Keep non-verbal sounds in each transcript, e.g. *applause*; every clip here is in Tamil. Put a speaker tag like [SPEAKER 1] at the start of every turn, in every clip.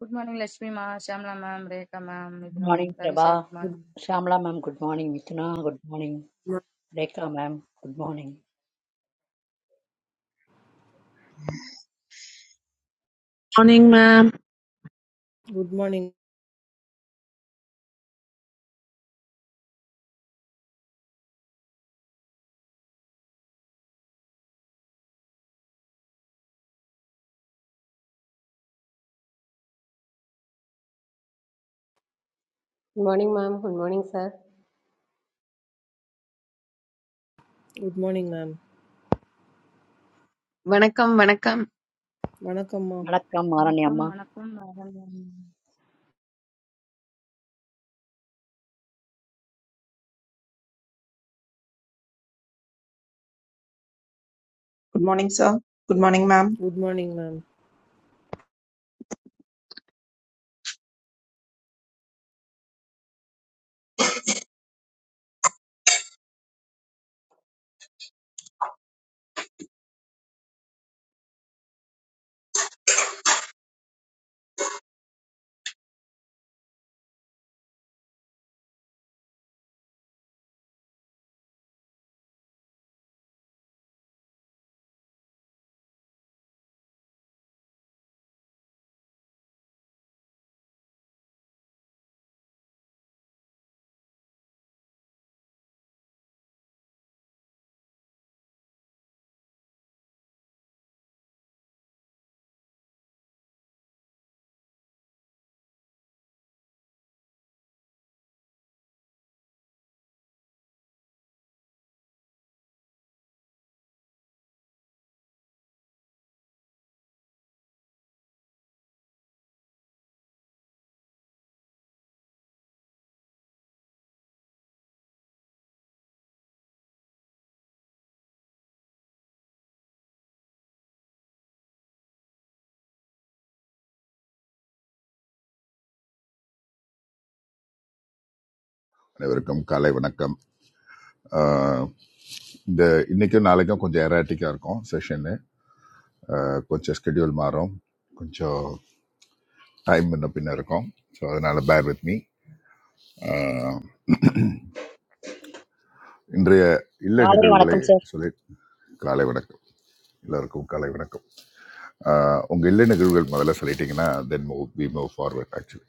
[SPEAKER 1] குட் மார்னிங் லட்சுமி மா Shamla ma'am Rekha ma'am
[SPEAKER 2] Good
[SPEAKER 1] Mithuna ma'am
[SPEAKER 2] morning,
[SPEAKER 1] Ravi sir
[SPEAKER 2] Prabha.
[SPEAKER 1] Good
[SPEAKER 3] Good
[SPEAKER 1] morning
[SPEAKER 2] Shamlamam, good morning, Mituna. Good morning,
[SPEAKER 3] mo-
[SPEAKER 2] Deeka, mam. Good morning.
[SPEAKER 4] morning ma'am.
[SPEAKER 3] good morning.
[SPEAKER 5] Good morning, ma'am. Good morning, sir.
[SPEAKER 3] Good morning, ma'am.
[SPEAKER 6] Welcome, welcome.
[SPEAKER 3] வணக்கம்மா.
[SPEAKER 2] Welcome,
[SPEAKER 1] வணக்கம்
[SPEAKER 2] Maraniyamma.
[SPEAKER 1] வணக்கம் வணக்கம் ma'am.
[SPEAKER 7] Good morning sir good morning ma'am
[SPEAKER 3] Good morning, ma'am.
[SPEAKER 8] அனைவருக்கும் காலை வணக்கம் ஆஹ் இந்த இன்னைக்கும் நாளைக்கும் கொஞ்சம் எராட்டிக்காக இருக்கும் செஷனு கொஞ்சம் ஸ்கெடியூல் மாறும் கொஞ்சம் டைம் முன்ன பின்ன இருக்கும் ஸோ அதனால பேர் வித் மீ இன்றைய இல்ல
[SPEAKER 2] Galleri,
[SPEAKER 8] நிகழ்வுகளை
[SPEAKER 2] welcome, sir.
[SPEAKER 8] சொல்லி காலை வணக்கம் எல்லாருக்கும் காலை வணக்கம் ஆஹ் உங்க இல்ல நிகழ்வுகள் முதல்ல சொல்லிட்டீங்கன்னா then move we move forward actually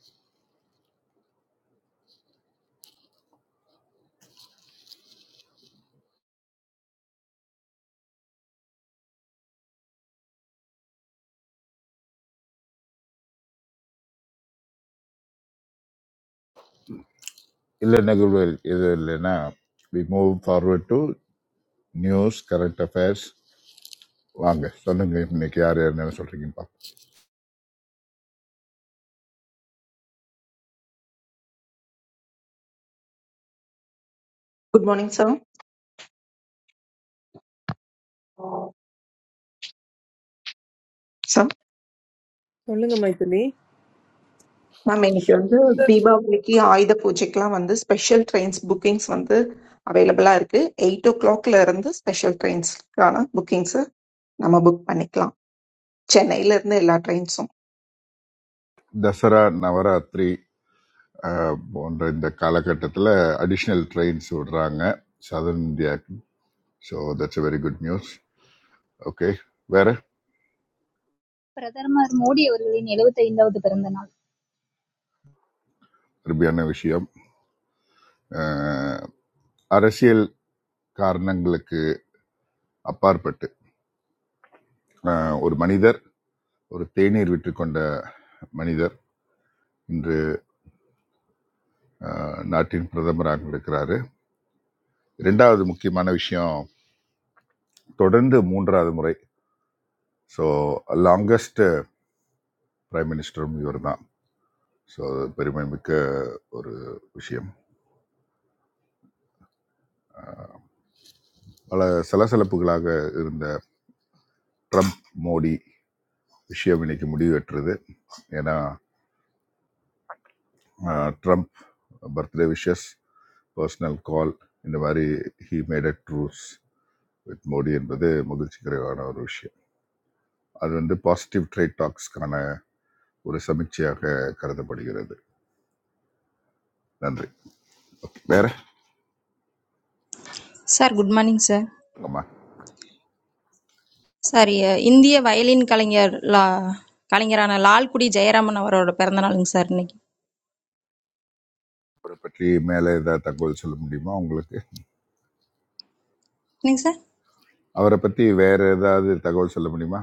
[SPEAKER 8] இல்ல நிகழ்வுகள் இது இல்லைன்னா we move forward to news current affairs வாங்க சொல்லுங்க இன்னைக்கு யார் யார் என்ன சொல்றீங்க
[SPEAKER 7] குட் மார்னிங் சார் சார்
[SPEAKER 3] சொல்லுங்க மைதிலி.
[SPEAKER 7] மேம் இன்னைக்கு வந்து தீபாவளிக்கு ஆயுத பூஜைக்கெல்லாம் வந்து ஸ்பெஷல் ட்ரெயின்ஸ் புக்கிங்ஸ் வந்து அவைலபிளா இருக்கு எயிட் ஓ கிளாக்ல இருந்து ஸ்பெஷல் ட்ரெயின்ஸ்க்கான புக்கிங்ஸ் நம்ம புக் பண்ணிக்கலாம் சென்னையில இருந்து எல்லா ட்ரெயின்ஸும்
[SPEAKER 8] தசரா நவராத்திரி அஹ், போன்ற இந்த காலகட்டத்தில் அடிஷ்னல் ட்ரெயின்ஸ் விடுறாங்க சதர்ன் இந்தியாவுக்கு so that's a very good news okay வேற
[SPEAKER 9] பிரதமர் மோடி அவர்களின் எழுபத்தைந்தாவது பிறந்த நாள்
[SPEAKER 8] அருமையான விஷயம் அஹ், அரசியல் காரணங்களுக்கு அப்பாற்பட்டு அஹ், ஒரு மனிதர் ஒரு தேநீர் விற்றுக்கொண்ட மனிதர் இன்று அஹ், நாட்டின் பிரதமராக இருக்கிறாரு இரண்டாவது முக்கியமான விஷயம் தொடர்ந்து மூன்றாவது முறை ஸோ லாங்கஸ்ட் பிரைம் மினிஸ்டரும் இவர்தான் ஸோ அது பெருமைமிக்க ஒரு விஷயம் பல சலசலப்புகளாக இருந்த ட்ரம்ப் மோடி விஷயம் இன்னைக்கு முடிவெற்றது ஏன்னா ஆஹ், Trump birthday wishes personal call இந்த மாதிரி he made a truce with Modi என்பது மகிழ்ச்சிகரமான ஒரு விஷயம் அது வந்து பாசிட்டிவ் ட்ரேட் டாக்ஸ்க்கான ஒரு சமீட்சையாக கருதப்படுகிறது நன்றி Okay, வேற
[SPEAKER 10] Sir, good morning, sir.
[SPEAKER 8] ஆமா
[SPEAKER 10] Sorry, India violin kalangyar la kalangyarana lal puri jayaramanavaru oru peranthaleng sir ne.
[SPEAKER 8] அவரை பற்றி மேலே ஏதாவது தகவல் சொல்ல முடியுமா உங்களுக்கு அவரை பற்றி வேற ஏதாவது தகவல் சொல்ல முடியுமா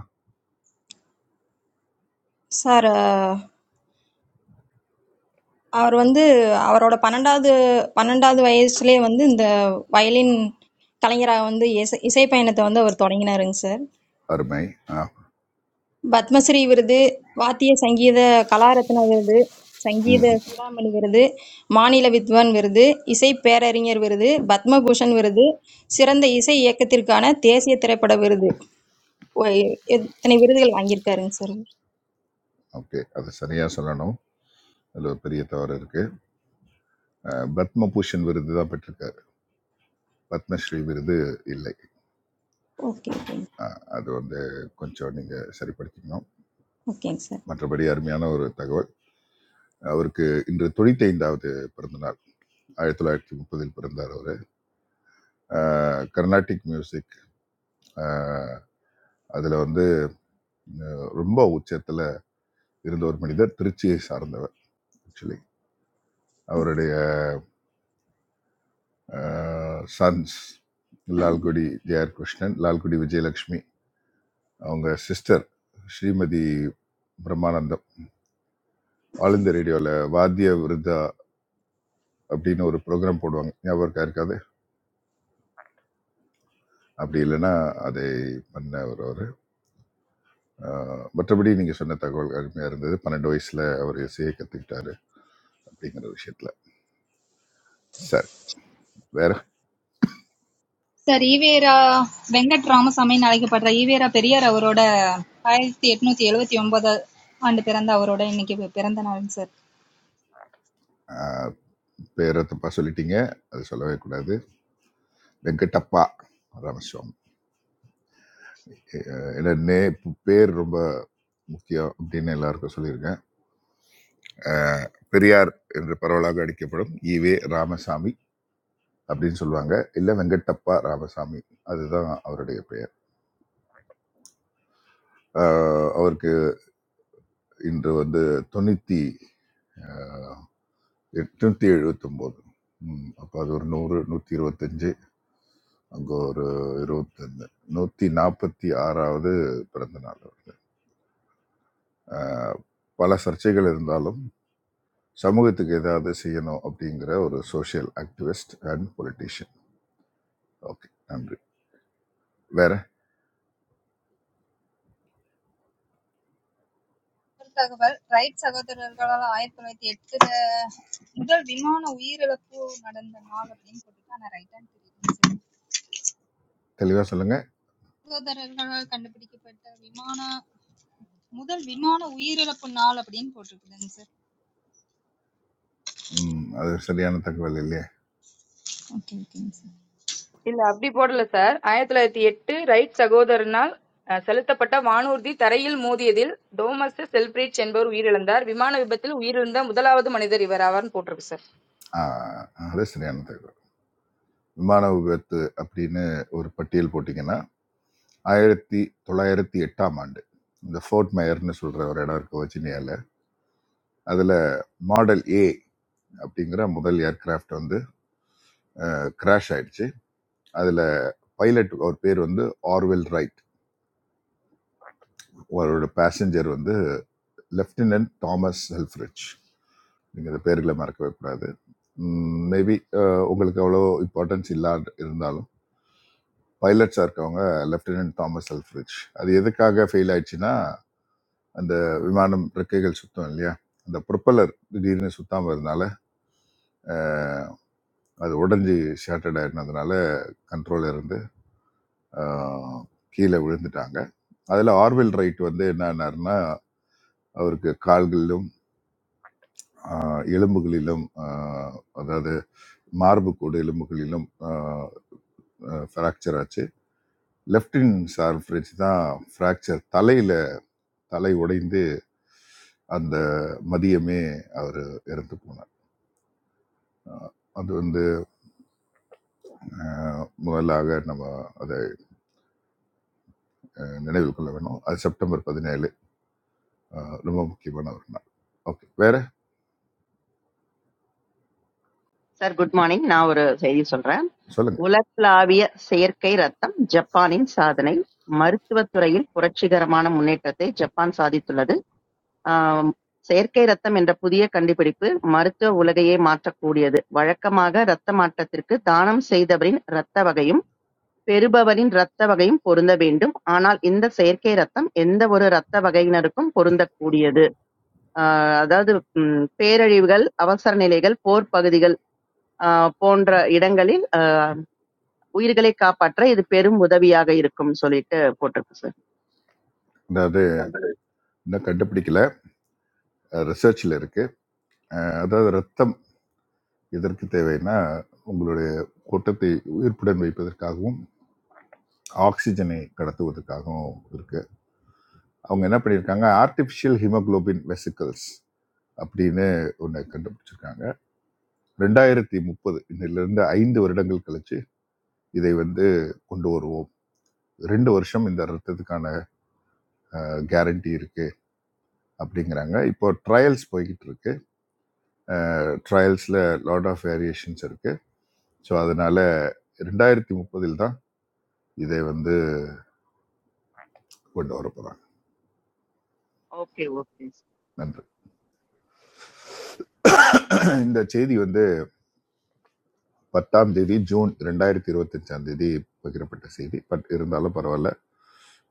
[SPEAKER 10] Sir, our vandu our oru pananda pananda violin kalangyaravandu isai paniyadu vandu varthaniyina eng sir.
[SPEAKER 8] அருமை ஆ
[SPEAKER 10] Batmasiri virdu, vattiya sangiye da kalara thena virdu, sangiye da soudamani virdu, manila vidvan virdu, isai payariyena virdu, batma boshan virdu, sirandu isai yakathirka na theesiyathre pala virdu. Okay,
[SPEAKER 8] okay அது சரியா சொல்லணும் அதில் ஒரு பெரிய தவறு இருக்கு அஹ், பத்மபூஷன் விருது தான் பெற்றிருக்காரு பத்மஸ்ரீ விருது இல்லை
[SPEAKER 10] okay,
[SPEAKER 8] அஹ், அது வந்து கொஞ்சம் நீங்க சரிப்படுத்திக்கணும்
[SPEAKER 10] okay, sir.
[SPEAKER 8] மற்றபடி அருமையான ஒரு தகவல் அவருக்கு இன்று தொண்ணூத்தைந்தாவது பிறந்தநாள் ஆயிரத்தி தொள்ளாயிரத்தி முப்பதில் பிறந்தார் அவர் கர்நாடிக் மியூசிக் அஹ், அதுல வந்து அஹ், ரொம்ப உச்சத்துல இருந்த ஒரு மனிதர் திருச்சியை சார்ந்தவர் ஆக்சுவலி அவருடைய சன்ஸ் லால்குடி ஜேஆர் கிருஷ்ணன் லால்குடி விஜயலட்சுமி அவங்க சிஸ்டர் ஸ்ரீமதி பிரம்மானந்தம் ஆல் இந்த ரேடியோவில் வாத்திய விருதா அப்படின்னு ஒரு ப்ரோக்ராம் போடுவாங்க ஞாபகம் இருக்கா இருக்காது அப்படி இல்லைன்னா அதை பண்ண ஒரு ஒரு மற்றபடி நீங்கள் சொன்ன தகவல் அருமையாக இருந்தது பன்னெண்டு வயசில் அவர் இசையை கற்றுக்கிட்டாரு அப்படிங்கிற விஷயத்தில் சார் வேற
[SPEAKER 9] சார் ஈவேரா வெங்கட் ராமசாமின்னு அழைக்கப்படுற ஈவேரா பெரியார் அவரோட ஆயிரத்தி எட்நூத்தி எழுபத்தி ஒன்பது ஆண்டு பிறந்த அவரோட இன்னைக்கு பி- பிறந்த நாளுங்க சார்
[SPEAKER 8] ஆஹ், பேரை தப்பா சொல்லிட்டீங்க அது சொல்லவே கூடாது வெங்கடப்பா ராமசுவாமி ஏன்னா நே பேர் ரொம்ப முக்கியம் அப்படின்னு எல்லாருக்கும் சொல்லியிருக்கேன் அஹ், பெரியார் என்று பரவலாக அடிக்கப்படும் ஈவே ராமசாமி அப்படின்னு சொல்லுவாங்க இல்லை வெங்கட்டப்பா ராமசாமி அதுதான் அவருடைய பெயர் அஹ், அவருக்கு இன்று வந்து தொண்ணூற்றி எட்நூற்றி எழுபத்தொம்போது ம், அப்போ அது ஒரு நூறு நூற்றி இருபத்தஞ்சு அங்கே ஒரு இருபத்தஞ்சு நூற்றி நாற்பத்தி ஆறாவது பிறந்த நாள் அவருக்கு அஹ், பல சர்ச்சைகள் இருந்தாலும் சமூகத்துக்கு ஏதாவது செய்யணும் அப்படிங்கிற ஒரு social activist and politician okay நன்றி வேற
[SPEAKER 9] முதல் தகவல் ரைட் சகோதரர்களால் ஆயிரத்தி தொள்ளாயிரத்தி எட்டுல முதல் விமான உயிரிழப்பு நடந்த நாள் அப்படின்னு போட்டுருக்கா ஆனா ரைட் ஆன் தெரியுது
[SPEAKER 8] தெளிவாக சொல்லுங்க
[SPEAKER 9] சகோதரர்களால் கண்டுபிடிக்கப்பட்ட விமான முதல் விமான உயிரிழப்பு நாள் அப்படின்னு போட்டிருக்குதுங்க சார்
[SPEAKER 8] ம், அது சரியான தகவல் இல்லையே
[SPEAKER 9] ஓகே ஓகேங்க சார்
[SPEAKER 1] இல்ல அப்படி போடல சார் ஆயிரத்தி தொள்ளாயிரத்தி எட்டு ரைட் சகோதரனால் அஹ், செலுத்தப்பட்ட வானூர்தி தரையில் மோதியதில் டோமஸ் செல்பிரிட்ஜ் என்பவர் உயிரிழந்தார் விமான விபத்தில் உயிரிழந்த முதலாவது மனிதர் இவர் ஆவார்னு போட்டிருக்கு சார்
[SPEAKER 8] ஆ, அது சரியான தகவல் விமான விபத்து அப்படின்னு ஒரு பட்டியல் போட்டிங்கன்னா ஆயிரத்தி தொள்ளாயிரத்தி எட்டாம் ஆண்டு இந்த ஃபோர்ட் மேயர்னு சொல்கிற ஒரு இடம் இருக்கு வச்சினியாவில் அதில் மாடல் ஏ அப்படிங்கிற முதல் ஏர்கிராஃப்ட் வந்து கிராஷ் ஆயிடுச்சு அதில் பைலட் அவர் பேர் வந்து ஆர்வெல் ரைட் அவரோட பேசஞ்சர் வந்து லெஃப்டினன்ட் தாமஸ் ஹெல்ஃப்ரிச் நீங்கள் இந்த பேர்களை மறக்கவே கூடாது மேபி உங்களுக்கு அவ்வளோ இம்பார்ட்டன்ஸ் இல்லா இருந்தாலும் பைலட்ஸாக இருக்கவங்க லெஃப்டினன்ட் தாமஸ் அல்ஃப்ரிட்ஜ் அது எதுக்காக ஃபெயில் ஆயிடுச்சுன்னா அந்த விமானம் ரெக்கைகள் சுத்தம் இல்லையா அந்த ப்ரொப்பலர் திடீர்னு சுத்தாமல் இருந்தனால அஹ், அது உடஞ்சி ஷேட்டர்ட் ஆயிருந்ததுனால கண்ட்ரோல் இருந்து அஹ், கீழே விழுந்துட்டாங்க அதில் ஆர்வெல் ரைட் வந்து என்ன ஆனாருன்னா அவருக்கு கால்களிலும் அஹ், எலும்புகளிலும் அஹ், அதாவது மார்புக்கூடு எலும்புகளிலும் ஃப்ராக்சர் ஆச்சு லெஃப்டின் சார் ஃப்ரிட்ஜ் தான் ஃப்ராக்சர் தலையில் தலை உடைந்து அந்த மதியமே அவர் இறந்து போனார் அது வந்து அஹ், முதலாக நம்ம அதை அஹ், நினைவில் கொள்ள வேணும் அது செப்டம்பர் பதினேழு அஹ், ரொம்ப முக்கியமான ஒரு நாள் ஓகே வேற
[SPEAKER 11] சார் குட் மார்னிங் நான் ஒரு செய்தி சொல்றேன்
[SPEAKER 8] சொல்லுங்க
[SPEAKER 11] உலகளாவிய செயற்கை ரத்தம் ஜப்பானின் சாதனை மருத்துவத்துறையில் புரட்சிகரமான முன்னேற்றத்தை ஜப்பான் சாதித்துள்ளது ஆம், செயற்கை ரத்தம் என்ற புதிய கண்டுபிடிப்பு மருத்துவ உலகையே மாற்றக்கூடியது வழக்கமாக இரத்த மாற்றத்திற்கு தானம் செய்தவரின் இரத்த வகையும் பெறுபவரின் இரத்த வகையும் பொருந்த வேண்டும் ஆனால் இந்த செயற்கை ரத்தம் எந்த ஒரு இரத்த வகையினருக்கும் பொருந்தக்கூடியது ஆஹ் அதாவது ம், பேரழிவுகள் அவசர நிலைகள் போர் பகுதிகள் ஆஹ் போன்ற இடங்களில் உயிர்களை காப்பாற்ற இது பெரும் உதவியாக இருக்கும்னு சொல்லிட்டு போட்டிருக்கு சார்
[SPEAKER 8] அதாவது இன்னும் கண்டுபிடிக்கல ரிசர்ச்சில் இருக்கு அஹ், அதாவது ரத்தம் எதற்கு தேவைன்னா உங்களுடைய கூட்டத்தை உயிர்ப்புடன் வைப்பதற்காகவும் ஆக்சிஜனை கடத்துவதற்காகவும் இருக்கு அவங்க என்ன பண்ணியிருக்காங்க ஆர்டிஃபிஷியல் ஹிமோகுளோபின் வெசிக்கல்ஸ் அப்படின்னு ஒன்று கண்டுபிடிச்சிருக்காங்க ரெண்டாயிரத்தி முப்பது இன்னிலிருந்து ஐந்து வருடங்கள் கழிச்சு இதை வந்து கொண்டு வருவோம் ரெண்டு வருஷம் இந்த ரத்தத்துக்கான கேரண்டி இருக்கு அப்படிங்கிறாங்க இப்போ ட்ரையல்ஸ் போய்கிட்டு இருக்கு ட்ரையல்ஸ்ல லாட் ஆஃப் வேரியேஷன்ஸ் இருக்கு ஸோ அதனால ரெண்டாயிரத்தி முப்பதில் தான் இதை வந்து கொண்டு வர போறாங்க
[SPEAKER 11] ஓகே ஓகே
[SPEAKER 8] நன்றி *clears throat* இந்த செய்தி வந்து பத்தாம் தேதி ஜூன் ரெண்டாயிரத்தி இருபத்தஞ்சாம் தேதி பகிரப்பட்ட செய்தி பட் இருந்தாலும் பரவாயில்ல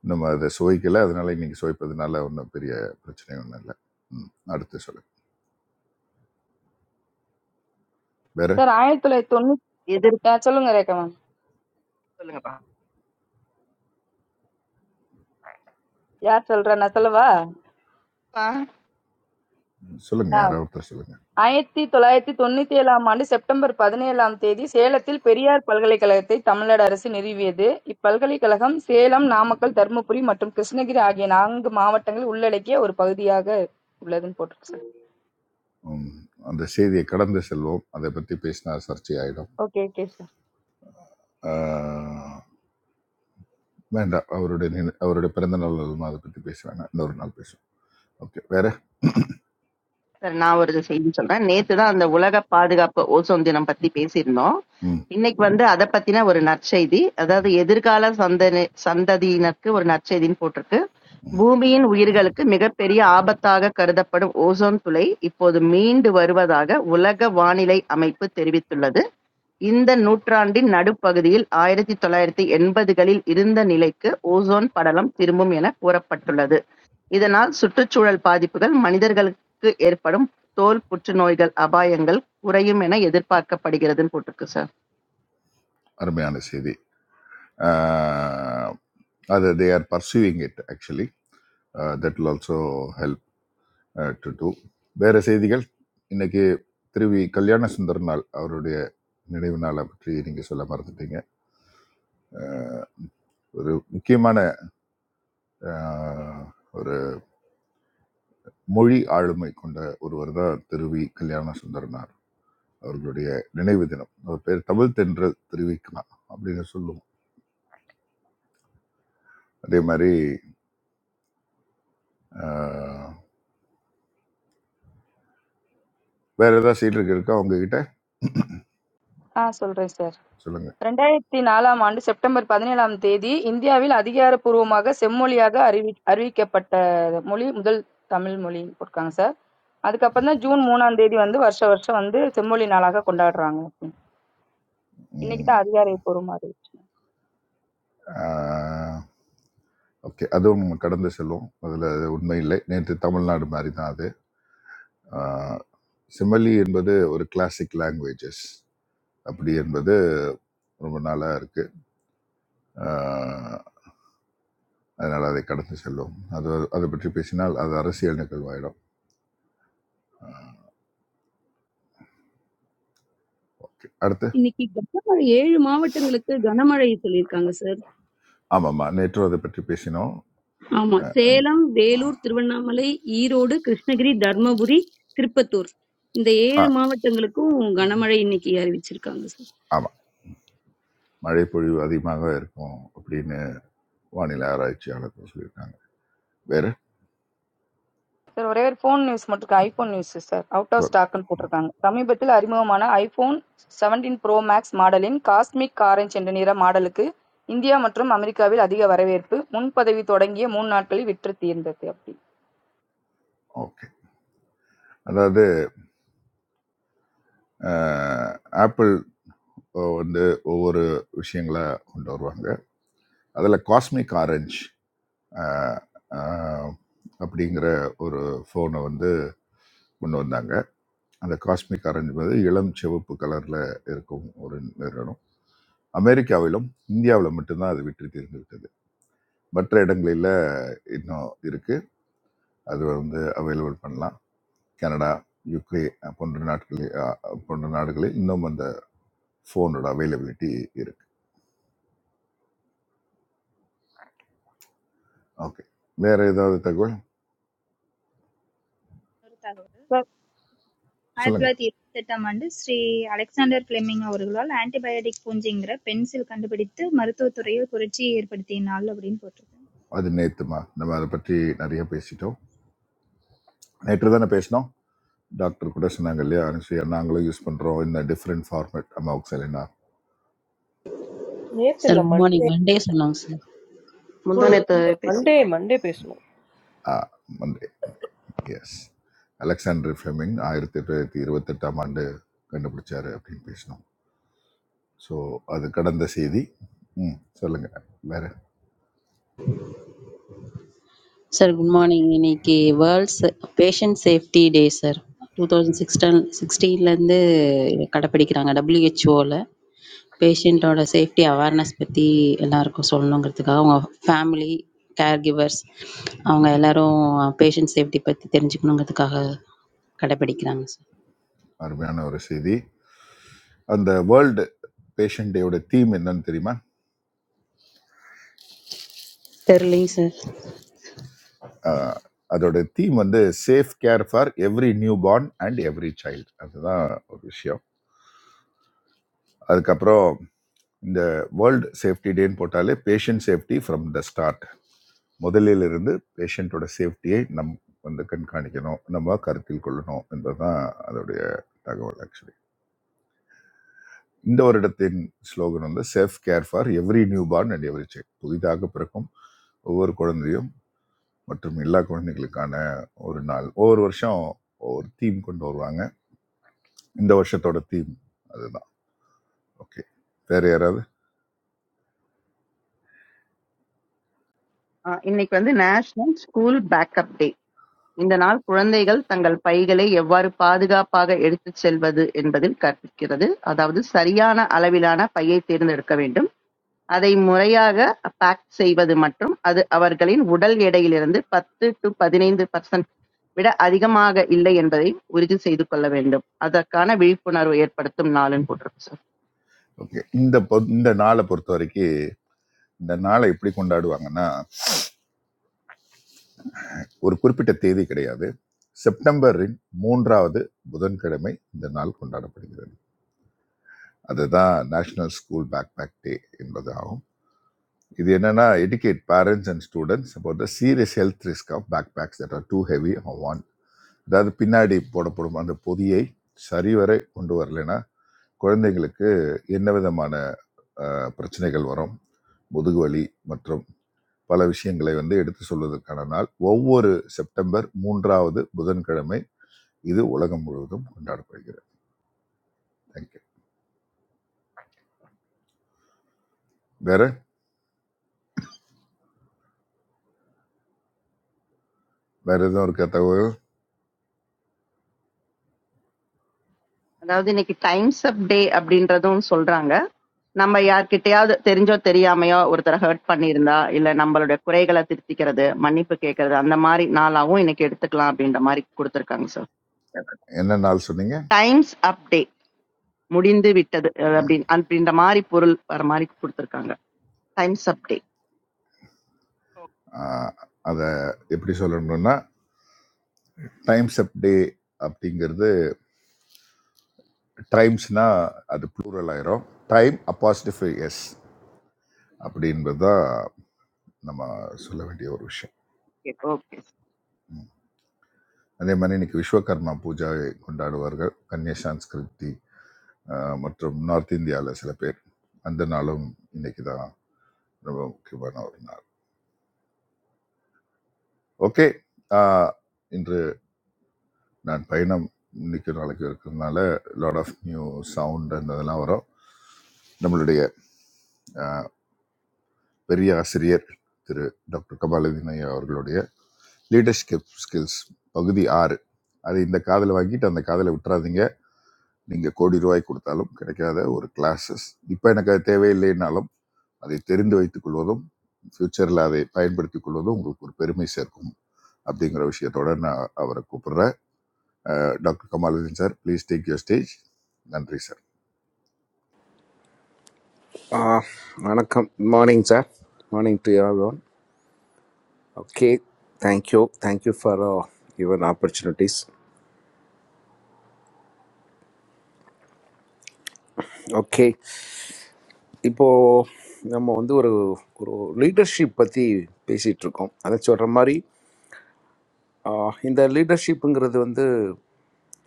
[SPEAKER 8] நம்ம அதை சுவைக்கல அதனால இன்னைக்கு சுவைப்பதுனால ஒன்றும் பெரிய பிரச்சனை ஒன்றும் இல்லை ம் அடுத்து சொல்லுங்க வேற
[SPEAKER 1] சார் ஆயிரத்தி தொள்ளாயிரத்தி தொண்ணூத்தி
[SPEAKER 11] எதிர்ப்பு
[SPEAKER 1] சொல்லுங்க ரேகா மேம்
[SPEAKER 11] சொல்லுங்கப்பா
[SPEAKER 1] யார் சொல்றா நான் சொல்லவா
[SPEAKER 11] அப்பா,
[SPEAKER 8] சொல்லுங்க யாராவது ஒருத்தர் சொல்லுங்க
[SPEAKER 1] ஆயிரத்தி தொள்ளாயிரத்தி தொண்ணூத்தி ஏழாம் ஆண்டு செப்டம்பர் பதினேழாம் தேதி சேலத்தில் பெரியார் பல்கலைக்கழகத்தை தமிழ்நாடு அரசு நிறுவியது. இப்பல்கலைக்கழகம் சேலம், நாமக்கல், தருமபுரி மற்றும் கிருஷ்ணகிரி ஆகிய நான்கு மாவட்டங்களை உள்ளடக்கிய ஒரு பகுதியாக உள்ளதுன்னு போட்டிருக்கு சார்.
[SPEAKER 8] ம், அந்த செய்தியை கடந்து செல்வோம் அதை பற்றி பேசினா சர்ச்சை ஆயிடும்
[SPEAKER 1] ஓகே ஓகே சார்.
[SPEAKER 8] ஆஹ், வேண்டாம் அவருடைய நினை- அவருடைய பிறந்த நாள் அதுமா அதை பற்றி பேச வேண்டாம் இன்னொரு நாள் பேசுவோம் ஓகே வேற
[SPEAKER 11] சார் நான் ஒரு செய்தி சொல்றேன் நேத்து தான் அந்த உலக பாதுகாப்பு ஓசோன் தினம் பத்தி பேசியிருந்தோம்
[SPEAKER 8] ம்
[SPEAKER 11] இன்னைக்கு வந்து அதை பத்தின ஒரு நற்செய்தி அதாவது எதிர்கால சந்தனி சந்ததியினருக்கு ஒரு நற்செய்தின்னு போட்டிருக்கு பூமியின் உயிர்களுக்கு மிகப்பெரிய ஆபத்தாக கருதப்படும் ஓசோன் துளை இப்போது மீண்டு வருவதாக உலக வானிலை அமைப்பு தெரிவித்துள்ளது இந்த நூற்றாண்டின் நடுப்பகுதியில் ஆயிரத்து தொள்ளாயிரத்து எண்பதுகளில் இருந்த நிலைக்கு ஓசோன் படலம் திரும்பும் எனக் கூறப்பட்டுள்ளது. இதனால் சுற்றுச்சூழல் பாதிப்புகள், மனிதர்களுக்கு ஏற்படும் தோல் புற்றுநோய்கள் அபாயங்கள் குறையும் என எதிர்பார்க்கப்படுகிறதுன்னு போட்டிருக்கு சார்.
[SPEAKER 8] அருமையான செய்தி ஆஹ், அது they are pursuing it actually that will also help to do வேறு செய்திகள் இன்னைக்கு திருவி கல்யாண சுந்தரனால் அவருடைய நினைவு நாளை பற்றி நீங்கள் சொல்ல மறந்துட்டீங்க அஹ், ஒரு முக்கியமான அஹ், ஒரு மொழி ஆளுமை கொண்ட ஒருவர் தான் திருவி கல்யாண சுந்தரனார் அவர்களுடைய நினைவு தினம் அவர் பேர் தமிழ் தென்ற தெரிவிக்கலாம் அப்படின்னு சொல்லுவோம் அதே மாதிரி அஹ், வேற ஏதாவது சீடர்கள் இருக்கா உங்ககிட்ட
[SPEAKER 1] ஆ சொல்றேன் சார்.
[SPEAKER 8] சொல்லுங்க
[SPEAKER 1] ரெண்டாயிரத்தி நாலாம் ஆண்டு செப்டம்பர் பதினேழாம் தேதி இந்தியாவில் அதிகாரப்பூர்வமாக செம்மொழியாக அறிவி அறிவிக்கப்பட்ட மொழி முதல் தமிழ் மொழி போட்டிருக்காங்க சார். அதுக்கப்புறம் தான் ஜூன் மூணாம் தேதி வந்து வருஷ வருஷம் வந்து செம்மொழி நாளாக கொண்டாடுறாங்க. இன்னைக்கு தான் அதிகாரம் போற மாதிரி
[SPEAKER 8] ஓகே அதுவும் நம்ம கடந்து செல்வோம் அதில் உண்மை இல்லை நேற்று தமிழ்நாடு மாதிரி தான் அது சிமலி என்பது ஒரு கிளாசிக் லாங்குவேஜஸ் அப்படி என்பது ரொம்ப நாளாக இருக்குது அதனால் அதை கடந்து செல்வோம் அது அதை பற்றி பேசினால் அது அரசியல் நிகழ்வாயிடும் ஓகே அடுத்து
[SPEAKER 12] இன்னைக்கு கனமழை ஏழு மாவட்டங்களுக்கு கனமழை சொல்லியிருக்காங்க சார்
[SPEAKER 8] ஆமாம்மா நேற்று அதை பற்றி பேசினோம்
[SPEAKER 12] ஆமா
[SPEAKER 8] அஹ்,
[SPEAKER 12] சேலம் வேலூர் திருவண்ணாமலை ஈரோடு கிருஷ்ணகிரி தர்மபுரி திருப்பத்தூர் இந்த
[SPEAKER 8] ஆ
[SPEAKER 12] ஏழு மாவட்டங்களுக்கும் கனமழை இன்னைக்கு அறிவிச்சிருக்காங்க
[SPEAKER 8] ஆமாம் மழை பொழிவு அதிகமாக இருக்கும் அப்படின்னு வானிலை ஆராய்ச்சியாளர்கள் சொல்லியிருக்காங்க வேறு
[SPEAKER 1] சார் ஒரே ஒரு ஃபோன் நியூஸ் மட்டும் இருக்கு iPhone news sir out of
[SPEAKER 8] சொல்
[SPEAKER 1] ஸ்டாக்னு போட்டிருக்காங்க சமீபத்தில் அறிமுகமான ஐபோன் 17 ப்ரோ மேக்ஸ் மாடலின் காஸ்மிக் ஆரஞ்சு என்ற நிற மாடலுக்கு இந்தியா மற்றும் அமெரிக்காவில் அதிக வரவேற்பு முன்பதவி தொடங்கிய மூணு நாட்களில் விற்று தீர்ந்தது அப்படி
[SPEAKER 8] ஓகே அதாவது ஆப்பிள் வந்து ஒவ்வொரு விஷயங்களை கொண்டு வருவாங்க அதில் காஸ்மிக் ஆரஞ்சு அஹ், அஹ், அப்படிங்கிற ஒரு ஃபோனை வந்து கொண்டு வந்தாங்க அந்த காஸ்மிக் ஆரஞ்சு வந்து இளம் சிவப்பு கலரில் இருக்கும் ஒரு நிறுவனம் அமெரிக்காவிலும் இந்தியாவில் மட்டும்தான் அது விற்று தீர்ந்துவிட்டது மற்ற இடங்களில் இன்னும் இருக்கு அது வந்து அவைலபிள் பண்ணலாம் கனடா யூகே போன்ற நாட்களில் அஹ், போன்ற நாடுகளில் இன்னும் அந்த ஃபோனோட அவைலபிலிட்டி இருக்கு ஓகே வேற ஏதாவது தகவல்
[SPEAKER 9] ஒரு தகவல்,
[SPEAKER 1] சார்
[SPEAKER 9] ஆயிரத்தி
[SPEAKER 8] சொல்லுங்க
[SPEAKER 9] தொள்ளாயிரத்தி இருபத்தி எட்டாம் ஆண்டு ஸ்ரீ அலெக்சாண்டர் பிளெமிங் அவர்களால் ஆன்டிபயாடிக் பூஞ்சைங்கிற பென்சில் கண்டுபிடித்து மருத்துவத் துறையில் புரட்சியை ஏற்படுத்திய நாள் அப்படின்னு போட்டிருக்கு
[SPEAKER 8] அது நேத்துமா நம்ம அதை பற்றி நிறைய பேசிட்டோம் நேற்று தானே பேசினோம் டாக்டர் கூட சொன்னாங்க இல்லையா அனுஷியா நாங்களும் யூஸ் பண்ணுறோம் இந்த டிஃப்ரெண்ட் ஃபார்மேட் அமௌக்சலினா
[SPEAKER 3] நேத்து
[SPEAKER 13] சார்
[SPEAKER 3] இல்ல,
[SPEAKER 13] குட் மார்னிங்
[SPEAKER 3] Monday.
[SPEAKER 13] மண்டே சொன்னாங்க sir
[SPEAKER 14] Munduan eta
[SPEAKER 3] Monday, Monday பேசணும்.
[SPEAKER 8] மண்டே எஸ் அலெக்சாண்டர் ஃபிளெமிங் ஆயிரத்தி தொள்ளாயிரத்தி இருபத்தெட்டாம் ஆண்டு கண்டுபிடிச்சாரு அப்படின்னு பேசினோம் ஸோ அது கடந்த செய்தி ம் சொல்லுங்கள் வேற
[SPEAKER 13] சார் குட் மார்னிங் இன்னைக்கு world's patient safety day sir two thousand sixteen சிக்ஸ்டீன்லேருந்து கடைப்பிடிக்கிறாங்க டபிள்யூஹெச்ஓவில் பேஷண்ட்டோட சேஃப்டி அவேர்னஸ் பற்றி எல்லாருக்கும் சொல்லணுங்கிறதுக்காக அவங்க ஃபேமிலி கேர் கிவர்ஸ் அவங்க எல்லாரும் பேஷண்ட் சேஃப்டி பற்றி தெரிஞ்சுக்கணுங்கிறதுக்காக கடைப்பிடிக்கிறாங்க சார்
[SPEAKER 8] அருமையான ஒரு செய்தி அந்த வேர்ல்டு பேஷண்ட் டேயோட தீம் என்னன்னு தெரியுமா
[SPEAKER 13] தெரிலைங்க சார்
[SPEAKER 8] ஆஹ், அதோட தீம் வந்து safe care for every newborn and every child அதுதான் ஒரு விஷயம் அதுக்கப்புறம் இந்த வேர்ல்டு சேஃப்டி டேன்னு போட்டாலே patient safety from the start முதலிலிருந்து பேஷண்ட்டோட சேஃப்டியை நம் வந்து கண்காணிக்கணும் நம்ம கருத்தில் கொள்ளணும் என்பதுதான் அதோடைய தகவல் ஆக்சுவலி இந்த வருடத்தின் ஸ்லோகன் வந்து self care for every newborn and every child புதிதாக பிறக்கும் ஒவ்வொரு குழந்தையும் மற்றும் எல்லா குழந்தைகளுக்கான ஒரு நாள் ஒவ்வொரு வருஷம் ஒவ்வொரு தீம் கொண்டு வருவாங்க இந்த வருஷத்தோட தீம் அதுதான் ஓகே வேற யாராவது
[SPEAKER 11] ஆ இன்னைக்கு வந்து நேஷனல் ஸ்கூல் பேக்கப் டே. இந்த நாள் குழந்தைகள் தங்கள் பைகளை எவ்வாறு பாதுகாப்பாக எடுத்துச் செல்வது என்பதில் கற்பிக்கிறது. அதாவது சரியான அளவிலான பையை தேர்ந்தெடுக்க வேண்டும். அதை முறையாக பேக் செய்வது மற்றும் அது அவர்களின் உடல் எடையிலிருந்து பத்து to பதினைந்து percent விட அதிகமாக இல்லை என்பதை உறுதி செய்து கொள்ள வேண்டும். அதற்கான விழிப்புணர்வு ஏற்படுத்தும் நாளுன்னு போட்டிருக்கு சார்.
[SPEAKER 8] ஓகே இந்த பொ- இந்த நாளை பொறுத்த வரைக்கும் இந்த நாளை எப்படி கொண்டாடுவாங்கன்னா ஒரு குறிப்பிட்ட தேதி கிடையாது செப்டம்பரின் மூன்றாவது புதன்கிழமை இந்த நாள் கொண்டாடப்படுகிறது அதுதான் national school bag bag day என்பது ஆகும் இது என்னன்னா educate parents and students about the serious health risk of bag bags that are too heavy or want அதாவது பின்னாடி போடப்படும் அந்த பொதியை சரிவரை கொண்டு வரலைன்னா குழந்தைங்களுக்கு என்ன விதமான அஹ், பிரச்சனைகள் வரும் முதுகு வலி மற்றும் பல விஷயங்களை வந்து எடுத்து சொல்வதற்கான நாள் ஒவ்வொரு செப்டம்பர் மூன்றாவது புதன்கிழமை இது உலகம் முழுவதும் கொண்டாடப்படுகிறது தேங்க்யூ வேற வேற எதுவும் இருக்க தகவல்
[SPEAKER 11] அதாவது இன்னைக்கு டைம்ஸ் அப் டே அப்படின்றதும் சொல்றாங்க. நம்ம யார்கிட்டயாவது தெரிஞ்சோ தெரியாமையோ ஒருத்தரை ஹர்ட் பண்ணியிருந்தா இல்ல நம்மளுடைய குறைகளை திருத்திக்கிறது, மன்னிப்பு கேட்கறது அந்த மாதிரி நாளாகவும் இன்னைக்கு எடுத்துக்கலாம் அப்படின்ற மாதிரி கொடுத்திருக்காங்க சார்.
[SPEAKER 8] என்ன நாள் சொன்னீங்க
[SPEAKER 11] டைம்ஸ் அப் டே முடிந்து விட்டது அஹ் அப்படின்னு அப்படின்ற மாதிரி பொருள் வர மாதிரி கொடுத்துருக்காங்க டைம்ஸ் அப்டே
[SPEAKER 8] ஆஹ், அதை எப்படி சொல்லணும்னா டைம்ஸ் அப் டே அப்படிங்கிறது டைம்ஸ்னா அது ப்ளூரல் ஆயிரும் டைம் அப்பாசிட்டிஃபை எஸ் அப்படின்றது தான் நம்ம சொல்ல வேண்டிய ஒரு விஷயம்
[SPEAKER 11] ஓகே
[SPEAKER 8] ம். அதே மாதிரி இன்னைக்கு விஸ்வகர்மா பூஜாவை கொண்டாடுவார்கள் கன்யா சான்ஸ்கிருதி அஹ், மற்றும் நார்த் இந்தியாவில் சில பேர் அந்த நாளும் இன்னைக்கு தான் ரொம்ப முக்கியமான ஒரு நாள் ஓகே இன்று நான் பயணம் இன்னைக்கு நாளைக்கு இருக்கிறதுனால லாட் ஆஃப் நியூ சவுண்ட் அந்த இதெல்லாம் வரும் நம்மளுடைய அஹ், பெரிய ஆசிரியர் திரு டாக்டர் கபாலதீன் ஐயா அவர்களுடைய லீடர்ஷிப் ஸ்கில்ஸ் பகுதி ஆறு அது இந்த காதில் வாங்கிட்டு அந்த காதில் விட்டுறாதீங்க நீங்கள் கோடி ரூபாய் கொடுத்தாலும் கிடைக்காத ஒரு கிளாஸஸ் இப்போ எனக்கு அது தேவையில்லைனாலும் அதை தெரிந்து வைத்துக் கொள்வதும் ஃப்யூச்சரில் அதை பயன்படுத்திக் கொள்வதும் உங்களுக்கு ஒரு பெருமை சேர்க்கும் அப்படிங்கிற விஷயத்தோட நான் அவரை கூப்பிடுறேன் அஹ் doctor Kamaluddin sir please take your stage நன்றி சார்
[SPEAKER 15] ஆ, வணக்கம் morning sir morning to all one okay thank you thank you for your opportunities okay இப்போது நம்ம வந்து ஒரு ஒரு லீடர்ஷிப் பற்றி பேசிகிட்டு இருக்கோம் அதை சொல்கிற மாதிரி ஆ, இந்த லீடர்ஷிப்புங்கிறது வந்து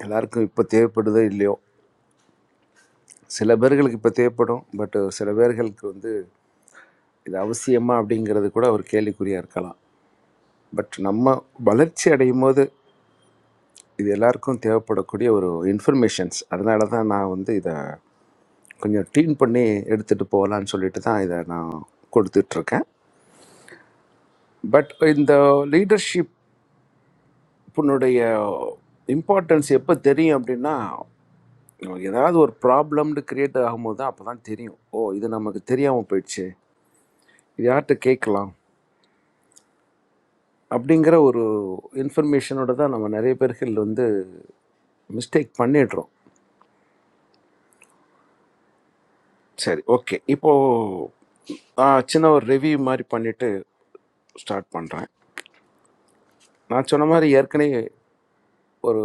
[SPEAKER 15] எல்லாருக்கும் இப்போ தேவைப்படுதோ இல்லையோ சில பேர்களுக்கு இப்போ தேவைப்படும் பட் சில பேர்களுக்கு வந்து இது அவசியமா அப்படிங்கிறது கூட ஒரு கேள்விக்குறியாக இருக்கலாம் பட் நம்ம வளர்ச்சி அடையும் போது இது எல்லாருக்கும் தேவைப்படக்கூடிய ஒரு இன்ஃபர்மேஷன்ஸ் அதனால தான் நான் வந்து இதை கொஞ்சம் ட்யூன் பண்ணி எடுத்துகிட்டு போகலான்னு சொல்லிட்டு தான் இதை நான் கொடுத்துட்ருக்கேன் பட் இந்த லீடர்ஷிப்புனுடைய இம்பார்ட்டன்ஸ் எப்போ தெரியும் அப்படின்னா ஏதாவது ஒரு ப்ராப்ளம்னு கிரியேட் ஆகும்போது தான் அப்போ தான் தெரியும் ஓ இது நமக்கு தெரியாமல் போயிடுச்சு இது யார்கிட்ட கேட்கலாம் அப்படிங்கிற ஒரு இன்ஃபர்மேஷனோட தான் நம்ம நிறைய பேர்கள் வந்து மிஸ்டேக் பண்ணிடுறோம் சரி ஓகே இப்போ ஆ, சின்ன ஒரு ரிவ்யூ மாதிரி பண்ணிட்டு ஸ்டார்ட் பண்ணுறேன் நான் சொன்ன மாதிரி ஏற்கனவே ஒரு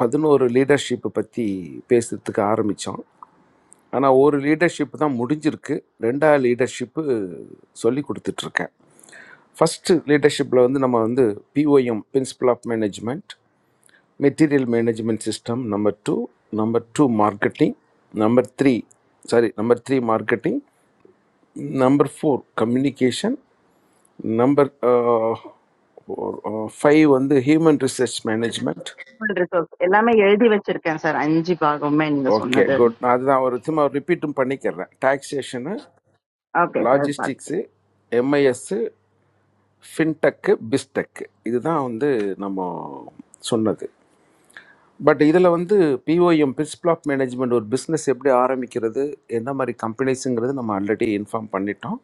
[SPEAKER 15] பதினோரு லீடர்ஷிப்பை பற்றி பேசுறதுக்கு ஆரம்பித்தோம் ஆனால் ஒரு லீடர்ஷிப் தான் முடிஞ்சிருக்கு ரெண்டா லீடர்ஷிப்பு சொல்லி கொடுத்துட்ருக்கேன் ஃபஸ்ட்டு லீடர்ஷிப்பில் வந்து நம்ம வந்து POM principle of management material management system number two number two marketing number three sorry number three marketing number four communication number five வந்து ஹியூமன் ரிசர்ச் மேனேஜ்மெண்ட்
[SPEAKER 11] ரிசோர்ஸ் எல்லாமே எழுதி வச்சிருக்கேன் சார் அஞ்சு பாகமே நீங்க
[SPEAKER 15] ஓகே
[SPEAKER 11] சொன்னது
[SPEAKER 15] குட் நான் அதுதான் ஒரு திரும்ப ரிப்பீட்டும் பண்ணிக்கிறேன் டாக்ஸேஷனு
[SPEAKER 11] ஓகே சார் கேக்குது
[SPEAKER 15] லாஜிஸ்டிக்ஸு எம்ஐஎஸ்ஸு ஃபின்டெக்கு பிஸ்டெக்கு இதுதான் வந்து நம்ம சொன்னது பட் இதில் வந்து பிஓஎம் பிரின்சிபல் ஆஃப் மேனேஜ்மெண்ட் ஒரு பிஸ்னஸ் எப்படி ஆரம்பிக்கிறது என்ன மாதிரி கம்பெனிஸுங்கிறது நம்ம ஆல்ரெடி இன்ஃபார்ம் பண்ணிட்டோம்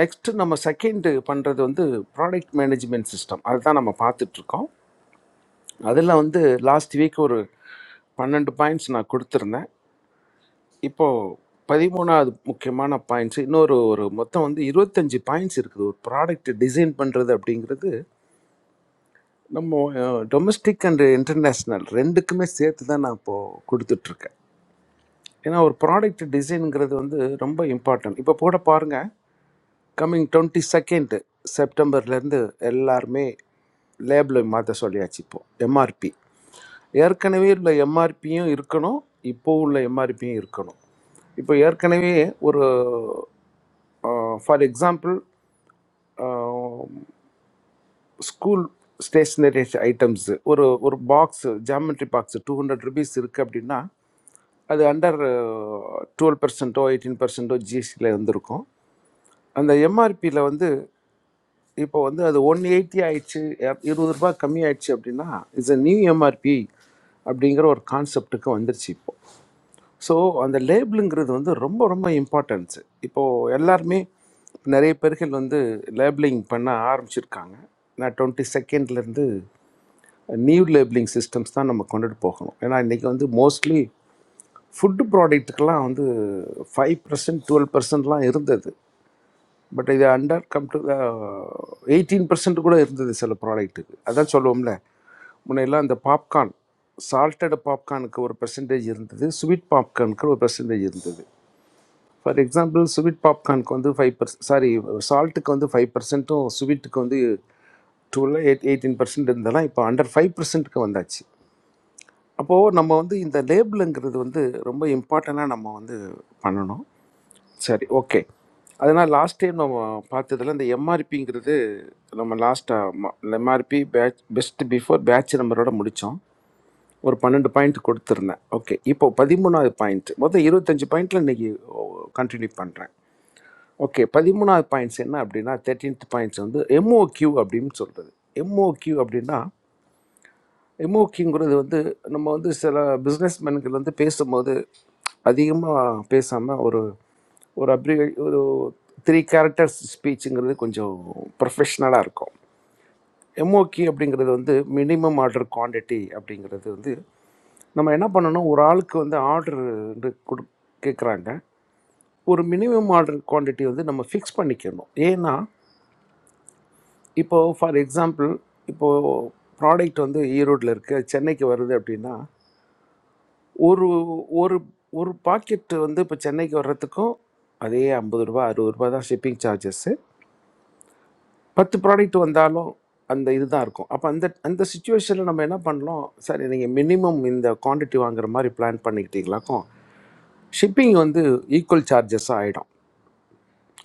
[SPEAKER 15] நெக்ஸ்ட் நம்ம செகண்ட் பண்ணுறது வந்து ப்ராடக்ட் மேனேஜ்மெண்ட் சிஸ்டம் அதுதான் நம்ம பார்த்துட்டு இருக்கோம் அதில் வந்து லாஸ்ட் வீக் ஒரு பன்னெண்டு பாயிண்ட்ஸ் நான் கொடுத்துருந்தேன் இப்போது பதிமூணாவது முக்கியமான பாயிண்ட்ஸ் இன்னொரு ஒரு மொத்தம் வந்து இருபத்தஞ்சி பாயிண்ட்ஸ் இருக்குது ஒரு ப்ராடக்ட் டிசைன் பண்ணுறது அப்படிங்கிறது நம்ம டொமஸ்டிக் அண்ட் இன்டர்நேஷ்னல் ரெண்டுக்குமே சேர்த்து தான் நான் இப்போது கொடுத்துட்ருக்கேன் ஏன்னா ஒரு ப்ராடக்ட் டிசைனுங்கிறது வந்து ரொம்ப இம்பார்ட்டன்ட் இப்போ கூட பாருங்கள் கம்மிங் டுவெண்ட்டி செகண்ட் செப்டம்பர்லேருந்து எல்லாருமே லேபிளை மாற்ற சொல்லியாச்சு இப்போது எம்ஆர்பி ஏற்கனவே உள்ள எம்ஆர்பியும் இருக்கணும் இப்போ உள்ள எம்ஆர்பியும் இருக்கணும் இப்போ ஏற்கனவே ஒரு for example school stationery items ஒரு ஒரு box geometry box two hundred rupees இருக்குது அப்படின்னா அது அண்டர் டுவெல் பர்சன்ட்டோ எயிட்டீன் பர்சன்ட்டோ ஜிஎஸ்டியில் வந்திருக்கும் அந்த எம்ஆர்பியில் வந்து இப்போ வந்து அது ஒன் எயிட்டி ஆயிடுச்சு அப்~ இருபது ரூபாய் கம்மி ஆயிடுச்சு அப்படின்னா இட்ஸ் a நியூ எம்ஆர்பி அப்படிங்கிற ஒரு கான்செப்ட்டுக்கு வந்துருச்சு இப்போ ஸோ அந்த லேபிளுங்கிறது வந்து ரொம்ப ரொம்ப இம்பார்ட்டன்ஸு இப்போது எல்லாருமே நிறைய பேர்கள் வந்து லேபிளிங் பண்ண ஆரம்பிச்சிருக்காங்க நான் டுவெண்ட்டி செகண்ட்லேருந்து நியூ லேபிளிங் சிஸ்டம்ஸ் தான் நம்ம கொண்டுட்டு போகணும் ஏன்னா இன்றைக்கி வந்து மோஸ்ட்லி ஃபுட்டு ப்ராடக்ட்டுக்கெல்லாம் வந்து ஃபைவ் பர்சன்ட் டுவெல் பர்சன்ட்லாம் இருந்தது பட் இது under come to eighteen percent கூட இருந்தது சில ப்ராடக்ட்டுக்கு அதான் சொல்லுவோம்ல முன்னையெல்லாம் அந்த பாப்கார்ன் சால்டட் பாப்கார்னுக்கு ஒரு பெர்சன்டேஜ் இருந்தது ஸ்வீட் பாப்கார்னுக்கு ஒரு பெர்சன்டேஜ் இருந்தது ஃபார் எக்ஸாம்பிள் ஸ்வீட் பாப்கார்னுக்கு வந்து ஃபைவ் பர்ஸ் சாரி சால்ட்டுக்கு வந்து ஃபைவ் பர்சன்ட்டும் ஸ்வீட்டுக்கு வந்து டுவெல் எயிட் எயிட்டீன் பர்சன்ட் இருந்தாலும் இப்போ அண்டர் ஃபைவ் பர்சன்ட்டுக்கு வந்தாச்சு அப்போது நம்ம வந்து இந்த லேபிளுங்கிறது வந்து ரொம்ப இம்பார்ட்டண்ட்டாக நம்ம வந்து பண்ணணும் சரி ஓகே அதனால் லாஸ்ட் டைம் நம்ம பார்த்ததுல இந்த எம்ஆர்பிங்கிறது நம்ம லாஸ்ட்டாக MRP batch best before batch நம்பரோட முடித்தோம் ஒரு பன்னெண்டு பாயிண்ட் கொடுத்துருந்தேன் ஓகே இப்போ பதிமூணாவது பாயிண்ட் மொத்தம் இருபத்தஞ்சு பாயிண்டில் இன்றைக்கி கண்டினியூ பண்ணுறேன் ஓகே பதிமூணாவது பாயிண்ட்ஸ் என்ன அப்படின்னா தேர்ட்டீன்த் பாயிண்ட்ஸ் வந்து MOQ அப்படின்னு சொல்கிறது MOQ அப்படின்னா எமோக்கிங்கிறது வந்து நம்ம வந்து சில பிஸ்னஸ் மேன்கள் வந்து பேசும்போது அதிகமாக பேசாமல் ஒரு ஒரு அப்படி ஒரு த்ரீ கேரக்டர்ஸ் ஸ்பீச்சுங்கிறது கொஞ்சம் ப்ரொஃபஷ்னலாக இருக்கும் எம்ஓகி அப்படிங்கிறது வந்து மினிமம் ஆர்டர் குவாண்டிட்டி அப்படிங்கிறது வந்து நம்ம என்ன பண்ணணும் ஒரு ஆளுக்கு வந்து ஆர்டர் கொடு கேட்குறாங்க ஒரு மினிமம் ஆர்டர் குவாண்டிட்டி வந்து நம்ம ஃபிக்ஸ் பண்ணிக்கணும் ஏன்னா இப்போது ஃபார் எக்ஸாம்பிள் இப்போது ப்ராடக்ட் வந்து ஈரோட்டில் இருக்குது சென்னைக்கு வருது அப்படின்னா ஒரு ஒரு ஒரு பாக்கெட்டு வந்து இப்போ சென்னைக்கு வர்றதுக்கும் அதே ஐம்பது ரூபா அறுபது ரூபா தான் ஷிப்பிங் சார்ஜஸ்ஸு பத்து ப்ராடக்ட் வந்தாலும் அந்த இதுதான் இருக்கும் அப்போ அந்த அந்த சுச்சுவேஷனில் நம்ம என்ன பண்ணலாம் சரி நீங்கள் மினிமம் இந்த குவாண்டிட்டி வாங்குற மாதிரி பிளான் பண்ணிக்கிட்டீங்களாக்கும் ஷிப்பிங் வந்து ஈக்குவல் சார்ஜஸாக ஆகிடும்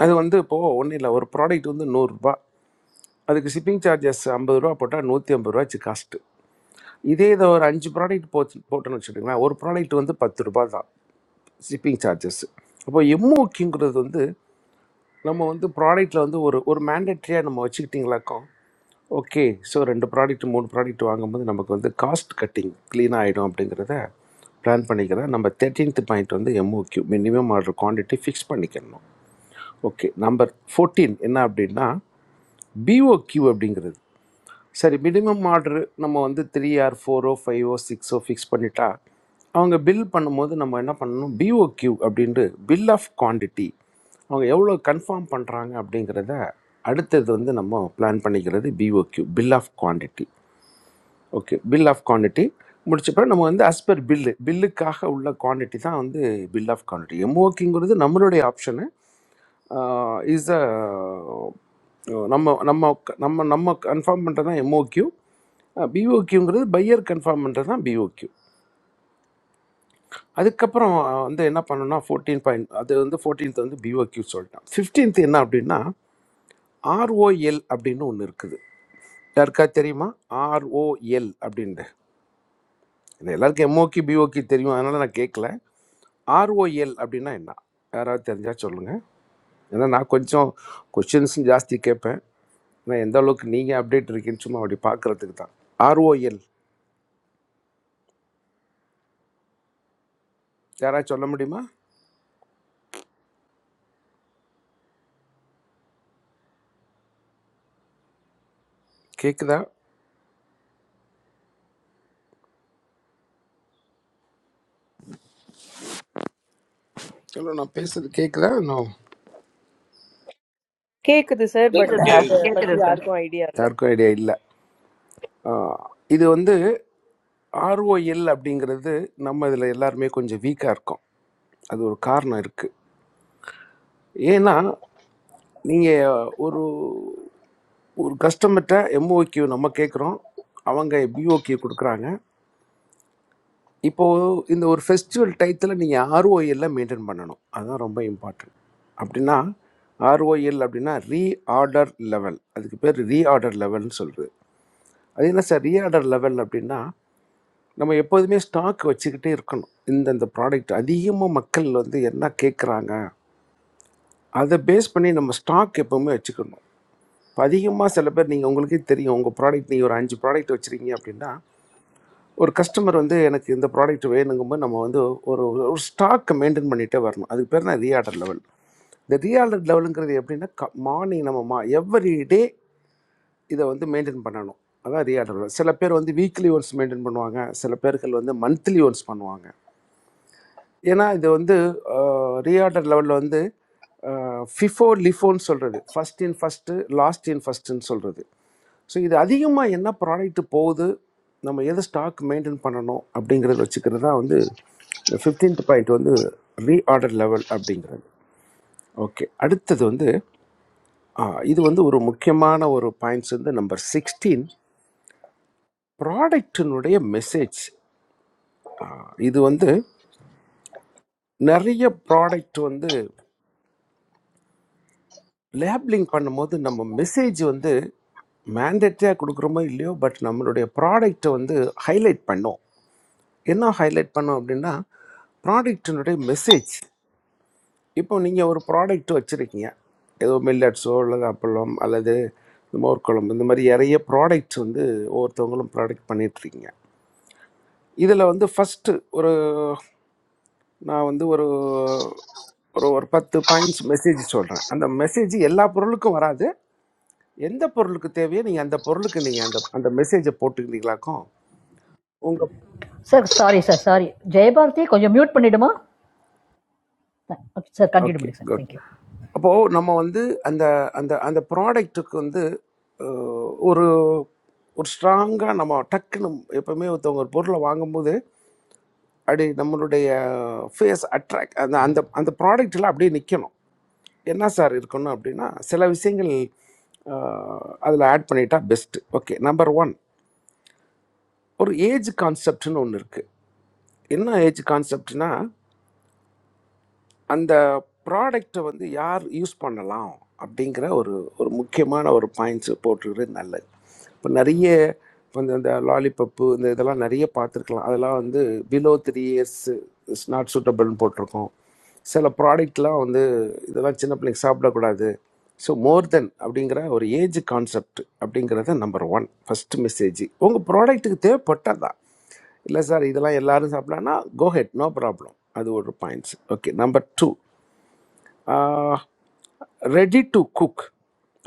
[SPEAKER 15] அது வந்து இப்போது ஒன்றும் இல்லை ஒரு ப்ராடக்ட் வந்து நூறுரூபா அதுக்கு ஷிப்பிங் சார்ஜஸ் ஐம்பது ரூபா போட்டால் நூற்றி ஐம்பது ரூபாச்சு காஸ்ட்டு இதே இதை ஒரு அஞ்சு ப்ராடக்ட் போச்சு போட்டோன்னு வச்சுக்கோங்களேன் ஒரு ப்ராடக்ட் வந்து பத்து ரூபாய் தான் ஷிப்பிங் சார்ஜஸ் அப்போ எம்ஓக்யூங்கிறது வந்து நம்ம வந்து ப்ராடக்ட்டில் வந்து ஒரு ஒரு மேண்டட்ரியாக நம்ம வச்சுக்கிட்டிங்களாக்கும் ஓகே ஸோ ரெண்டு ப்ராடக்ட் மூணு ப்ராடக்ட் வாங்கும்போது நமக்கு வந்து காஸ்ட் கட்டிங் க்ளீன் ஆகிடும் அப்படிங்கிறத பிளான் பண்ணிக்கிறேன் நம்ம தேர்ட்டீன்த் பாயிண்ட் வந்து MOQ minimum order quantity fix பண்ணிக்கணும் ஓகே நம்பர் ஃபோர்டீன் என்ன அப்படின்னா பிஓக்யூ அப்படிங்கிறது சரி மினிமம் ஆர்டர் நம்ம வந்து த்ரீ ஆர் ஃபோரோ ஃபைவோ சிக்ஸோ ஃபிக்ஸ் பண்ணிட்டா அவங்க பில் பண்ணும்போது நம்ம என்ன பண்ணணும் பிஓக்யூ அப்படின்ட்டு பில் ஆஃப் குவாண்டிட்டி அவங்க எவ்வளோ கன்ஃபார்ம் பண்ணுறாங்க அப்படிங்கிறத அடுத்தது வந்து நம்ம பிளான் பண்ணிக்கிறது POQ bill of quantity okay bill of quantity முடிச்ச பிறகு நம்ம வந்து as per பில்லு பில்லுக்காக உள்ள குவான்டிட்டி தான் வந்து பில் ஆஃப் குவான்டிட்டி எம்ஓக்கிங்கிறது நம்மளுடைய ஆப்ஷனு இஸ் அ நம்ம நம்ம நம்ம நம்ம கன்ஃபார்ம் பண்ணுறது தான் எம்ஓக்யூ பிஓக்யூங்கிறது பையர் கன்ஃபார்ம் பண்ணுறது தான் பிஓக்யூ அதுக்கப்புறம் அஹ், வந்து என்ன பண்ணணும்னா ஃபோர்டீன் பாயிண்ட் அது வந்து ஃபோர்டீன்த் வந்து பிஓக்யூ சொல்லிட்டேன் ஃபிஃப்டீன்த் என்ன அப்படின்னா ஆர்ஓஎல் அப்படின்னு ஒன்று இருக்குது யாருக்கா தெரியுமா ஆர்ஓஎல் அப்படின்ட்டு இல்லை எல்லாருக்கும் எம்ஓகி பிஓகி தெரியும் அதனால் நான் கேட்கல ஆர்ஓஎல் அப்படின்னா என்ன யாராவது தெரிஞ்சால் சொல்லுங்கள் ஏன்னா நான் கொஞ்சம் கொஷின்ஸும் ஜாஸ்தி கேட்பேன் ஏன்னா எந்த அளவுக்கு நீங்கள் அப்டேட் இருக்கீங்கன்னு சும்மா அப்படி பார்க்குறதுக்கு தான் ஆர்ஓஎல் யாராவது சொல்ல முடியுமா கேட்குதா இல்லை நான் பேசுகிறது கேட்குதா இன்னும்
[SPEAKER 3] கேக்குது sir, but
[SPEAKER 16] கேக்குது
[SPEAKER 17] Thank you,
[SPEAKER 11] சார்
[SPEAKER 17] Because
[SPEAKER 3] அத
[SPEAKER 16] கேக்குது
[SPEAKER 11] கேக்குது
[SPEAKER 3] பத்தி
[SPEAKER 11] சார்
[SPEAKER 3] யாருக்கும் idea இல்ல.
[SPEAKER 15] யாருக்கும் ஐடியா இல்லை இது வந்து ஆர்ஓஎல் அப்படிங்கிறது நம்ம இதில் எல்லாருமே கொஞ்சம் வீக்காக இருக்கோம் அது ஒரு காரணம் இருக்குது ஏன்னா நீங்கள் ஒரு ஒரு கஸ்டமர்கிட்ட எம்ஓக்யூ நம்ம கேட்குறோம் அவங்க பிஓக்யூ கொடுக்குறாங்க இப்போது இந்த ஒரு ஃபெஸ்டிவல் டயத்தில் நீங்கள் ROI எல்லாம் மெயின்டைன் பண்ணணும் அதுதான் ரொம்ப இம்பார்ட்டன்ட் அப்படின்னா ஆர்ஓஎல் அப்படின்னா ரீஆர்டர் லெவல் அதுக்கு பேர் ரீஆர்டர் லெவல்னு சொல்கிறது அது என்ன சார் ரீஆர்டர் லெவல் அப்படின்னா நம்ம எப்போதுமே ஸ்டாக் வச்சுக்கிட்டே இருக்கணும் இந்தந்த ப்ராடக்ட் அதிகமாக மக்கள் வந்து என்ன கேட்குறாங்க அதை பேஸ் பண்ணி நம்ம ஸ்டாக் எப்போவுமே வச்சுக்கணும் இப்போ அதிகமாக சில பேர் நீங்கள் உங்களுக்கே தெரியும் உங்கள் ப்ராடக்ட் நீங்கள் ஒரு அஞ்சு ப்ராடக்ட் வச்சுருக்கீங்க அப்படின்னா ஒரு கஸ்டமர் வந்து எனக்கு இந்த ப்ராடக்ட் வேணுங்கும்போது நம்ம வந்து ஒரு ஒரு ஸ்டாக்கை மெயின்டைன் பண்ணிகிட்டே வரணும் அதுக்கு பேர் தான் ரீஆர்டர் லெவல் இந்த ரீஆர்டர் லெவலுங்கிறது எப்படின்னா க மார்னிங் நம்ம மா எவ்ரி டே இதை வந்து மெயின்டைன் பண்ணணும் அதான் ரீஆர்டர் லெவல் சில பேர் வந்து வீக்லி ஒன்ஸ் மெயின்டைன் பண்ணுவாங்க சில பேர்கள் வந்து மந்த்லி ஒன்ஸ் பண்ணுவாங்க ஏன்னா இது வந்து ரீஆர்டர் லெவலில் வந்து ஃபிஃபோ லிஃபோன்னு சொல்கிறது first in first last in ஃபஸ்ட்டுன்னு சொல்கிறது ஸோ இது அதிகமாக என்ன ப்ராடக்ட் போகுது நம்ம எதை ஸ்டாக் மெயின்டைன் பண்ணணும் அப்படிங்கிறது வச்சுக்கிறது தான் வந்து ஃபிஃப்டீன்த் பாயிண்ட் வந்து ரீஆர்டர் லெவல் அப்படிங்கிறது ஓகே அடுத்தது வந்து ஆ, இது வந்து ஒரு முக்கியமான ஒரு பாயிண்ட்ஸ் வந்து நம்பர் சிக்ஸ்டீன் ப்ராடக்டினுடைய மெசேஜ் இது வந்து நிறைய ப்ராடக்ட் வந்து லேப்லிங் பண்ணும்போது நம்ம மெசேஜ் வந்து மேண்டேட்டரியாக கொடுக்குறோமோ இல்லையோ பட் நம்மளுடைய ப்ராடக்ட்டை வந்து ஹைலைட் பண்ணோம் என்ன ஹைலைட் பண்ணோம் அப்படின்னா ப்ராடக்டினுடைய மெசேஜ் இப்போ நீங்கள் ஒரு ப்ராடக்ட் வச்சுருக்கீங்க ஏதோ மில்லட்ஸோ அல்லது அப்பளம் அல்லது இந்த மோர்க்குழம்பு இந்த மாதிரி நிறைய ப்ராடக்ட்ஸ் வந்து ஒவ்வொருத்தவங்களும் ப்ராடக்ட் பண்ணிகிட்ருக்கீங்க இதில் வந்து ஃபஸ்ட்டு ஒரு நான் வந்து ஒரு ஒரு ஒரு பத்து பாயிண்ட்ஸ் மெசேஜ் சொல்கிறேன் அந்த மெசேஜ் எல்லா பொருளுக்கும் வராது எந்த பொருளுக்கு தேவையோ நீங்கள் அந்த பொருளுக்கு நீங்கள் அந்த அந்த மெசேஜை போட்டுக்கிட்டீங்களாக்கும் உங்கள்
[SPEAKER 2] Sir, sorry, sir, sorry. Jayabarathi, can you mute? Can you do, ma? Sir,
[SPEAKER 15] okay
[SPEAKER 2] continue, sir.
[SPEAKER 15] Good
[SPEAKER 2] Thank you.
[SPEAKER 15] அப்போது நம்ம வந்து அந்த அந்த அந்த ப்ராடக்ட்டுக்கு வந்து அஹ், ஒரு ஒரு ஸ்ட்ராங்காக நம்ம டக்குன்னு எப்பவுமே ஒருத்தவங்க ஒரு பொருளை வாங்கும்போது அப்படி நம்மளுடைய ஃபேஸ் அட்ராக்ட் அந்த அந்த அந்த ப்ராடக்ட்டில் அப்படியே நிற்கணும் என்ன சார் இருக்கணும் அப்படின்னா சில விஷயங்கள் அதில் ஆட் பண்ணிட்டா பெஸ்ட்டு ஓகே நம்பர் ஒன் ஒரு ஏஜ் கான்செப்ட்னு ஒன்று இருக்குது என்ன ஏஜ் கான்செப்ட்னா அந்த ப்ராடக்டை வந்து யார் யூஸ் பண்ணலாம் அப்படிங்கிற ஒரு ஒரு முக்கியமான ஒரு பாயிண்ட்ஸ் போட்டுக்கிறது நல்லது இப்போ நிறைய இப்போ இந்த இந்த லாலிபப்பு இந்த இதெல்லாம் நிறைய பார்த்துருக்கலாம் அதெல்லாம் வந்து below three years is not சூட்டபிள்னு போட்டிருக்கோம் சில ப்ராடக்ட்லாம் வந்து இதெல்லாம் சின்ன பிள்ளைங்க சாப்பிடக்கூடாது ஸோ மோர் தென் அப்படிங்கிற ஒரு ஏஜ் கான்செப்ட் அப்படிங்கிறத நம்பர் ஒன் ஃபஸ்ட்டு மெசேஜ் உங்கள் ப்ராடக்ட்டுக்கு தேவைப்பட்டதா இல்லை சார் இதெல்லாம் எல்லாரும் சாப்பிடலாம்னா கோஹெட் நோ ப்ராப்ளம் அது ஒரு points okay number two ready to cook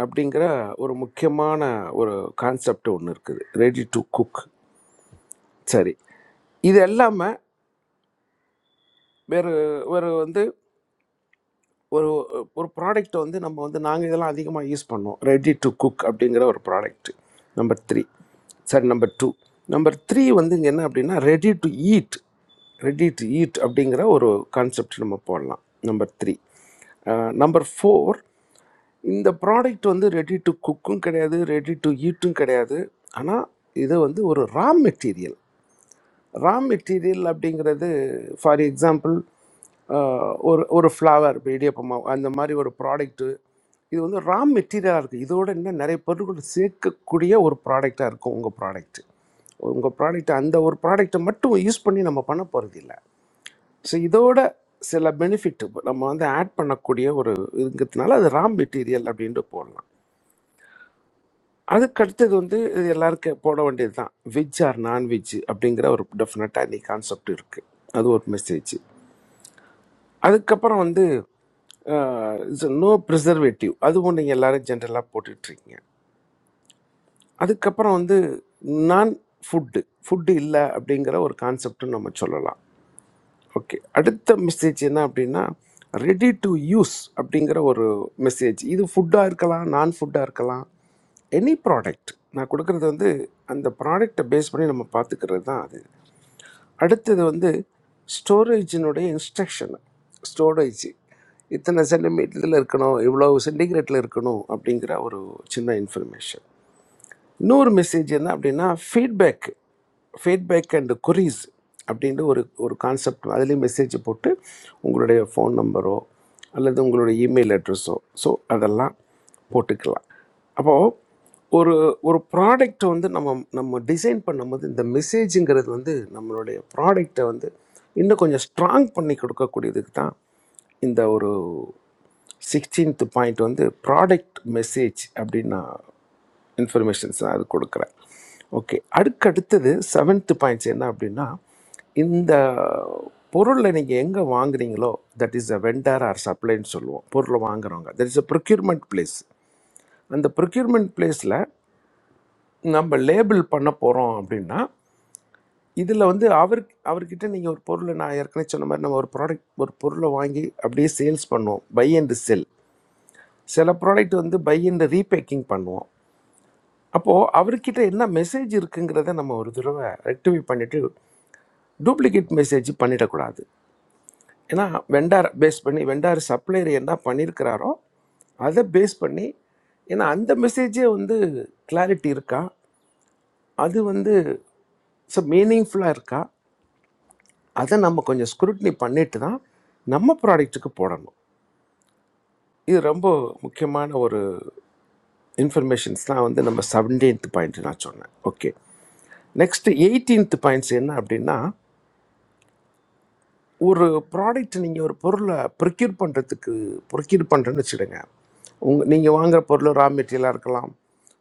[SPEAKER 15] அப்படிங்கிற ஒரு முக்கியமான ஒரு கான்செப்ட் ஒன்று இருக்குது ரெடி டு குக் சரி இது எல்லாமே வேறு வேறு வந்து ஒரு ஒரு ப்ராடக்ட் வந்து நம்ம வந்து நாங்கள் இதெல்லாம் அதிகமாக யூஸ் பண்ணோம் ரெடி டு குக் அப்படிங்கிற ஒரு product number three sorry number two number three வந்து இங்கே என்ன அப்படின்னா ready to eat ready to eat அப்படிங்கிற ஒரு கான்செப்ட் நம்ம போடலாம் நம்பர் த்ரீ நம்பர் ஃபோர் இந்த ப்ராடக்ட் வந்து ரெடி டு குக்கும் கிடையாது ரெடி டு ஈட்டும் கிடையாது ஆனால் இது வந்து ஒரு ரா மெட்டீரியல் ரா மெட்டீரியல் அப்படிங்கிறது ஃபார் எக்ஸாம்பிள் ஒரு ஒரு ஃப்ளவர் இப்போ இடியப்பமாவு அந்த மாதிரி ஒரு ப்ராடக்ட்டு இது வந்து ரா மெட்டீரியலாக இருக்குது இதோட இன்னும் நிறைய பொருட்கள் சேர்க்கக்கூடிய ஒரு ப்ராடக்டாக இருக்கும் உங்கள் ப்ராடக்ட்டு உங்கள் ப்ராடக்ட் அந்த ஒரு ப்ராடக்ட்டை மட்டும் யூஸ் பண்ணி நம்ம பண்ண போகிறது இல்லை ஸோ இதோட சில பெனிஃபிட் நம்ம வந்து ஆட் பண்ணக்கூடிய ஒரு இருக்கிறதுனால அது ரா மெட்டீரியல் அப்படின்ட்டு போடலாம் அதுக்கு அடுத்தது வந்து இது எல்லாருக்கும் போட வேண்டியது தான் வெஜ் ஆர் நான்வெஜ் அப்படிங்கிற ஒரு டெஃபினட்டாக இன்னைக்கு கான்செப்ட் இருக்குது அது ஒரு மெசேஜ் அதுக்கப்புறம் வந்து நோ ப்ரிசர்வேட்டிவ் அதுவும் நீங்கள் எல்லாரும் ஜென்ரலாக போட்டுட்ருக்கீங்க அதுக்கப்புறம் வந்து நான் ஃபுட்டு ஃபுட்டு இல்லை அப்படிங்கிற ஒரு கான்செப்ட்டும் நம்ம சொல்லலாம் ஓகே அடுத்த மெசேஜ் என்ன அப்படின்னா ரெடி டு யூஸ் அப்படிங்கிற ஒரு மெசேஜ் இது ஃபுட்டாக இருக்கலாம் நான் ஃபுட்டாக இருக்கலாம் எனி ப்ராடக்ட் நான் கொடுக்கறது வந்து அந்த ப்ராடக்டை பேஸ் பண்ணி நம்ம பார்த்துக்கிறது தான் அது அடுத்தது வந்து ஸ்டோரேஜினுடைய இன்ஸ்ட்ரக்ஷன் ஸ்டோரேஜ் இத்தனை சென்டிமீட்டரில் இருக்கணும் இவ்வளோ சென்டிகிரேட்டில் இருக்கணும் அப்படிங்கிற ஒரு சின்ன இன்ஃபர்மேஷன் இன்னொரு மெசேஜ் என்ன அப்படின்னா ஃபீட்பேக் ஃபீட்பேக் அண்ட் குறிஸ் அப்படின்ற ஒரு ஒரு கான்செப்ட் அதுலேயும் மெசேஜ் போட்டு உங்களுடைய ஃபோன் நம்பரோ அல்லது உங்களுடைய இமெயில் அட்ரஸோ ஸோ அதெல்லாம் போட்டுக்கலாம் அப்போது ஒரு ஒரு ப்ராடக்ட் வந்து நம்ம நம்ம டிசைன் பண்ணும்போது இந்த மெசேஜுங்கிறது வந்து நம்மளுடைய ப்ராடக்டை வந்து இன்னும் கொஞ்சம் ஸ்ட்ராங் பண்ணி கொடுக்கக்கூடியதுக்கு தான் இந்த ஒரு சிக்ஸ்டீன்த் பாயிண்ட் வந்து ப்ராடக்ட் மெசேஜ் அப்படின்னு நான் இன்ஃபர்மேஷன்ஸ் நான் அது கொடுக்குறேன் ஓகே அடுக்கடுத்தது செவன்த் பாயிண்ட்ஸ் என்ன அப்படின்னா இந்த பொருளை நீங்கள் எங்கே வாங்குறீங்களோ that is a vendor or சப்ளைன்னு சொல்லுவோம் பொருளை வாங்குறவங்க that is a procurement place அந்த ப்ரொக்யூர்மெண்ட் பிளேஸில் நம்ம லேபிள் பண்ண போகிறோம் அப்படின்னா இதில் வந்து அவர் அவர்கிட்ட நீங்கள் ஒரு பொருளை நான் ஏற்கனவே சொன்ன மாதிரி நம்ம ஒரு ப்ராடக்ட் ஒரு பொருளை வாங்கி அப்படியே சேல்ஸ் பண்ணுவோம் பை அண்ட் செல் சில ப்ராடக்ட் வந்து பை அண்ட் ரீபேக்கிங் பண்ணுவோம் அப்போது அவர்கிட்ட என்ன மெசேஜ் இருக்குங்கிறத நம்ம ஒரு தடவை ரெக்டிஃபை பண்ணிவிட்டு டூப்ளிகேட் மெசேஜ் பண்ணிடக்கூடாது ஏன்னா வெண்டார் பேஸ் பண்ணி வெண்டார் சப்ளையர் என்ன பண்ணியிருக்கிறாரோ அதை பேஸ் பண்ணி ஏன்னா அந்த மெசேஜே வந்து கிளாரிட்டி இருக்கா அது வந்து ஸோ மீனிங்ஃபுல்லாக இருக்கா அதை நம்ம கொஞ்சம் ஸ்க்ரூட்னி பண்ணிட்டு தான் நம்ம ப்ராடக்ட்டுக்கு போடணும் இது ரொம்ப முக்கியமான ஒரு இன்ஃபர்மேஷன்ஸ் தான் வந்து நம்ம செவன்டீன்த் பாயிண்ட் நான் சொன்னேன் ஓகே நெக்ஸ்ட் எயிட்டீன்த் பாயிண்ட்ஸ் என்ன அப்படின்னா ஒரு ப்ராடக்ட் நீங்கள் ஒரு பொருளை ப்ரொக்யூர் பண்ணுறதுக்கு ப்ரொக்யூர் பண்ணுறேன்னு வச்சுடுங்க உங்கள் நீங்கள் வாங்குற பொருள் ரா மெட்டீரியலாக இருக்கலாம்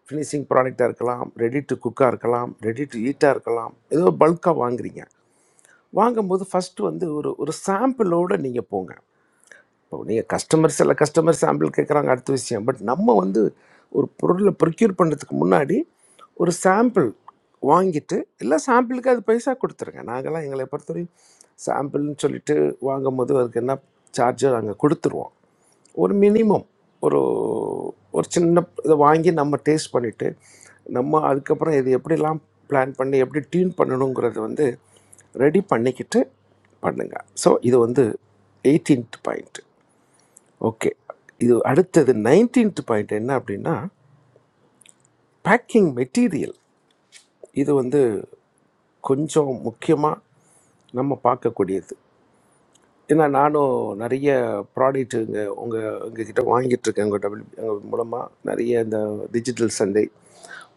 [SPEAKER 15] ஃபினிஷிங் ப்ராடக்டாக இருக்கலாம் ரெடி டு குக்காக இருக்கலாம் ரெடி டு ஈட்டாக இருக்கலாம் ஏதோ பல்காக வாங்குறீங்க வாங்கும்போது ஃபஸ்ட்டு வந்து ஒரு ஒரு சாம்பிளோடு நீங்கள் போங்க இப்போ நீங்கள் கஸ்டமர் சில கஸ்டமர் சாம்பிள் கேட்குறாங்க அடுத்த விஷயம் பட் நம்ம வந்து ஒரு பொருளை ப்ரொக்யூர் பண்ணுறதுக்கு முன்னாடி ஒரு சாம்பிள் வாங்கிட்டு இல்லை சாம்பிளுக்கு அது பைசா கொடுத்துருங்க நாங்கள்லாம் எங்களை பொறுத்தவரையும் சாம்பிள்னு சொல்லிட்டு வாங்கும்போது அதுக்கு என்ன சார்ஜர் நாங்கள் கொடுத்துருவோம் ஒரு மினிமம் ஒரு ஒரு சின்ன இதை வாங்கி நம்ம டேஸ்ட் பண்ணிவிட்டு நம்ம அதுக்கப்புறம் இது எப்படிலாம் பிளான் பண்ணி எப்படி டியூன் பண்ணணுங்கிறது வந்து ரெடி பண்ணிக்கிட்டு பண்ணுங்க ஸோ இது வந்து எயிட்டீன்த் பாயிண்ட் ஓகே இது அடுத்தது 19th பாயிண்ட் என்ன அப்படின்னா பேக்கிங் மெட்டீரியல் இது வந்து கொஞ்சம் முக்கியமாக நம்ம பார்க்கக்கூடியது ஏன்னா நானும் நிறைய ப்ராடக்ட் இங்கே உங்கள் உங்ககிட்ட வாங்கிட்டுருக்கேன் உங்கள் டபுள் உங்கள் மூலமாக நிறைய இந்த டிஜிட்டல் சந்தை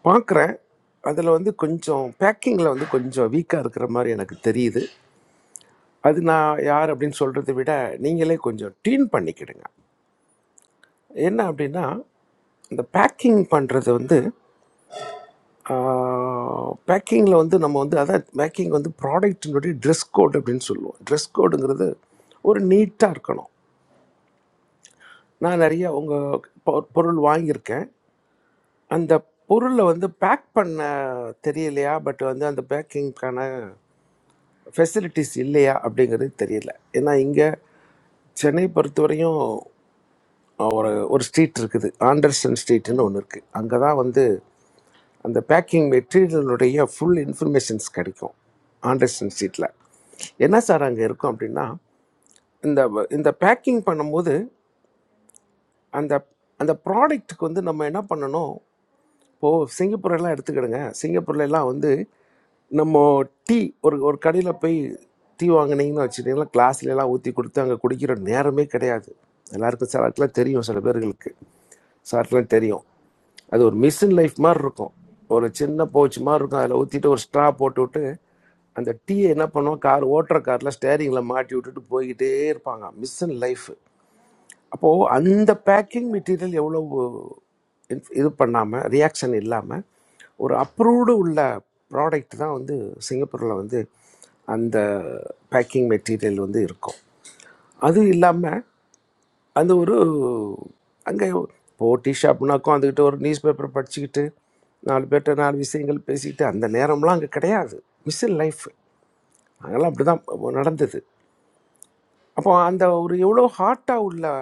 [SPEAKER 15] பார்க்குறேன் அதில் வந்து கொஞ்சம் பேக்கிங்கில் வந்து கொஞ்சம் வீக்காக இருக்கிற மாதிரி எனக்கு தெரியுது அது நான் யார் அப்படின்னு சொல்கிறத விட நீங்களே கொஞ்சம் டியூன் பண்ணிக்கிடுங்க என்ன அப்படின்னா இந்த பேக்கிங் பண்ணுறது வந்து பேக்கிங்கில் வந்து நம்ம வந்து அதான் பேக்கிங் வந்து ப்ராடக்டினுடைய ட்ரெஸ் கோட் அப்படின்னு சொல்லுவோம் ட்ரெஸ் கோடுங்கிறது ஒரு நீட்டாக இருக்கணும் நான் நிறைய உங்கள் பொருள் வாங்கியிருக்கேன் அந்த பொருளை வந்து பேக் பண்ண தெரியலையா பட் வந்து அந்த பேக்கிங்க்கான ஃபெசிலிட்டிஸ் இல்லையா அப்படிங்கிறது தெரியல ஏன்னா இங்கே சென்னை பொறுத்தவரையும் ஒரு ஒரு ஸ்ட்ரீட் இருக்குது ஆண்டர்சன் ஸ்ட்ரீட்னு ஒன்று இருக்குது அங்கே தான் வந்து அந்த பேக்கிங் மெட்டீரியலுடைய ஃபுல் இன்ஃபர்மேஷன்ஸ் கிடைக்கும் ஆண்டர்ஸ்டன் ஷீட்டில் என்ன சார் அங்கே இருக்கும் அப்படின்னா இந்த இந்த பேக்கிங் பண்ணும்போது அந்த அந்த ப்ராடக்ட்டுக்கு வந்து நம்ம என்ன பண்ணணும் இப்போது சிங்கப்பூர் எல்லாம் எடுத்துக்கிடுங்க சிங்கப்பூர்ல எல்லாம் வந்து நம்ம டீ ஒரு ஒரு கடையில் போய் டீ வாங்கினீங்கன்னு வச்சுட்டிங்கன்னா கிளாஸ்ல எல்லாம் ஊற்றி கொடுத்து அங்கே குடிக்கிற நேரமே கிடையாது எல்லாருக்கும் சில ஆட்களாம் தெரியும் சில பேர்களுக்கு சில ஆட்களாம் தெரியும் அது ஒரு மிஷின் லைஃப் மாதிரி இருக்கும் ஒரு சின்ன பவுச் மாதிரி இருக்கும் அதில் ஊற்றிட்டு ஒரு ஸ்ட்ரா போட்டு விட்டு அந்த டீயை என்ன பண்ணுவோம் கார் ஓட்டுற காரில் ஸ்டேரிங்கில் மாட்டி விட்டுட்டு போய்கிட்டே இருப்பாங்க மிஷின் லைஃப் அப்போ அந்த பேக்கிங் மெட்டீரியல் எவ்வளவு இன்ஃப்- இது பண்ணாம ரியாக்ஷன் இல்லாம ஒரு அப்ரூவ்டு உள்ள ப்ராடக்ட் தான் வந்து சிங்கப்பூர்ல வந்து அந்த பேக்கிங் மெட்டீரியல் வந்து இருக்கும் அது இல்லாமல் அந்த ஒரு அங்கே இப்போ டீ ஷாப்னாக்கும் அதுக்கிட்ட ஒரு நியூஸ் பேப்பர் படிச்சுக்கிட்டு நாலு பேர்கிட்ட நாலு விஷயங்கள் பேசிக்கிட்டு அந்த நேரம்லாம் அங்கே கிடையாது மிஸ் இன் லைஃப் அதெல்லாம் அப்படி தான் நடந்தது அப்போ அந்த ஒரு எவ்வளோ ஹார்ட்டாக உள்ள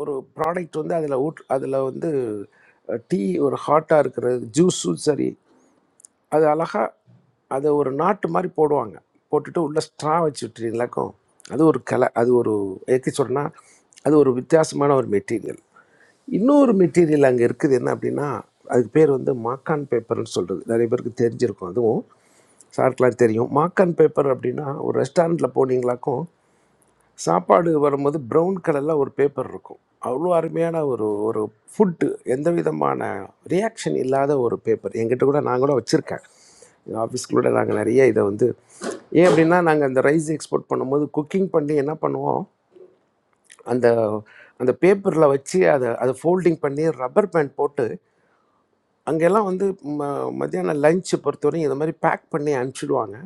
[SPEAKER 15] ஒரு ப்ராடக்ட் வந்து அதில் ஊட் அதில் வந்து டீ ஒரு ஹாட்டாக இருக்கிறது ஜூஸும் சரி அது அழகாக அதை ஒரு நாட்டு மாதிரி போடுவாங்க போட்டுட்டு உள்ளே ஸ்ட்ரா வச்சுட்றீங்களாக்கும் அது ஒரு கலை அது ஒரு எப்படி சொன்னால் அது ஒரு வித்தியாசமான ஒரு மெட்டீரியல் இன்னொரு மெட்டீரியல் அங்கே இருக்குது என்ன அப்படின்னா அதுக்கு பேர் வந்து மாக்கான் பேப்பர்னு சொல்கிறது நிறைய பேருக்கு தெரிஞ்சிருக்கும் அதுவும் சாருக்கெலாம் தெரியும் மாக்கான் பேப்பர் அப்படின்னா ஒரு ரெஸ்டாரண்ட்டில் போனீங்களாக்கும் சாப்பாடு வரும்போது ப்ரௌன் கலரில் ஒரு பேப்பர் இருக்கும் அவ்வளோ அருமையான ஒரு ஒரு ஃபுட்டு எந்த விதமான ரியாக்ஷன் இல்லாத ஒரு பேப்பர் எங்கிட்ட கூட நான் கூட வச்சுருக்கேன் எங்கள் ஆஃபீஸ்க்குள்ளே நாங்கள் நிறைய இதை வந்து ஏன் அப்படின்னா நாங்கள் அந்த ரைஸ் எக்ஸ்போர்ட் பண்ணும்போது குக்கிங் பண்ணி என்ன பண்ணுவோம் அந்த அந்த பேப்பரில் வச்சு அதை அதை ஃபோல்டிங் பண்ணி ரப்பர் பேண்ட் போட்டு அங்கெல்லாம் வந்து ம- மத்தியானம் லஞ்சு பொறுத்தவரையும் இந்த மாதிரி பேக் பண்ணி அனுப்பிச்சிடுவாங்க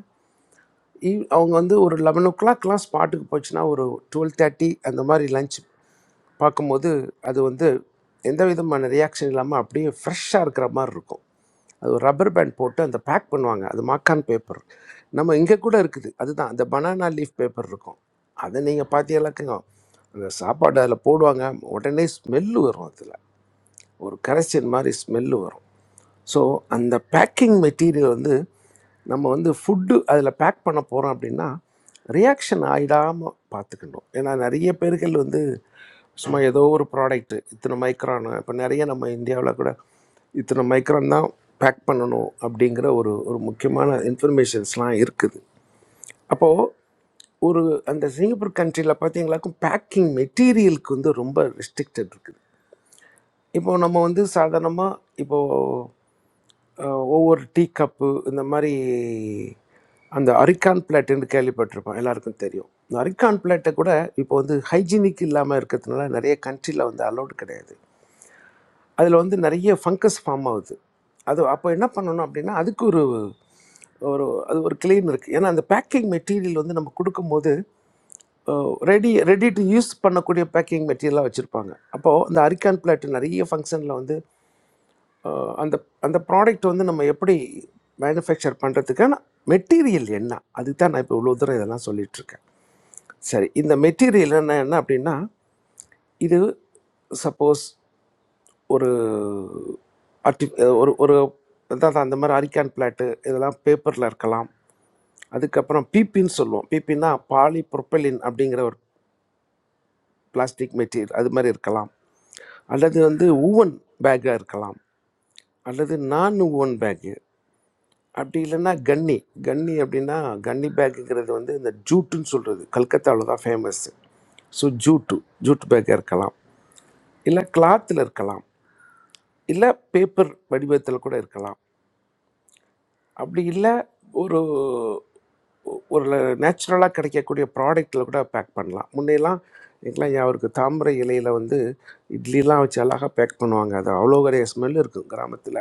[SPEAKER 15] ஈவ் அவங்க வந்து ஒரு லெவன் ஓ கிளாக்லாம் ஸ்பாட்டுக்கு போச்சுன்னா ஒரு டுவெல் தேர்ட்டி அந்த மாதிரி லஞ்ச் பார்க்கும்போது அது வந்து எந்த விதமான ரியாக்ஷன் இல்லாமல் அப்படியே ஃப்ரெஷ்ஷாக இருக்கிற மாதிரி இருக்கும் அது ஒரு ரப்பர் பேண்ட் போட்டு அந்த பேக் பண்ணுவாங்க அது மாக்கான் பேப்பர் நம்ம இங்கே கூட இருக்குது அதுதான் அந்த பனானா லீஃப் பேப்பர் இருக்கும் அதை நீங்கள் பார்த்தீங்களாக்குங்க அந்த சாப்பாடு அதில் போடுவாங்க உடனே ஸ்மெல்லு வரும் அதில் ஒரு கரைச்சல் மாதிரி ஸ்மெல்லு வரும் ஸோ அந்த பேக்கிங் மெட்டீரியல் வந்து நம்ம வந்து ஃபுட்டு அதில் பேக் பண்ண போகிறோம் அப்படின்னா ரியாக்ஷன் ஆகிடாமல் பார்த்துக்கணும் ஏன்னா நிறைய பேர்கள் வந்து சும்மா ஏதோ ஒரு ப்ராடக்ட்டு இத்தனை மைக்ரான் இப்போ நிறைய நம்ம இந்தியாவில் கூட இத்தனை மைக்ரான் தான் பேக் பண்ணணும் அப்படிங்கிற ஒரு ஒரு முக்கியமான இன்ஃபர்மேஷன்ஸ்லாம் இருக்குது அப்போது ஒரு அந்த சிங்கப்பூர் கண்ட்ரியில் பார்த்தீங்களாக்கும் பேக்கிங் மெட்டீரியலுக்கு வந்து ரொம்ப ரெஸ்ட்ரிக்டட் இருக்குது இப்போது நம்ம வந்து சாதாரணமாக இப்போது அஹ், ஒவ்வொரு டீ கப்பு இந்த மாதிரி அந்த அரிக்கான் பிளேட்டுன்னு கேள்விப்பட்டிருப்போம் எல்லாருக்கும் தெரியும் இந்த அரிக்கான் பிளேட்டை கூட இப்போ வந்து ஹைஜீனிக் இல்லாமல் இருக்கிறதுனால நிறைய கண்ட்ரியில் வந்து அலௌடு கிடையாது அதில் வந்து நிறைய ஃபங்கஸ் ஃபார்ம் ஆகுது அது அப்போ என்ன பண்ணணும் அப்படின்னா அதுக்கு ஒரு ஒரு அது ஒரு கிளீன் இருக்குது ஏன்னா அந்த பேக்கிங் மெட்டீரியல் வந்து நம்ம கொடுக்கும்போது ரெடி ரெடி டு யூஸ் பண்ணக்கூடிய பேக்கிங் மெட்டீரியலாக வச்சுருப்பாங்க அப்போது இந்த அரிக்கான் பிளாட் நிறைய ஃபங்க்ஷனில் வந்து அஹ் அந்த அந்த ப்ராடக்ட் வந்து நம்ம எப்படி மேனுஃபேக்சர் பண்ணுறதுக்கான மெட்டீரியல் என்ன அதுக்கு தான் நான் இப்போ இவ்வளோ தூரம் இதெல்லாம் சொல்லிட்டு இருக்கேன் சரி இந்த மெட்டீரியல் என்ன என்ன அப்படின்னா இது சப்போஸ் ஒரு ஆர்டி ஒரு ஒரு அதாவது அந்த மாதிரி அரிக்கான் பிளாட்டு இதெல்லாம் பேப்பரில் இருக்கலாம் அதுக்கப்புறம் பிபின்னு சொல்லுவோம் பிபின்னா பாலி ப்ரொப்பலின் அப்படிங்கிற ஒரு பிளாஸ்டிக் மெட்டீரியல் அது மாதிரி இருக்கலாம் அல்லது வந்து ஊவன் பேக்காக இருக்கலாம் அல்லது நான் ஊவன் பேக்கு அப்படி இல்லைன்னா கன்னி கன்னி அப்படின்னா கன்னி பேக்குங்கிறது வந்து இந்த ஜூட்டுன்னு சொல்கிறது கல்கத்தாவில் தான் ஃபேமஸ்ஸு ஸோ ஜூட்டு ஜூட் பேக்காக இருக்கலாம் இல்லை கிளாத்தில் இருக்கலாம் இல்லை பேப்பர் வடிவத்தில் கூட இருக்கலாம் அப்படி இல்லை ஒரு ஒரு நேச்சுரலாக கிடைக்கக்கூடிய ப்ராடக்டில் கூட பேக் பண்ணலாம் முன்னையெல்லாம் எனக்குலாம் அவருக்கு தாமரை இலையில் வந்து இட்லிலாம் வச்சு அழகாக பேக் பண்ணுவாங்க அது அவ்வளோ ஒரு ஸ்மெல் இருக்கும் கிராமத்தில்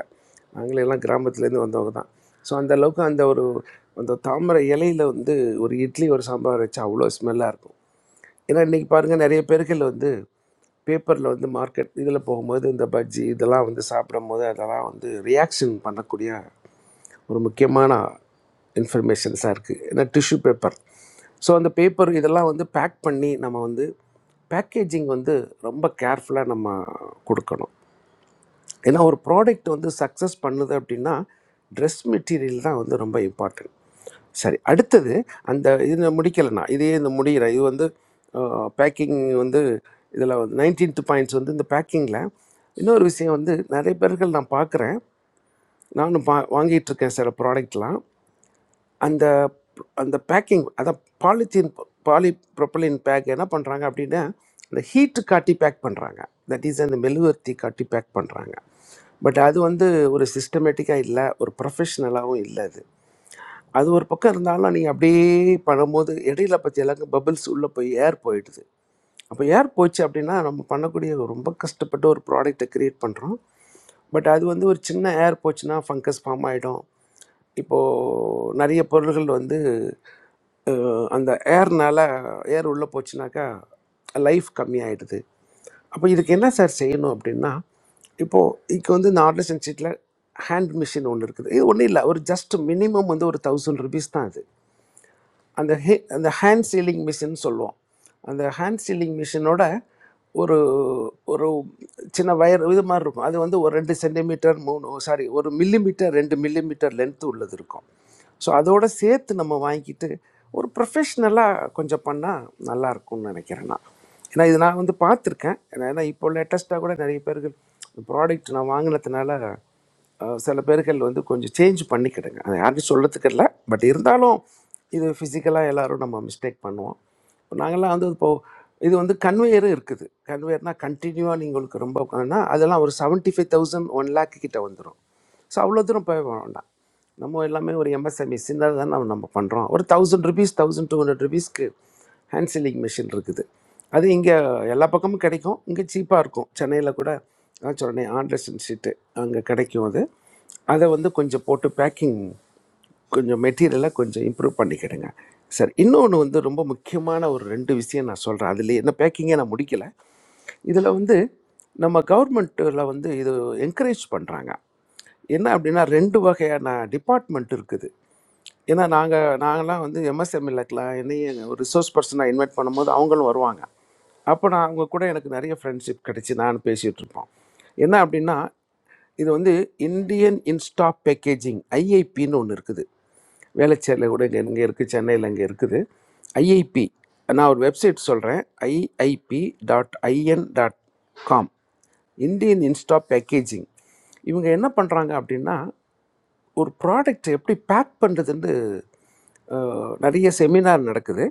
[SPEAKER 15] நாங்களெல்லாம் கிராமத்துலேருந்து வந்தவங்க தான் ஸோ அந்த அளவுக்கு அந்த ஒரு அந்த தாமரை இலையில் வந்து ஒரு இட்லி ஒரு சாம்பார் வச்சா அவ்வளோ ஸ்மெல்லாக இருக்கும் ஏன்னா இன்றைக்கி பாருங்கள் நிறைய பேர்கள் வந்து பேப்பரில் வந்து மார்க்கெட் இதில் போகும்போது இந்த பஜ்ஜி இதெல்லாம் வந்து சாப்பிடும்போது அதெல்லாம் வந்து ரியாக்ஷன் பண்ணக்கூடிய ஒரு முக்கியமான இன்ஃபர்மேஷன்ஸாக இருக்குது ஏன்னா டிஷ்யூ பேப்பர் ஸோ அந்த பேப்பர் இதெல்லாம் வந்து பேக் பண்ணி நம்ம வந்து பேக்கேஜிங் வந்து ரொம்ப கேர்ஃபுல்லாக நம்ம கொடுக்கணும் ஏன்னா ஒரு ப்ராடக்ட் வந்து சக்ஸஸ் பண்ணுது அப்படின்னா ட்ரெஸ் மெட்டீரியல் தான் வந்து ரொம்ப இம்பார்ட்டன்ட் சரி அடுத்தது அந்த இது முடிக்கலைண்ணா இதே இந்த முடிகிற இது வந்து பேக்கிங் வந்து இதில் வந்து நைன்டீன்த் பாயிண்ட்ஸ் வந்து இந்த பேக்கிங்கில் இன்னொரு விஷயம் வந்து நிறைய பேர்கள் நான் பார்க்குறேன் நானும் பா வாங்கிட்டு இருக்கேன் சில ப்ராடக்ட்லாம் அந்த அந்த பேக்கிங் அதான் பாலித்தீன் பாலி ப்ரொப்பலின் பேக் என்ன பண்ணுறாங்க அப்படின்னா இந்த ஹீட்டு காட்டி பேக் பண்ணுறாங்க தட் இஸ் அந்த மெழுகுவர்த்தி காட்டி பேக் பண்ணுறாங்க பட் அது வந்து ஒரு சிஸ்டமேட்டிக்காக இல்லை ஒரு ப்ரொஃபஷ்னலாகவும் இல்லை அது அது ஒரு பக்கம் இருந்தாலும் நீங்கள் அப்படியே பண்ணும்போது இடையில பற்றி எல்லாருக்கும் பபிள்ஸ் உள்ளே போய் ஏர் போயிடுது அப்போ ஏர் போச்சு அப்படின்னா நம்ம பண்ணக்கூடிய ரொம்ப கஷ்டப்பட்டு ஒரு ப்ராடக்ட்டை க்ரியேட் பண்ணுறோம் பட் அது வந்து ஒரு சின்ன ஏர் போச்சுன்னா ஃபங்கஸ் ஃபார்ம் ஆகிடும் இப்போது நிறைய பொருள்கள் வந்து அஹ், அந்த ஏர்னால ஏர் உள்ளே போச்சுனாக்கா லைஃப் கம்மியாயிடுது அப்போ இதுக்கு என்ன சார் செய்யணும் அப்படின்னா இப்போது இதுக்கு வந்து இந்த ஆர்டிசன் ஷீட்டில் ஹேண்ட் மிஷின் ஒன்று இருக்குது இது ஒன்றும் இல்லை ஒரு ஜஸ்ட் மினிமம் வந்து ஒரு தௌசண்ட் ருபீஸ் தான் அது அந்த ஹே அந்த ஹேண்ட் சீலிங் மிஷின் சொல்லுவோம் அந்த ஹேண்ட் சீலிங் மிஷினோட ஒரு ஒரு சின்ன வயர் இது மாதிரி இருக்கும் அது வந்து ஒரு ரெண்டு சென்டிமீட்டர் மூணு சாரி ஒரு மில்லிமீட்டர் ரெண்டு மில்லிமீட்டர் லென்த்து உள்ளது இருக்கும் ஸோ அதோட சேர்த்து நம்ம வாங்கிட்டு ஒரு ப்ரொஃபஷ்னலாக கொஞ்சம் பண்ணால் நல்லா இருக்கும்னு நினைக்கிறேன் நான் ஏன்னா இது நான் வந்து பார்த்துருக்கேன் ஏன்னா ஏன்னா இப்போ லேட்டஸ்ட்டாக கூட நிறைய பேர்கள் ப்ராடக்ட் நான் வாங்கினதுனால அஹ் சில பேர்கள் வந்து கொஞ்சம் சேஞ்ச் பண்ணிக்கிடுங்க அது யாருக்கும் சொல்கிறதுக்கு இல்லை பட் இருந்தாலும் இது ஃபிசிக்கலாக எல்லாரும் நம்ம மிஸ்டேக் பண்ணுவோம் இப்போ நாங்கள்லாம் வந்து இப்போது இது வந்து கன்வேயரும் இருக்குது கன்வேயர்னால் கண்டினியூவாக நீங்கள் உங்களுக்கு ரொம்ப உட்காந்துனா அதெல்லாம் ஒரு seventy five thousand one lakh கிட்ட வந்துடும் ஸோ அவ்வளோ தூரம் போய் வேண்டாம் நம்ம எல்லாமே ஒரு எம்எஸ்எம்இ சின்னதாக தான் நம்ம நம்ம பண்ணுறோம் ஒரு thousand rupees thousand two hundred ருபீஸ்க்கு ஹேண்ட் சீலிங் மிஷின் இருக்குது அது இங்கே எல்லா பக்கமும் கிடைக்கும் இங்கே சீப்பாக இருக்கும் சென்னையில் கூட நான் சொன்னேன் ஆண்டர்சன் ஷீட்டு அங்கே கிடைக்கும் அது அதை வந்து கொஞ்சம் போட்டு பேக்கிங் கொஞ்சம் மெட்டீரியலை கொஞ்சம் இம்ப்ரூவ் பண்ணிக்கிடுங்க சார் இன்னொன்று வந்து ரொம்ப முக்கியமான ஒரு ரெண்டு விஷயம் நான் சொல்கிறேன் அதில் என்ன பேக்கிங்கே நான் முடிக்கல இதில் வந்து நம்ம கவர்மெண்ட்டில் வந்து இது என்கரேஜ் பண்ணுறாங்க என்ன அப்படின்னா ரெண்டு வகையான டிபார்ட்மெண்ட் இருக்குது ஏன்னா நாங்கள் நாங்களாம் வந்து எம்எஸ்எம்எல்ஏக்கெலாம் என்னையும் ஒரு ரிசோர்ஸ் பர்சனாக இன்வைட் பண்ணும்போது அவங்களும் வருவாங்க அப்போ நான் அவங்க கூட எனக்கு நிறைய ஃப்ரெண்ட்ஷிப் கிடச்சி நான் பேசிகிட்டு இருப்போம் என்ன அப்படின்னா இது வந்து இந்தியன் இன்ஸ்டா பேக்கேஜிங் ஐஐபின்னு ஒன்று இருக்குது வேளச்சேரியில் கூட இங்கே இங்கே இருக்குது சென்னையில் இங்கே இருக்குது ஐஐபி நான் ஒரு வெப்சைட் சொல்கிறேன் IIP dot in dot com Indian Insta Packaging இவங்க என்ன பண்ணுறாங்க அப்படின்னா ஒரு ப்ராடக்ட் எப்படி பேக் பண்ணுறதுன்னு நிறைய செமினார் நடக்குது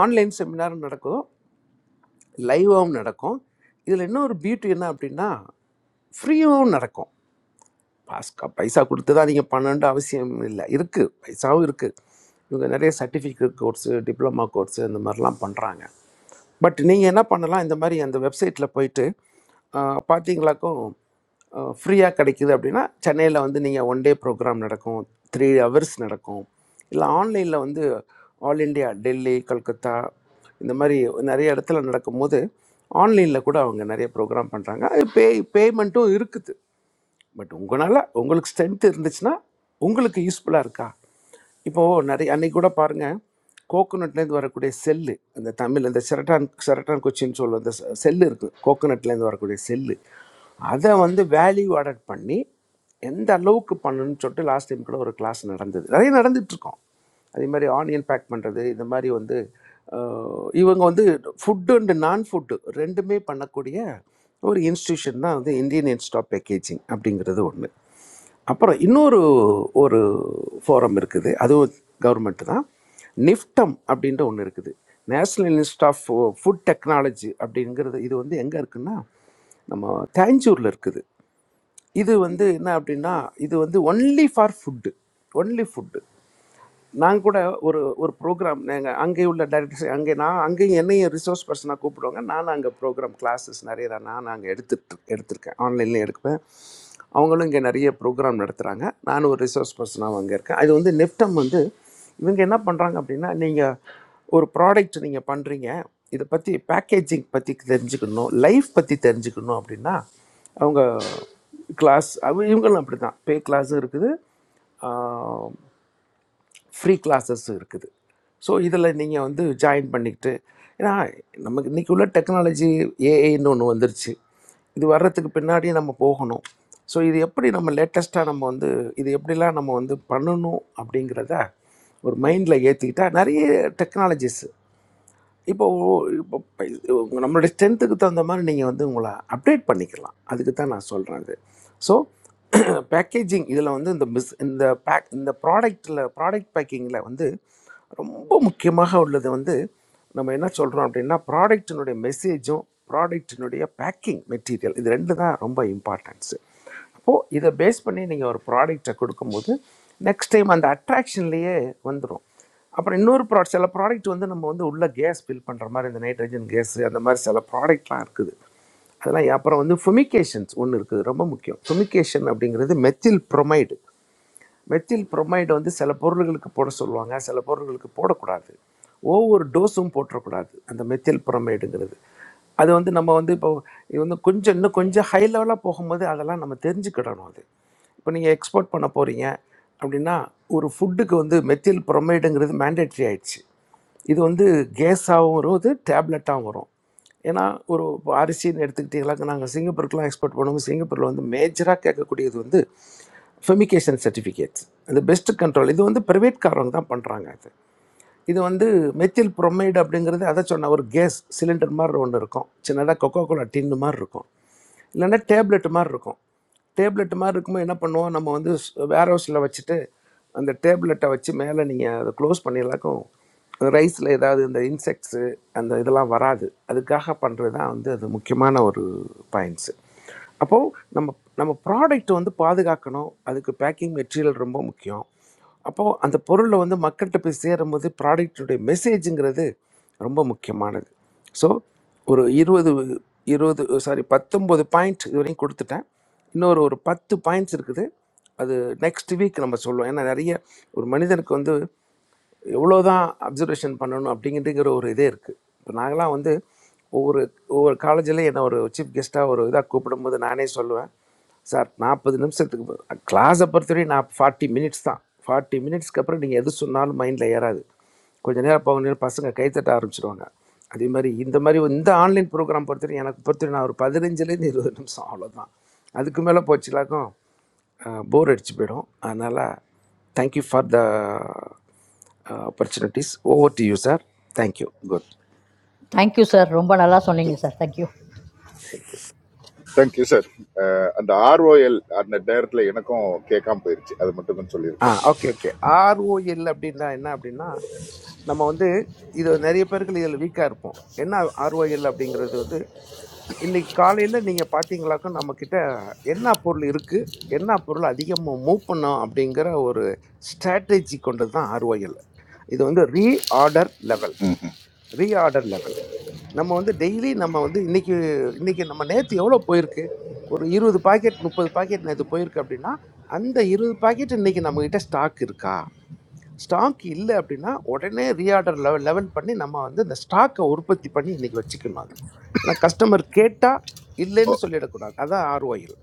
[SPEAKER 15] ஆன்லைன் செமினாரும் நடக்கும் லைவாகவும் நடக்கும் இதில் இன்னொரு பியூட்டி என்ன அப்படின்னா ஃப்ரீயாகவும் நடக்கும் பாஸ்கா பைசா கொடுத்து தான் நீங்கள் பண்ணணுன்ற அவசியம் இல்லை இருக்குது பைசாவும் இருக்குது இவங்க நிறைய சர்டிஃபிகேட் கோர்ஸு டிப்ளமா கோர்ஸு இந்த மாதிரிலாம் பண்ணுறாங்க பட் நீங்கள் என்ன பண்ணலாம் இந்த மாதிரி அந்த வெப்சைட்டில் போயிட்டு ஆஹ், பார்த்தீங்களாக்கும் ஃப்ரீயாக கிடைக்குது அப்படின்னா சென்னையில் வந்து நீங்கள் ஒன் டே ப்ரோக்ராம் நடக்கும் த்ரீ ஹவர்ஸ் நடக்கும் இல்லை ஆன்லைனில் வந்து ஆல் இண்டியா டெல்லி கல்கத்தா இந்த மாதிரி நிறைய இடத்துல நடக்கும்போது ஆன்லைனில் கூட அவங்க நிறைய ப்ரோக்ராம் பண்ணுறாங்க அது பே பேமெண்ட்டும் இருக்குது பட் உங்களால் உங்களுக்கு ஸ்ட்ரென்த் இருந்துச்சுன்னா உங்களுக்கு யூஸ்ஃபுல்லாக இருக்கா இப்போது நிறைய அன்னைக்கு கூட பாருங்கள் கோகோனட்லேருந்து வரக்கூடிய செல்லு அந்த தமிழ் இந்த செரட்டான் செரட்டான் குச்சின்னு சொல்லுவோம் அந்த செல்லு இருக்குது கோகோனட்லேருந்து வரக்கூடிய செல்லு அதை வந்து வேல்யூ ஆடட் பண்ணி எந்த அளவுக்கு பண்ணணும்னு சொல்லிட்டு லாஸ்ட் டைம் கூட ஒரு கிளாஸ் நடந்தது நிறைய நடந்துட்டு இருக்கோம் அதே மாதிரி ஆனியன் பேக் பண்ணுறது இந்த மாதிரி வந்து அஹ், இவங்க வந்து ஃபுட்டு அண்டு நான் ஃபுட்டு ரெண்டுமே பண்ணக்கூடிய ஒரு இன்ஸ்டியூஷன் தான் வந்து இந்தியன் இன்ஸ்டியூட் ஆஃப் பேக்கேஜிங் அப்படிங்கிறது ஒன்று அப்புறம் இன்னொரு ஒரு ஃபோரம் இருக்குது அதுவும் கவர்மெண்ட் தான் நிஃப்டம் அப்படின்ற ஒன்று இருக்குது national institute of food technology அப்படிங்கிறது இது வந்து எங்கே இருக்குன்னா நம்ம தேஞ்சூரில் இருக்குது இது வந்து என்ன அப்படின்னா இது வந்து only for food only food நான் கூட ஒரு ஒரு ப்ரோக்ராம் நாங்கள் அங்கே உள்ள டேரக்டர்ஸ் அங்கே நான் அங்கேயும் என்னையும் ரிசோர்ஸ் பர்சனாக கூப்பிடுவாங்க நான் அங்கே ப்ரோக்ராம் கிளாஸஸ் நிறைய நான் நான் அங்கே எடுத்துட்டு எடுத்திருக்கேன் ஆன்லைன்லேயும் எடுப்பேன் அவங்களும் இங்கே நிறைய ப்ரோக்ராம் நடத்துகிறாங்க நானும் ஒரு ரிசோர்ஸ் பர்சனாக அங்கே இருக்கேன் அது வந்து நெஃப்டம் வந்து இவங்க என்ன பண்ணுறாங்க அப்படின்னா நீங்கள் ஒரு ப்ராடக்ட் நீங்கள் பண்ணுறீங்க இதை பற்றி பேக்கேஜிங் பற்றி தெரிஞ்சுக்கணும் லைஃப் பற்றி தெரிஞ்சுக்கணும் அப்படின்னா அவங்க கிளாஸ் அவ இவங்களும் அப்படி தான் பே கிளாஸும் இருக்குது ஃப்ரீ கிளாஸஸும் இருக்குது ஸோ இதில் நீங்கள் வந்து ஜாயின் பண்ணிக்கிட்டு ஏன்னா நமக்கு இன்றைக்கி உள்ள டெக்னாலஜி ஏஐன்னு ஒன்று வந்துருச்சு இது வர்றதுக்கு பின்னாடி நம்ம போகணும் ஸோ இது எப்படி நம்ம லேட்டஸ்ட்டாக நம்ம வந்து இது எப்படிலாம் நம்ம வந்து பண்ணணும் அப்படிங்கிறத ஒரு மைண்டில் ஏற்றிக்கிட்டால் நிறைய டெக்னாலஜிஸ் இப்போ இப்போ பை- உங்க- நம்மளுடைய ஸ்ட்ரென்த்துக்கு தகுந்த மாதிரி நீங்கள் வந்து உங்களை அப்டேட் பண்ணிக்கலாம் அதுக்கு தான் நான் சொல்கிறேன் அது ஸோ பேக்கேஜிங் இதில் *clears throat* வந்து இந்த மிஸ் இந்த பேக் இந்த ப்ராடக்டில் ப்ராடக்ட் பேக்கிங்கில் வந்து ரொம்ப முக்கியமாக உள்ளது வந்து நம்ம என்ன சொல்கிறோம் அப்படின்னா ப்ராடக்ட்டினுடைய மெசேஜும் ப்ராடக்ட்டினுடைய பேக்கிங் மெட்டீரியல் இது ரெண்டு தான் ரொம்ப இம்பார்ட்டன்ஸு அப்போது இதை பேஸ் பண்ணி நீங்கள் ஒரு ப்ராடக்டை கொடுக்கும்போது நெக்ஸ்ட் டைம் அந்த அட்ராக்ஷன்லேயே வந்துடும் அப்புறம் இன்னொரு ப்ராடக்ட் சில ப்ராடக்ட் வந்து நம்ம வந்து உள்ள கேஸ் ஃபில் பண்ணுற மாதிரி இந்த நைட்ரஜன் கேஸ் அந்த மாதிரி சில ப்ராடக்ட்லாம் இருக்குது அதெல்லாம் அப்புறம் வந்து ஃபுமிகேஷன்ஸ் ஒன்று இருக்குது ரொம்ப முக்கியம் ஃபுமிகேஷன் அப்படிங்கிறது மெத்தில் bromide மெத்தில் புரோமைடு வந்து சில பொருள்களுக்கு போட சொல்லுவாங்க சில பொருள்களுக்கு போடக்கூடாது ஒவ்வொரு டோஸும் போட்டுறக்கூடாது அந்த மெத்தில் புரோமைடுங்கிறது அது வந்து நம்ம வந்து இப்போ இது வந்து கொஞ்சம் இன்னும் கொஞ்சம் ஹை லெவலாக போகும்போது அதெல்லாம் நம்ம தெரிஞ்சுக்கிடணும் அது இப்போ நீங்கள் எக்ஸ்போர்ட் பண்ண போகிறீங்க அப்படின்னா ஒரு ஃபுட்டுக்கு வந்து மெத்தில் புரோமைடுங்கிறது மேண்டேட்ரி ஆயிடுச்சு இது வந்து கேஸாகவும் வருது டேப்லெட்டாகவும் வரும் ஏன்னா ஒரு இப்போ அரிசின்னு எடுத்துக்கிட்டீங்களாக்க நாங்கள் சிங்கப்பூருக்குலாம் எக்ஸ்போர்ட் பண்ணுவோம் சிங்கப்பூரில் வந்து மேஜராக கேட்கக்கூடியது வந்து ஃபெமிகேஷன் சர்டிஃபிகேட்ஸ் அந்த பெஸ்ட் கண்ட்ரோல் இது வந்து பிரைவேட்காரவங்க தான் பண்ணுறாங்க அது இது வந்து மெத்தில் புரோமைடு அப்படிங்கிறது அதை சொன்ன ஒரு கேஸ் சிலிண்டர் மாதிரி ஒன்று இருக்கும் சின்னதாக கொக்கோ கோலா டின்னு மாதிரி இருக்கும் இல்லைன்னா டேப்லெட் மாதிரி இருக்கும் டேப்லெட் மாதிரி இருக்கும்போது என்ன பண்ணுவோம் நம்ம வந்து வேர் ஹவுஸில் வச்சுட்டு அந்த டேப்லெட்டை வச்சு மேலே நீங்கள் அதை க்ளோஸ் பண்ணிடலாக்கும் ரைஸில் ஏதாவது இந்த இன்செக்ட்ஸு அந்த இதெல்லாம் வராது அதுக்காக பண்ணுறது தான் வந்து அது முக்கியமான ஒரு பாயிண்ட்ஸு அப்போது நம்ம நம்ம ப்ராடக்ட் வந்து பாதுகாக்கணும் அதுக்கு பேக்கிங் மெட்டீரியல் ரொம்ப முக்கியம் அப்போது அந்த பொருளை வந்து மக்கள்கிட்ட போய் சேரும்போது ப்ராடக்ட்டுடைய மெசேஜுங்கிறது ரொம்ப முக்கியமானது ஸோ ஒரு இருபது இருபது சாரி பத்தொம்போது பாயிண்ட் இதுவரையும் கொடுத்துட்டேன் இன்னொரு ஒரு பத்து பாயிண்ட்ஸ் இருக்குது அது நெக்ஸ்ட் வீக் நம்ம சொல்லுவோம் ஏன்னா நிறைய ஒரு மனிதனுக்கு வந்து எவ்வளோதான் அப்சர்வேஷன் பண்ணணும் அப்படிங்கிறதுங்கிற ஒரு இதே இருக்குது இப்போ நாங்களாம் வந்து ஒவ்வொரு ஒவ்வொரு காலேஜில் என்னை ஒரு சீஃப் கெஸ்ட்டாக ஒரு இதாக கூப்பிடும்போது நானே சொல்லுவேன் சார் நாற்பது நிமிஷத்துக்கு கிளாஸை பொறுத்தவரையும் நான் ஃபார்ட்டி மினிட்ஸ் தான் ஃபார்ட்டி மினிட்ஸ்க்கு அப்புறம் நீங்கள் எது சொன்னாலும் மைண்டில் ஏறாது கொஞ்ச நேரம் போக நேரம் பசங்க கைத்தட்ட ஆரம்பிச்சிடுவாங்க அதே மாதிரி இந்த மாதிரி இந்த ஆன்லைன் ப்ரோக்ராம் பொறுத்தவரையும் எனக்கு பொறுத்தவரையும் நான் ஒரு பதினஞ்சுலேருந்து இருபது நிமிஷம் அவ்வளோதான் அதுக்கு மேலே போச்சுலாக்கும் போர் அடிச்சு போயிடும் அதனால் thank you for the uh, opportunities over to you sir thank you good
[SPEAKER 2] Thank you, sir. Rombanalla, soningi, sir. Thank you.
[SPEAKER 8] Thank you sir அந்த ஆர்ஓஎல் அந்த நேரத்தில் எனக்கும் கேட்காம போயிருச்சு அது மட்டும் கொஞ்சம்
[SPEAKER 15] ஆ
[SPEAKER 8] சொல்லியிருக்கலாம் ப்ளீஸ்
[SPEAKER 15] ஓகே ஓகே ஆர்ஓஎல் அப்படின்னா என்ன அப்படின்னா நம்ம வந்து இது நிறைய பேருக்கு இதில் வீக்காக இருப்போம் என்ன ஆர்ஓஎல் அப்படிங்கிறது வந்து இன்னைக்கு காலையில் நீங்கள் பார்த்தீங்களாக்கும் நம்மக்கிட்ட என்ன பொருள் இருக்குது என்ன பொருள் அதிகமாக மூவ் பண்ணோம் அப்படிங்கிற ஒரு ஸ்ட்ராட்டஜி கொண்டது தான் ஆர்ஓஎல் இது வந்து ரீஆர்டர் லெவல் ரீஆர்டர் லெவல் நம்ம வந்து டெய்லி நம்ம வந்து இன்னைக்கு இன்னைக்கு நம்ம நேற்று எவ்வளோ போயிருக்கு ஒரு இருபது பாக்கெட் முப்பது பாக்கெட் நேற்று போயிருக்கு அப்படின்னா அந்த இருபது பாக்கெட் இன்னைக்கு நம்மக்கிட்ட ஸ்டாக் இருக்கா ஸ்டாக் இல்லை அப்படின்னா உடனே ரீஆர்டர் லெவல் லெவல் பண்ணி நம்ம வந்து இந்த ஸ்டாக்கை உற்பத்தி பண்ணி இன்னைக்கு வச்சுக்கணும் அது ஏன்னா கஸ்டமர் கேட்டால் இல்லைன்னு சொல்லிடக்கூடாது அதான் ஆர்ஓயில்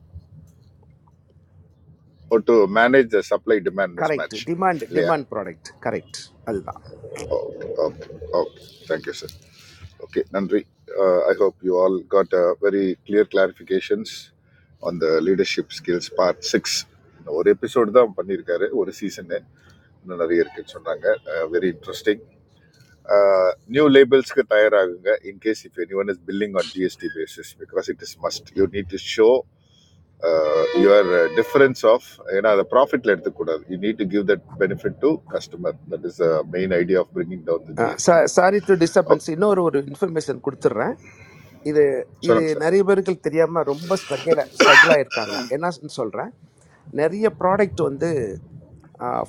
[SPEAKER 8] ஓ to manage the supply demand miss
[SPEAKER 15] correct
[SPEAKER 8] match
[SPEAKER 15] demand
[SPEAKER 8] இல்லையா
[SPEAKER 15] டிமாண்ட் ப்ராடக்ட் கரெக்ட் அதுதான்
[SPEAKER 8] okay okay okay thank you sir Okay, Nandri, uh, I hope you all got uh, very clear clarifications on the leadership skills part six. ஒரு எபிசோடு தான் பண்ணியிருக்காரு ஒரு சீசனு இன்னும் நிறைய இருக்குன்னு சொன்னாங்க வெரி இன்ட்ரெஸ்டிங் நியூ லேபிள்ஸ்க்கு டயர் ஆகுங்க in case if any one is billing on GST basis because it is must you need to show your difference of ஏன்னா அதை ப்ராஃபிட்ல எடுத்துக்கூடாது you need to give that benefit to customer that is main idea of bringing down the GST
[SPEAKER 15] sorry to
[SPEAKER 8] okay
[SPEAKER 15] disturbance இன்னொரு ஒரு இன்ஃபர்மேஷன் கொடுத்துட்றேன் இது இது
[SPEAKER 8] சொல்லுங்க சார்
[SPEAKER 15] நிறைய பேருக்கு தெரியாம ரொம்ப ஸ்ட்ரகிள் ஸ்ட்ரகிள் ஆயிருக்காங்க என்ன சொல்றேன் நிறைய ப்ராடக்ட் வந்து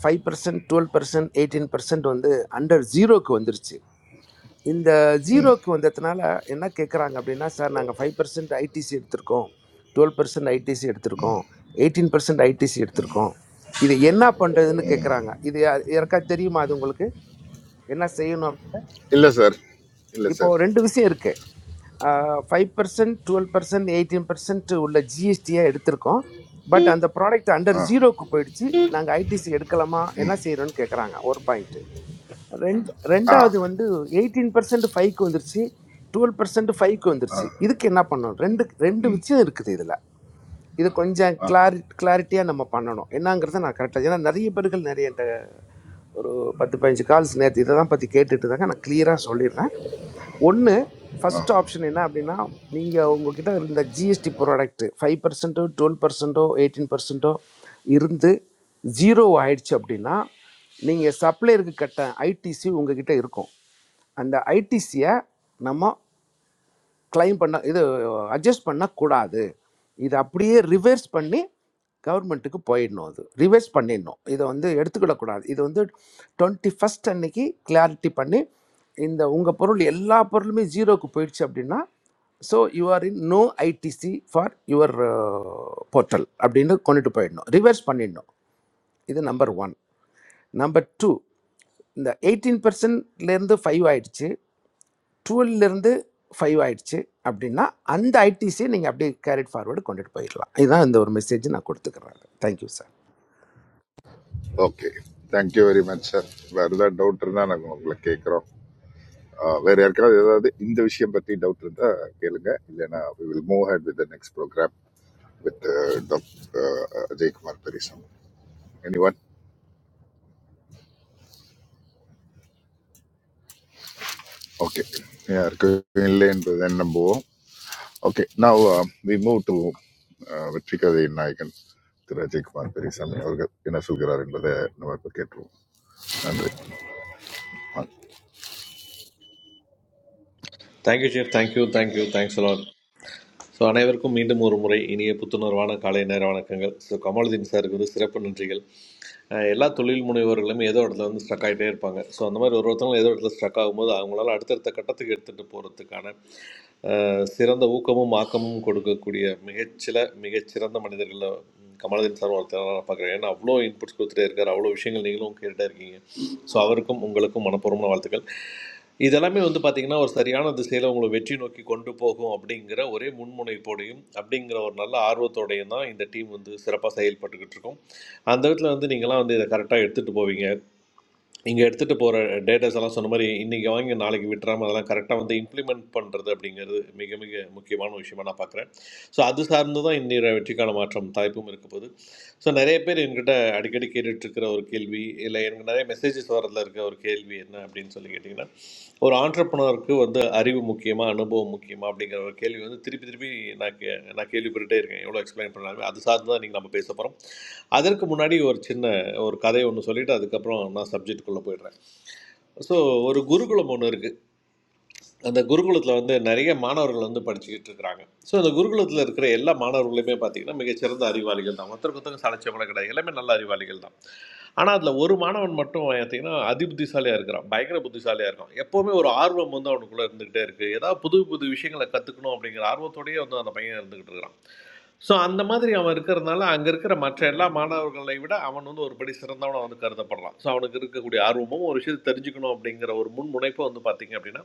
[SPEAKER 15] five percent twelve percent eighteen percent வந்து அண்டர் ஜீரோக்கு வந்துருச்சு இந்த ஜீரோக்கு வந்ததுனால என்ன கேட்குறாங்க அப்படின்னா சார் நாங்கள் ஃபைவ் பர்சன்ட் ஐடிசி எடுத்திருக்கோம் டுவெல் பர்சன்ட் ஐடிசி எடுத்திருக்கோம் எயிட்டீன் பர்சன்ட் ஐடிசி எடுத்திருக்கோம் இது என்ன பண்ணுறதுன்னு கேட்குறாங்க இது யா- யாருக்கா தெரியுமா அது உங்களுக்கு என்ன செய்யணும் அப்படின்னா
[SPEAKER 8] இல்லை சார் இல்லை
[SPEAKER 15] இப்போ
[SPEAKER 8] சார்
[SPEAKER 15] ரெண்டு விஷயம் இருக்கு five percent twelve percent eighteen percent உள்ள ஜிஎஸ்டியாக எடுத்திருக்கோம் பட் அந்த ப்ராடக்ட் அண்டர்
[SPEAKER 8] ஆ
[SPEAKER 15] ஜீரோக்கு போயிடுச்சு நாங்கள் ஐடிசி எடுக்கலாமா என்ன செய்கிறோன்னு கேட்குறாங்க ஒரு பாயிண்ட்டு ரெண்டு
[SPEAKER 8] ஆ
[SPEAKER 15] ரெண்டாவது வந்து எயிட்டீன் பர்சன்ட் ஃபைவ்க்கு வந்துருச்சு டுவெல் பர்சன்ட் ஃபைவ்க்கு
[SPEAKER 8] ஆ
[SPEAKER 15] வந்துருச்சு இதுக்கு என்ன பண்ணணும் ரெண்டு ரெண்டு
[SPEAKER 8] ம்
[SPEAKER 15] விஷயம் இருக்குது இதில் இது கொஞ்சம்
[SPEAKER 8] ஆ
[SPEAKER 15] கிளாரி கிளாரிட்டியாக நம்ம பண்ணணும் என்னங்கிறத நான் கரெக்டாக ஏன்னா நிறைய பேர்கள் நிறைய என்கிட்ட ஒரு பத்து பதினஞ்சு கால்ஸ் நேற்று இதை தான் பற்றி கேட்டுட்டு தாங்க நான் கிளியராக சொல்லிடுறேன் ஒன்று
[SPEAKER 8] ஆ
[SPEAKER 15] ஃபஸ்ட் ஆப்ஷன் என்ன அப்படின்னா நீங்கள் உங்ககிட்ட இருந்த ஜிஎஸ்டி ப்ராடக்ட் ஃபைவ் பர்சன்ட்டோ டுவெல் பர்சன்ட்டோ எயிட்டீன் பர்சன்ட்டோ இருந்து ஜீரோ ஆயிடுச்சு அப்படின்னா நீங்கள் சப்ளையருக்கு கட்ட ஐடிசி உங்ககிட்ட இருக்கும் அந்த ஐடிசியை நம்ம கிளைம் பண்ண இது அட்ஜஸ்ட் பண்ணக்கூடாது இது அப்படியே ரிவர்ஸ் பண்ணி கவர்மெண்ட்டுக்கு போயிடணும் அது ரிவர்ஸ் பண்ணிடணும் இதை வந்து எடுத்துக்கிடக்கூடாது இது வந்து டுவெண்ட்டி ஃபஸ்ட் அன்னைக்கு கிளாரிட்டி பண்ணி இந்த உங்கள் பொருள் எல்லா பொருளுமே ஜீரோக்கு போயிடுச்சு அப்படின்னா so you're in no ITC for your portal அப்படின்னு கொண்டுட்டு போயிடணும் ரிவர்ஸ் பண்ணிடணும் இது நம்பர் ஒன் நம்பர் டூ இந்த எயிட்டீன் பர்சன்ட்லேருந்து ஃபைவ் ஆயிடுச்சு டுவெல்லேருந்து ஃபைவ் ஆயிடுச்சு அப்படின்னா அந்த ஐடிசியை நீங்கள் அப்படியே கேரிட் ஃபார்வர்டு கொண்டுட்டு போயிடலாம் இதுதான் இந்த ஒரு மெசேஜ் நான் கொடுத்துக்கிறேன் thank you sir
[SPEAKER 8] okay thank you very much sir வேறு ஏதாவது டவுட் இருந்தால் நாங்கள் உங்களை கேட்குறோம் வேறு யாருக்காவது ஏதாவது இந்த விஷயம் பற்றி டவுட் இருந்தால் கேளுங்க இல்லைன்னா we will move ahead with the next programme with doctor Ajaykumar Periyasamy any one okay யாருக்கும் இல்லை என்பதை நம்புவோம் okay now we move to வெற்றி கதையின் நாயகன் திரு அஜய்குமார் பெரியசாமி அவர்கள் என்ன சொல்கிறார் என்பதை நம்ம இப்போ கேட்டுருவோம் நன்றி
[SPEAKER 16] மீண்டும் ஒரு முறை இனிய புத்துணர்வான காலை நேர வணக்கங்கள் ஸோ கமாலுதீன் சாருக்கு வந்து சிறப்பு நன்றிகள் அஹ் எல்லா தொழில் முனைவோர்களுமே ஏதோ இடத்துல வந்து ஸ்ட்ரக் ஆகிட்டே இருப்பாங்க ஸோ அந்த மாதிரி ஒரு ஒருத்தவங்க ஏதோ இடத்துல ஸ்ட்ரக் ஆகும்போது அவங்களால அடுத்தடுத்த கட்டத்துக்கு எடுத்துகிட்டு போகிறதுக்கான சிறந்த ஊக்கமும் ஆக்கமும் கொடுக்கக்கூடிய மிகச்சில மிகச்சிறந்த மனிதர்களில் கமலஹன் சார் ஒருத்தர் நான் பார்க்குறேன் ஏன்னா அவ்வளோ இன்புட்ஸ் கொடுத்துட்டே இருக்கார் அவ்வளோ விஷயங்கள் நீங்களும் கேட்டுட்டே இருக்கீங்க ஸோ அவருக்கும் உங்களுக்கும் மனப்பூர்வமான வாழ்த்துக்கள் இதெல்லாமே வந்து பார்த்தீங்கன்னா ஒரு சரியான திசையில் உங்களை வெற்றி நோக்கி கொண்டு போகும் அப்படிங்கிற ஒரே முன்முனைப்போடையும் அப்படிங்கிற ஒரு நல்ல ஆர்வத்தோடையும் தான் இந்த டீம் வந்து சிறப்பாக செயல்பட்டுக்கிட்டு இருக்கும் அந்த விதத்தில் வந்து நீங்களாம் வந்து இதை கரெக்டாக எடுத்துகிட்டு போவீங்க இங்கே எடுத்துகிட்டு போகிற டேட்டாஸ் எல்லாம் சொன்ன மாதிரி இன்றைக்கி வாங்கி நாளைக்கு விட்டுறாம அதெல்லாம் கரெக்டாக வந்து இம்ப்ளிமெண்ட் பண்ணுறது அப்படிங்கிறது மிக மிக முக்கியமான விஷயமா நான் பார்க்குறேன் ஸோ அது சார்ந்து தான் இன்றைய வெற்றிக்கான மாற்றம் தலைப்பும் இருக்க போகுது ஸோ நிறைய பேர் என்கிட்ட அடிக்கடி கேட்டுட்டு இருக்கிற ஒரு கேள்வி இல்லை எனக்கு நிறைய மெசேஜஸ் வரதுல இருக்க ஒரு கேள்வி என்ன அப்படின்னு சொல்லி கேட்டிங்கன்னா ஒரு ஆண்டர்பனருக்கு வந்து அறிவு முக்கியமா அனுபவம் முக்கியமா அப்படிங்கிற ஒரு கேள்வி வந்து திருப்பி திருப்பி நான் கே நான் கேள்விப்பட்டுட்டே இருக்கேன் எவ்வளோ எக்ஸ்பிளைன் பண்ணாலும் அது சார்ந்து தான் நீங்கள் நம்ம பேச போகிறோம் அதற்கு முன்னாடி ஒரு சின்ன ஒரு கதை ஒன்று சொல்லிவிட்டு அதுக்கப்புறம் நான் சப்ஜெக்டுக்குள்ளே போயிடுறேன் ஸோ ஒரு குருகுலம் ஒன்று இருக்குது அந்த குருகுலத்தில் வந்து நிறைய மாணவர்கள் வந்து படிச்சுக்கிட்டு இருக்கிறாங்க ஸோ அந்த குருகுலத்தில் இருக்கிற எல்லா மாணவர்களுமே பார்த்தீங்கன்னா மிகச்சிறந்த அறிவாளிகள் தான் ஒருத்தருக்கு ஒருத்தருக்கு சளைச்சவங்கள கிடையாது எல்லாமே நல்ல அறிவாளிகள் தான் ஆனால் அதில் ஒரு மாணவன் மட்டும் பார்த்தீங்கன்னா அதி புத்திசாலியாக இருக்கிறான் பயங்கர புத்திசாலியாக இருக்கான் எப்போவுமே ஒரு ஆர்வம் வந்து அவனுக்குள்ளே இருந்துக்கிட்டே இருக்குது ஏதாவது புது புது விஷயங்களை கற்றுக்கணும் அப்படிங்கிற ஆர்வத்தோடயே வந்து அந்த பையன் இருந்துக்கிட்டு இருக்கிறான் ஸோ அந்த மாதிரி அவன் இருக்கிறதுனால அங்கே இருக்கிற மற்ற எல்லா மாணவர்களை விட அவன் வந்து ஒருபடி சிறந்தவனை வந்து கருதப்படலாம் ஸோ அவனுக்கு இருக்கக்கூடிய ஆர்வமும் ஒரு விஷயத்தை தெரிஞ்சுக்கணும் அப்படிங்கிற ஒரு முன்முனைப்பு வந்து பார்த்தீங்க அப்படின்னா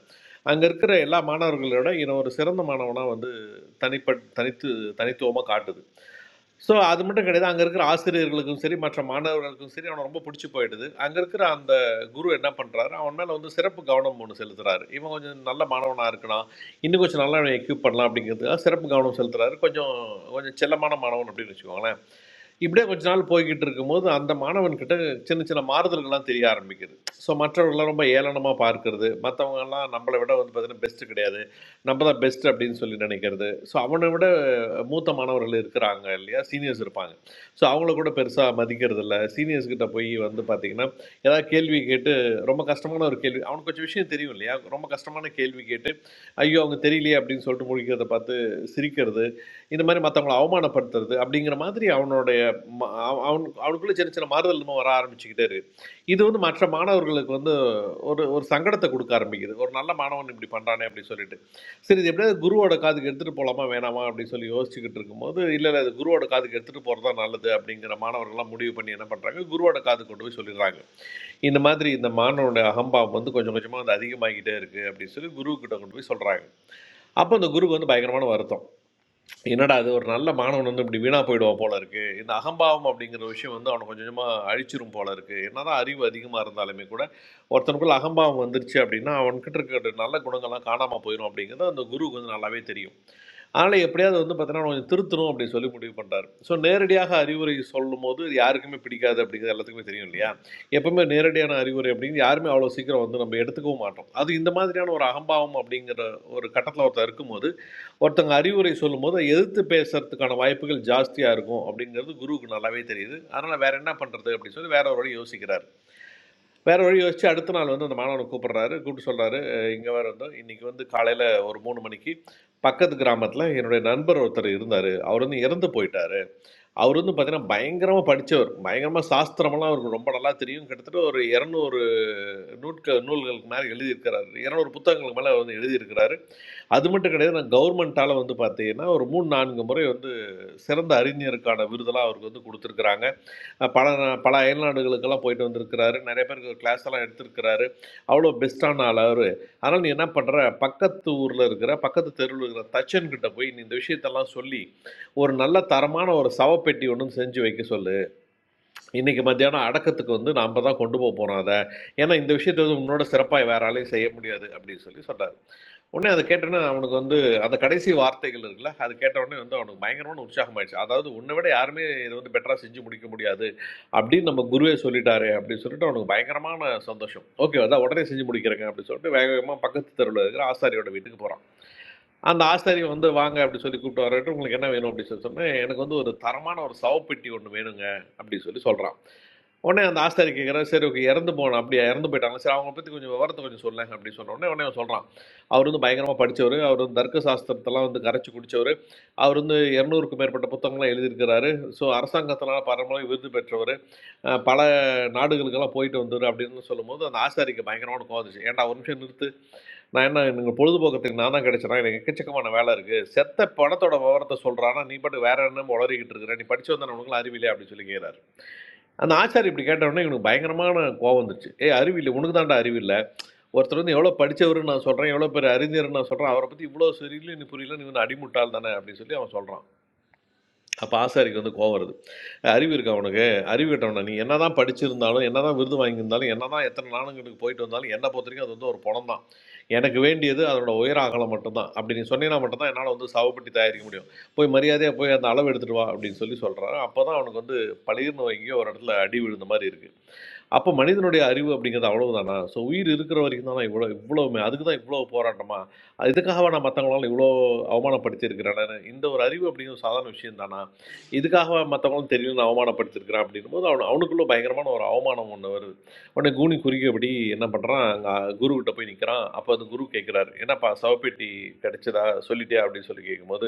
[SPEAKER 16] அங்கே இருக்கிற எல்லா மாணவர்களோட இவன் ஒரு சிறந்த மாணவனாக வந்து தனிப்பட் தனித்து தனித்துவமாக காட்டுது ஸோ அது மட்டும் கிடையாது அங்கே இருக்கிற ஆசிரியர்களுக்கும் சரி மற்ற மாணவர்களுக்கும் சரி அவனை ரொம்ப பிடிச்சி போயிடுது அங்கே இருக்கிற அந்த குரு என்ன பண்ணுறாரு அவன் மேலே வந்து சிறப்பு கவனம் ஒன்று செலுத்துறாரு இவன் கொஞ்சம் நல்ல மாணவனாக இருக்கலாம் இன்னும் கொஞ்சம் நல்லா அவனை எக்யூப் பண்ணலாம் அப்படிங்கிறதுக்காக சிறப்பு கவனம் செலுத்துறாரு கொஞ்சம் கொஞ்சம் செல்லமான மாணவன் அப்படின்னு வச்சுக்கோங்களேன் இப்படியே கொஞ்ச நாள் போய்கிட்டு இருக்கும்போது அந்த மாணவன்கிட்ட சின்ன சின்ன மாறுதல்கள்லாம் தெரிய ஆரம்பிக்குது ஸோ மற்றவர்கள்லாம் ரொம்ப ஏளனமாக பார்க்கறது மற்றவங்கெல்லாம் நம்மளை விட வந்து பார்த்தீங்கன்னா பெஸ்ட்டு கிடையாது நம்ம தான் பெஸ்ட் அப்படின்னு சொல்லி நினைக்கிறது ஸோ அவனை விட மூத்த மாணவர்கள் இருக்கிறாங்க இல்லையா சீனியர்ஸ் இருப்பாங்க ஸோ அவங்கள கூட பெருசாக மதிக்கிறது இல்லை சீனியர்ஸ் கிட்ட போய் வந்து பார்த்தீங்கன்னா ஏதாவது கேள்வி கேட்டு ரொம்ப கஷ்டமான ஒரு கேள்வி அவனுக்கு கொஞ்சம் விஷயம் தெரியும் இல்லையா ரொம்ப கஷ்டமான கேள்வி கேட்டு ஐயோ அவங்க தெரியலையே அப்படின்னு சொல்லிட்டு முழிக்கிறத பார்த்து சிரிக்கிறது இந்த மாதிரி மற்றவங்களை அவமானப்படுத்துறது அப்படிங்கிற மாதிரி அவனுடைய ம- அவ- அவன் அவனுக்குள்ளே சின்ன சின்ன மாறுதல் இன்னும் வர ஆரம்பிச்சுக்கிட்டே இருக்கு இது வந்து மற்ற மாணவர்களுக்கு வந்து ஒரு ஒரு சங்கடத்தை கொடுக்க ஆரம்பிக்குது ஒரு நல்ல மாணவன் இப்படி பண்ணுறானே அப்படின்னு சொல்லிட்டு சரி இது எப்படியாவது குருவோட காதுக்கு எடுத்துகிட்டு போகலாமா வேணாமா அப்படின்னு சொல்லி யோசிச்சுக்கிட்டு இருக்கும்போது இல்லை இல்லை இது குருவோட காதுக்கு எடுத்துகிட்டு போகிறது தான் நல்லது அப்படிங்கிற மாணவர்கள்லாம் முடிவு பண்ணி என்ன பண்ணுறாங்க குருவோட காது கொண்டு போய் சொல்லிடுறாங்க இந்த மாதிரி இந்த மாணவனுடைய அகம்பாவம் வந்து கொஞ்சம் கொஞ்சமாக வந்து அதிகமாகிட்டே இருக்குது அப்படின்னு சொல்லி குருக்கிட்ட கொண்டு போய் சொல்கிறாங்க அப்போ அந்த குருக்கு வந்து பயங்கரமான வருத்தம் என்னடா அது ஒரு நல்ல மாணவன் வந்து இப்படி வீணாக போயிடுவான் போல இருக்கு இந்த அகம்பாவம் அப்படிங்கிற விஷயம் வந்து அவனை கொஞ்சம் கொஞ்சமாக அழிச்சிரும் போல இருக்கு என்னதான் அறிவு அதிகமாக இருந்தாலுமே கூட ஒருத்தனுக்குள்ள அகம்பாவம் வந்துருச்சு அப்படின்னா அவன்கிட்ட இருக்கிற நல்ல குணங்கள்லாம் காணாமல் போயிடும் அப்படிங்கிறது அந்த குருக்கு வந்து நல்லாவே தெரியும் அதனால் எப்படியாவது வந்து பார்த்தீங்கன்னா அவனை கொஞ்சம் திருத்தணும் அப்படின்னு சொல்லி முடிவு பண்ணுறாரு ஸோ நேரடியாக அறிவுரை சொல்லும் போது இது யாருக்குமே பிடிக்காது அப்படிங்கிறது எல்லாத்துக்குமே தெரியும் இல்லையா எப்பவுமே நேரடியான அறிவுரை அப்படிங்கிறது யாருமே அவ்வளோ சீக்கிரம் வந்து நம்ம எடுத்துக்கவும் மாட்டோம் அது இந்த மாதிரியான ஒரு அகம்பாவம் அப்படிங்கிற ஒரு கட்டத்தில் ஒருத்தர் இருக்கும்போது ஒருத்தங்க அறிவுரை சொல்லும்போது அதை எதிர்த்து பேசுறதுக்கான வாய்ப்புகள் ஜாஸ்தியாக இருக்கும் அப்படிங்கிறது குருவுக்கு நல்லாவே தெரியுது அதனால் வேற என்ன பண்ணுறது அப்படின்னு சொல்லி வேற ஒரு வழி யோசிக்கிறார் வேற ஒரு வழி யோசிச்சு அடுத்த நாள் வந்து அந்த மாணவனை கூப்பிடுறாரு கூப்பிட்டு சொல்றாரு இங்கே வேற வந்து இன்னைக்கு வந்து காலையில் ஒரு மூணு மணிக்கு பக்கத்து கிராமத்தில் என்னுடைய நண்பர் ஒருத்தர் இருந்தார் அவர் வந்து இறந்து போயிட்டாரு அவர் வந்து பார்த்தீங்கன்னா பயங்கரமாக படித்தவர் பயங்கரமாக சாஸ்திரமெல்லாம் அவருக்கு ரொம்ப நல்லா தெரியும் கிட்டத்தட்ட ஒரு இரநூறு நூட்க நூல்களுக்கு மேலே எழுதியிருக்கிறாரு இரநூறு புத்தகங்களுக்கு மேலே வந்து எழுதியிருக்கிறாரு அது மட்டும் கிடையாது நான் கவர்மெண்ட்டால் வந்து பார்த்தீங்கன்னா ஒரு மூணு நான்கு முறை வந்து சிறந்த அறிஞருக்கான விருதெல்லாம் அவருக்கு வந்து கொடுத்துருக்குறாங்க அஹ் பல நா- பல அயல்நாடுகளுக்கெல்லாம் போயிட்டு வந்திருக்கிறாரு நிறைய பேருக்கு கிளாஸ் எல்லாம் எடுத்திருக்கிறாரு அவ்வளோ பெஸ்ட்டான ஆள் அவர் அதனால் நீ என்ன பண்ணுற பக்கத்து ஊரில் இருக்கிற பக்கத்து தெருவில் இருக்கிற தச்சன்கிட்ட போய் நீ இந்த விஷயத்தெல்லாம் சொல்லி ஒரு நல்ல தரமான ஒரு சவப்பெட்டி ஒன்றும் செஞ்சு வைக்க சொல்லு இன்னைக்கு மத்தியானம் அடக்கத்துக்கு வந்து நாம தான் கொண்டு போக போறோம் அதை ஏன்னா இந்த விஷயத்தை வந்து உன்னோட சிறப்பாக வேற ஆளையும் செய்ய முடியாது அப்படின்னு சொல்லி சொன்னார் உடனே அதை கேட்டோன்னே அவனுக்கு வந்து அந்த கடைசி வார்த்தைகள் இருக்குல்ல அது கேட்ட உடனே வந்து அவனுக்கு பயங்கரமான உற்சாகம் ஆயிடுச்சு அதாவது உன்னை விட யாருமே இதை வந்து பெட்டரா செஞ்சு முடிக்க முடியாது அப்படின்னு நம்ம குருவே சொல்லிட்டாரு அப்படின்னு சொல்லிட்டு அவனுக்கு பயங்கரமான சந்தோஷம் ஓகே அதான் உடனே செஞ்சு முடிக்கிறேங்க அப்படின்னு சொல்லிட்டு வேக வேகமா பக்கத்து தெருவில் இருக்கிற ஆசாரியோட வீட்டுக்கு போறான் அந்த ஆசாரி வந்து வாங்க அப்படி சொல்லி கூப்பிட்டு வரட்டு உங்களுக்கு என்ன வேணும் அப்படின்னு சொல்லி சொன்னேன் எனக்கு வந்து ஒரு தரமான ஒரு சவப்பெட்டி ஒன்று வேணுங்க அப்படின்னு சொல்லி சொல்றான் உடனே அந்த ஆஸ்தாரி கேட்குறேன் சரி ஓகே இறந்து போன அப்படியா இறந்து போயிட்டாங்க சரி அவங்கள பற்றி கொஞ்சம் விவரத்தை கொஞ்சம் சொல்லேன் அப்படின்னு சொன்ன உடனே உடனே அவன் சொல்கிறான் அவர் வந்து பயங்கரமாக படித்தவர் அவர் வந்து தர்க்க சாஸ்திரத்தெல்லாம் வந்து கரைச்சி குடித்தவர் அவர் வந்து இரநூறுக்கும் மேற்பட்ட புத்தகங்கள்லாம் எழுதியிருக்கிறாரு ஸோ அரசாங்கத்தினால் பரம்பரை விருது பெற்றவர் அஹ் பல நாடுகளுக்கெல்லாம் போயிட்டு வந்தவர் அப்படின்னு சொல்லும்போது அந்த ஆஸ்தாரிக்கு பயங்கரமான கோவம் வந்துச்சு ஏன்டா ஒரு நிமிஷம் நிறுத்து நான் என்ன எனக்கு பொழுதுபோக்கத்துக்கு நான் தான் கிடைச்சேனா எனக்கு எக்கச்சக்கமான வேலை இருக்குது செத்த படத்தோட விவரத்தை சொல்கிறானா நீ பாட்டு வேற என்ன உளறிக்கிட்டு இருக்கிற நீ படிச்சு வந்த நம்மளுக்குலாம் அறிவில்லையா அப்படின்னு சொல்லி கேட்குறாரு அந்த ஆச்சாரி இப்படி கேட்ட உடனே இவனுக்கு பயங்கரமான கோவம் வந்துருச்சு ஏய் அறிவு இல்லை உனக்கு தான்டா அறிவு இல்லை ஒருத்தர் வந்து எவ்வளோ படிச்சவருன்னு நான் சொல்கிறேன் எவ்வளோ பேர் அறிஞர்னு நான் சொல்கிறேன் அவரை பற்றி இவ்வளோ சரியில்லை நீ புரியல நீ வந்து அடிமுட்டாள் தானே அப்படின்னு சொல்லி அவன் சொல்கிறான் அப்போ ஆசாரிக்கு வந்து கோவம் வருது அறிவு இருக்கா உனக்கு அறிவு கட்டவன நீ என்ன தான் படிச்சிருந்தாலும் என்ன தான் விருது வாங்கியிருந்தாலும் என்ன தான் எத்தனை நாடுகளுக்கு போயிட்டு வந்தாலும் என்னை பொறுத்த வரைக்கும் அது வந்து ஒரு பணம் தான் எனக்கு வேண்டியது அதனோட உயர அகலம் மட்டும்தான் அப்படி நீ சொன்னீங்கன்னா மட்டும்தான் என்னால் வந்து சாவுப்பட்டி தயாரிக்க முடியும் போய் மரியாதையாக போய் அந்த அளவு எடுத்துட்டு வா அப்படின்னு சொல்லி சொல்கிறான் அப்போ தான் அவனுக்கு வந்து பளிர்னு வைங்க ஒரு இடத்துல அடி விழுந்த மாதிரி இருக்குது அப்போ மனிதனுடைய அறிவு அப்படிங்கிறது அவ்வளவுதானா ஸோ உயிர் இருக்கிற வரைக்கும் தானே இவ்வளோ இவ்வளவுமே அதுக்கு தான் இவ்வளோ போராட்டமா அது இதுக்காகவா நான் மற்றவங்களால இவ்வளோ அவமானப்படுத்தியிருக்கிறேன் இந்த ஒரு அறிவு அப்படிங்கிறது சாதாரண விஷயம் தானா இதுக்காகவா மற்றவங்களும் தெரியல நான் அவமானப்படுத்தியிருக்கிறேன் அப்படின்னும் போது அவனு அவனுக்குள்ள பயங்கரமான ஒரு அவமானம் ஒன்று வருது உடனே கூனி குறுகியபடி என்ன பண்ணுறான் அங்கே குருக்கிட்ட போய் நிற்கிறான் அப்போ அந்த குரு கேட்குறாரு என்னப்பா சவப்பெட்டி கிடைச்சதா சொல்லிட்டியா அப்படின்னு சொல்லி கேட்கும்போது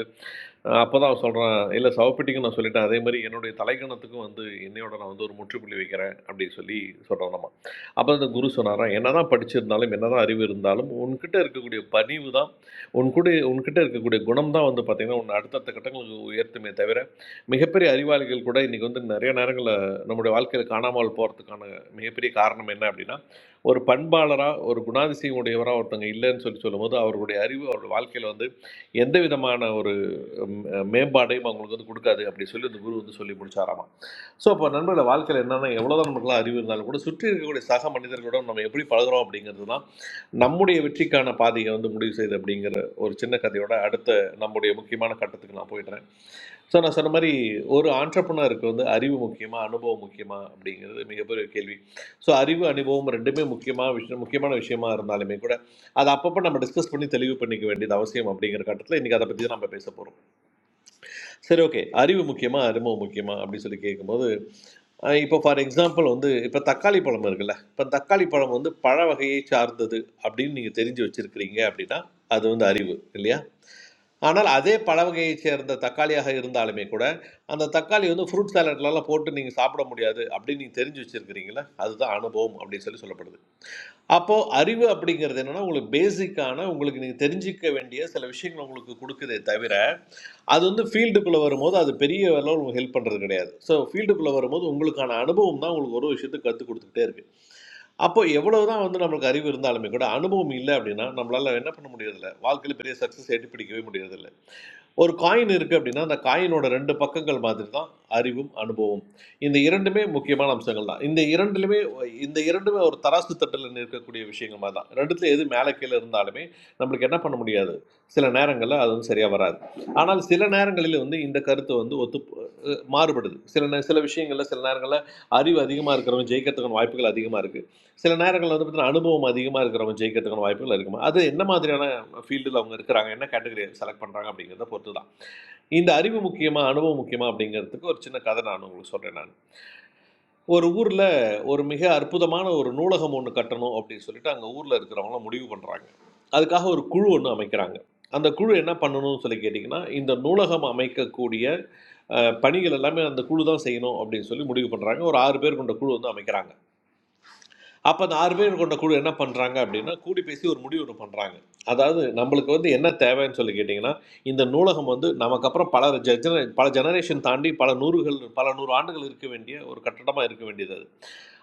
[SPEAKER 16] அப்போ தான் அவன் சொல்கிறான் இல்லை சவப்பெட்டிக்கும் நான் சொல்லிட்டேன் அதே மாதிரி என்னுடைய தலைக்கணத்துக்கும் வந்து என்னையோட நான் வந்து ஒரு முற்றுப்புள்ளி வைக்கிறேன் அப்படின்னு சொல்லி சொல்கிறோம் நம்ம அப்போ அந்த குரு சொன்னாராம் என்னதான் படிச்சிருந்தாலும் என்னதான் அறிவு இருந்தாலும் உன்கிட்ட இருக்கக்கூடிய பணிவு தான் உன்கூட உன்கிட்ட இருக்கக்கூடிய குணம் தான் வந்து பார்த்தீங்கன்னா உன்னை அடுத்தடுத்த கட்டங்களுக்கு உயர்த்துமே தவிர மிகப்பெரிய அறிவாளிகள் கூட இன்றைக்கி வந்து நிறைய நேரங்களில் நம்முடைய வாழ்க்கையில் காணாமல் போகிறதுக்கான மிகப்பெரிய காரணம் என்ன அப்படின்னா ஒரு பண்பாளராக ஒரு குணாதிசயம் உடையவராக ஒருத்தவங்க இல்லைன்னு சொல்லி சொல்லும்போது அவர்களுடைய அறிவு அவருடைய வாழ்க்கையில் வந்து எந்த விதமான ஒரு ம், மேம்பாடையும் அவங்களுக்கு வந்து கொடுக்காது அப்படி சொல்லி அந்த குரு வந்து சொல்லி முடிச்சாராமா ஸோ அப்போ நண்பர்கள வாழ்க்கையில் என்னென்னா எவ்வளோதான் நமக்குலாம் அறிவு இருந்தாலும் கூட சுற்றி இருக்கக்கூடிய சக மனிதர்களோட நம்ம எப்படி பழகுறோம் அப்படிங்கிறது தான் நம்முடைய வெற்றிக்கான பாதையை வந்து முடிவு செய்யுது அப்படிங்கிற ஒரு சின்ன கதையோட அடுத்த நம்முடைய முக்கியமான கட்டத்துக்கு நான் போயிடுறேன் ஸோ நான் சொன்ன மாதிரி ஒரு ஆண்டர்பனருக்கு வந்து அறிவு முக்கியமா அனுபவம் முக்கியமா அப்படிங்கிறது மிகப்பெரிய கேள்வி ஸோ அறிவு அனுபவம் ரெண்டுமே முக்கியமாக விஷயம் முக்கியமான விஷயமா இருந்தாலுமே கூட அதை அப்பப்போ நம்ம டிஸ்கஸ் பண்ணி தெளிவு பண்ணிக்க வேண்டியது அவசியம் அப்படிங்கிற கட்டத்தில் இன்றைக்கி அதை பற்றி தான் நம்ம பேச போகிறோம் சரி ஓகே அறிவு முக்கியமா அனுபவம் முக்கியமா அப்படின்னு சொல்லி கேட்கும்போது அஹ் இப்போ ஃபார் எக்ஸாம்பிள் வந்து இப்போ தக்காளி பழம் இருக்குல்ல இப்போ தக்காளி பழம் வந்து பழ வகையை சார்ந்தது அப்படின்னு நீங்கள் தெரிஞ்சு வச்சிருக்கிறீங்க அப்படின்னா அது வந்து அறிவு இல்லையா ஆனால் அதே பழ வகையை சேர்ந்த தக்காளியாக இருந்தாலுமே கூட அந்த தக்காளி வந்து ஃப்ரூட் சாலட்லலாம் போட்டு நீங்கள் சாப்பிட முடியாது அப்படின்னு நீங்கள் தெரிஞ்சு வச்சிருக்கிறீங்களா அதுதான் அனுபவம் அப்படின்னு சொல்லி சொல்லப்படுது அப்போது அறிவு அப்படிங்கிறது என்னன்னா உங்களுக்கு பேசிக்கான உங்களுக்கு நீங்கள் தெரிஞ்சிக்க வேண்டிய சில விஷயங்கள் உங்களுக்கு கொடுக்குதே தவிர அது வந்து ஃபீல்டுக்குள்ளே வரும்போது அது பெரிய அளவில் உங்களுக்கு ஹெல்ப் பண்ணுறது கிடையாது ஸோ ஃபீல்டுக்குள்ளே வரும்போது உங்களுக்கான அனுபவம் தான் உங்களுக்கு ஒரு விஷயத்தை கற்றுக் கொடுத்துக்கிட்டே இருக்குது அப்போ எவ்வளவு தான் வந்து நம்மளுக்கு அறிவு இருந்தாலுமே கூட அனுபவம் இல்லை அப்படின்னா நம்மளால் என்ன பண்ண முடியறதில்ல வாழ்க்கையில் பெரிய சக்ஸஸ் எட்டி பிடிக்கவே முடியறதில்ல ஒரு காயின் இருக்குது அப்படின்னா அந்த காயினோட ரெண்டு பக்கங்கள் மாதிரி தான் அறிவும் அனுபவம் இந்த இரண்டுமே முக்கியமான அம்சங்கள் தான் இந்த இரண்டுலுமே இந்த இரண்டுமே ஒரு தராசு தட்டில் நிற்கக்கூடிய விஷயங்கள் மாதிரி தான் ரெண்டுத்துல எது மேலே கீழே இருந்தாலுமே நம்மளுக்கு என்ன பண்ண முடியாது சில நேரங்களில் அது வந்து சரியாக வராது ஆனால் சில நேரங்களில் வந்து இந்த கருத்து வந்து ஒத்து அஹ் மாறுபடுது சில நே சில விஷயங்களில் சில நேரங்களில் அறிவு அதிகமாக இருக்கிறவங்க ஜெயிக்கிறதுக்கான வாய்ப்புகள் அதிகமாக இருக்குது சில நேரங்களில் வந்து பார்த்தீங்கன்னா அனுபவம் அதிகமாக இருக்கிறவங்க ஜெயிக்கிறதுக்கான வாய்ப்புகள் இருக்குமா அது என்ன மாதிரியான ஃபீல்டில் அவங்க இருக்கிறாங்க என்ன கேட்டகரி செலக்ட் பண்ணுறாங்க அப்படிங்கிறத பொறுத்து தான் இந்த அறிவு முக்கியமா அனுபவம் முக்கியமா அப்படிங்கிறதுக்கு ஒரு சின்ன கதை நான் உங்களுக்கு சொல்கிறேன் நான் ஒரு ஊரில் ஒரு மிக அற்புதமான ஒரு நூலகம் ஒன்று கட்டணும் அப்படின்னு சொல்லிட்டு அங்கே ஊரில் இருக்கிறவங்களாம் முடிவு பண்ணுறாங்க அதுக்காக ஒரு குழு ஒன்று அமைக்கிறாங்க அந்த குழு என்ன பண்ணணும்னு சொல்லி கேட்டிங்கன்னா இந்த நூலகம் அமைக்கக்கூடிய அஹ், பணிகள் எல்லாமே அந்த குழு தான் செய்யணும் அப்படின்னு சொல்லி முடிவு பண்ணுறாங்க ஒரு ஆறு பேர் கொண்ட குழு வந்து அமைக்கிறாங்க அப்போ அந்த ஆறு பேர் கொண்ட குழு என்ன பண்ணுறாங்க அப்படின்னா கூடி பேசி ஒரு முடிவு ஒன்று பண்ணுறாங்க அதாவது நம்மளுக்கு வந்து என்ன தேவைன்னு சொல்லி கேட்டிங்கன்னா இந்த நூலகம் வந்து நமக்கு அப்புறம் பல ஜென பல ஜெனரேஷன் தாண்டி பல நூறுகள் பல நூறு ஆண்டுகள் இருக்க வேண்டிய ஒரு கட்டடமாக இருக்க வேண்டியது அது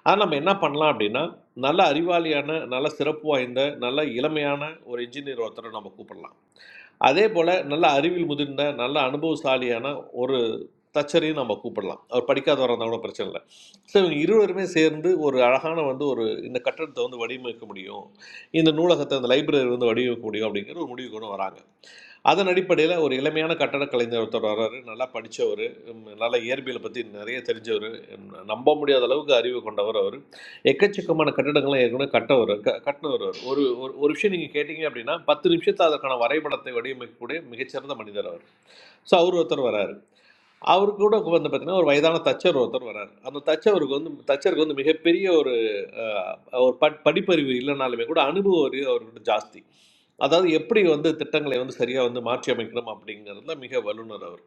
[SPEAKER 16] அதை நம்ம என்ன பண்ணலாம் அப்படின்னா நல்ல அறிவாளியான நல்ல சிறப்பு வாய்ந்த நல்ல இளமையான ஒரு இன்ஜினியர் ஒருத்தரை நம்ம கூப்பிடலாம் அதே போல் நல்ல அறிவில் முதிர்ந்த நல்ல அனுபவசாலியான ஒரு தச்சரையும் நம்ம கூப்பிடலாம் அவர் படிக்காதவராக இருந்தால் கூட பிரச்சனை இல்லை ஸோ இவங்க இருவருமே சேர்ந்து ஒரு அழகான வந்து ஒரு இந்த கட்டடத்தை வந்து வடிவமைக்க முடியும் இந்த நூலகத்தை இந்த லைப்ரரி வந்து வடிவமைக்க முடியும் அப்படிங்கிற ஒரு முடிவு கொண்டு வராங்க அதன் அடிப்படையில் ஒரு இளமையான கட்டடக் கலைஞர் ஒருத்தர் வர்றாரு நல்லா படிச்சவர் நல்லா இயற்பியலை பற்றி நிறைய தெரிஞ்சவர் நம்ப முடியாத அளவுக்கு அறிவு கொண்டவர் அவர் எக்கச்சக்கமான கட்டடங்களை ஏற்கனவே கட்டவர் க கட்டினவர் அவர் ஒரு ஒரு ஒரு விஷயம் நீங்கள் கேட்டிங்க அப்படின்னா பத்து நிமிஷத்தில் அதற்கான வரைபடத்தை வடிவமைக்கக்கூடிய மிகச்சிறந்த மனிதர் அவர் ஸோ அவர் ஒருத்தர் வராரு அவருக்கு கூட வந்து பார்த்தீங்கன்னா ஒரு வயதான தச்சர் ஒருத்தர் வராரு அந்த தச்சவருக்கு வந்து தச்சருக்கு வந்து மிகப்பெரிய ஒரு அஹ், ஒரு பட் படிப்பறிவு இல்லைனாலுமே கூட அனுபவம் அறிவு அவர்கிட்ட ஜாஸ்தி அதாவது எப்படி வந்து திட்டங்களை வந்து சரியாக வந்து மாற்றி அமைக்கணும் அப்படிங்கிறதுல மிக வல்லுனர் அவர்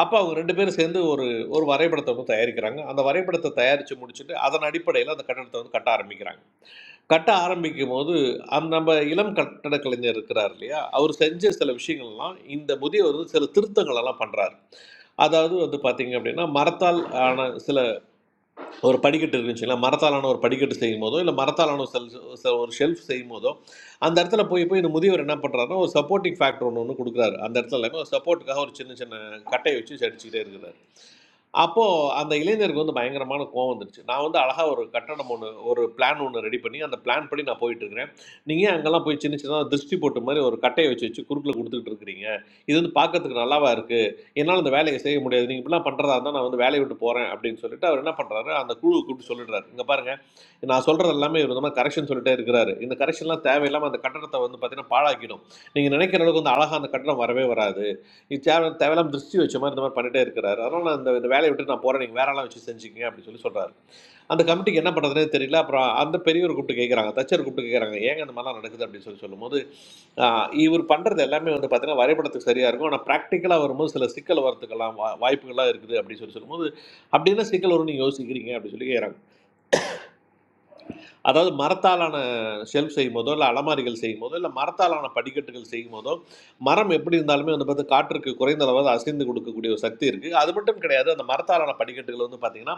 [SPEAKER 16] அப்போ அவங்க ரெண்டு பேரும் சேர்ந்து ஒரு ஒரு வரைபடத்தை வந்து தயாரிக்கிறாங்க அந்த வரைபடத்தை தயாரித்து முடிச்சுட்டு அதன் அடிப்படையில் அந்த கட்டடத்தை வந்து கட்ட ஆரம்பிக்கிறாங்க கட்ட ஆரம்பிக்கும் போது அந்த நம்ம இளம் கட்டட கலைஞர் இருக்கிறார் இல்லையா அவர் செஞ்ச சில விஷயங்கள்லாம் இந்த முதியவர் வந்து சில திருத்தங்கள் எல்லாம் பண்றாரு அதாவது வந்து பார்த்தீங்க அப்படின்னா மரத்தால் ஆன சில ஒரு படிக்கட்டு இருந்துச்சுங்களா மரத்தாலான ஒரு படிக்கட்டு செய்யும் போதோ இல்லை மரத்தாலான ஒரு செல் செ- ஒரு ஷெல்ஃப் செய்யும் போதோ அந்த இடத்துல போய் போய் இந்த முதியவர் என்ன பண்ணுறாருன்னா ஒரு சப்போர்ட்டிங் ஃபேக்டர் ஒன்று ஒன்று கொடுக்குறாரு அந்த இடத்துல எல்லாமே ஒரு சப்போர்ட்டுக்காக ஒரு சின்ன சின்ன கட்டையை வச்சு அடிச்சுக்கிட்டே இருக்கிறார் அப்போ அந்த இளைஞருக்கு வந்து பயங்கரமான கோவம் வந்துடுச்சு. நான் வந்து அழகா ஒரு கட்டடம் ஒண்ணு, ஒரு பிளான் ஒண்ணு ரெடி பண்ணி, அந்த பிளான் படி நான் போயிட்டுருக்கிறேன். நீங்க ஏன் அங்கலாம் போய் சின்ன சின்னதா திருஷ்டி பொட்டு மாரி ஒரு கட்டைய வச்சு வச்சு குறுக்குல குடுத்துக்கிட்டு இருக்கிறீங்க? இது வந்து பார்க்கறதுக்கு நல்லாவா இருக்கு? என்னால இந்த வேலைய செய்ய முடியாது. நீங்க இப்படிலாம் பண்றதா இருந்தா நான் வந்து வேலைய விட்டு போறேன்." அப்படின்னு சொல்லிட்டு அவர் என்ன பண்றாரு, அந்த குழுவ கூப்பிட்டு சொல்லிடுறாரு. "இங்க பாருங்க, நான் சொல்றது எல்லாமே இவரு வந்து கரெக்ஷன் சொல்லிட்டே இருக்கிறாரு. இந்த கரெக்ஷன்லாம் தேவையில்லாம அந்த கட்டடத்த வந்து பார்த்தீங்கன்னா பாழாக்கிடும். நீங்க நினைக்கிற அளவுக்கு வந்து அழகா அந்த கட்டடம் வரவே வராது. இது தேவை தேவையில்லாம திருஷ்டி வச்ச மாதிரி இந்த மாதிரி பண்ணிட்டே இருக்கிறாரு அதனால் நான் இந்த இந்த வேலையை விட்டு நான் போகிறேன் நீங்கள் வேற ஆளாக வச்சு செஞ்சுக்கங்க அப்படின்னு சொல்லி சொல்கிறாரு அந்த கமிட்டிக்கு என்ன பண்ணுறதுனே தெரியல அப்புறம் அந்த பெரியவர் கூப்பிட்டு கேட்குறாங்க தச்சர் கூப்பிட்டு கேட்குறாங்க ஏங்க இந்த மாதிரிலாம் நடக்குது அப்படின்னு சொல்லி சொல்லும்போது ஆஹ், இவர் பண்ணுறது எல்லாமே வந்து பார்த்தீங்கன்னா வரைபடத்துக்கு சரியாக இருக்கும் ஆனால் ப்ராக்டிக்கலாக வரும்போது சில சிக்கல் வரத்துக்கெல்லாம் வா வாய்ப்புகள்லாம் இருக்குது அப்படின்னு சொல்லி சொல்லும்போது அப்படி என்ன சிக்கல் வரும்னு நீங்கள் யோசிக்கிறீங்க அப்படின்னு சொல்லி கேட்குறாங்க அதாவது மரத்தாலான ஷெல்ஃப் செய்யும் போதோ இல்லை அலமாரிகள் செய்யும் போதோ இல்லை மரத்தாலான படிக்கட்டுகள் செய்யும் போதோ மரம் எப்படி இருந்தாலுமே வந்து பார்த்து காற்றுக்கு குறைந்த அளவாவது அசைந்து கொடுக்கக்கூடிய ஒரு சக்தி இருக்குது அது மட்டும் கிடையாது அந்த மரத்தாலான படிக்கட்டுகள் வந்து பார்த்திங்கன்னா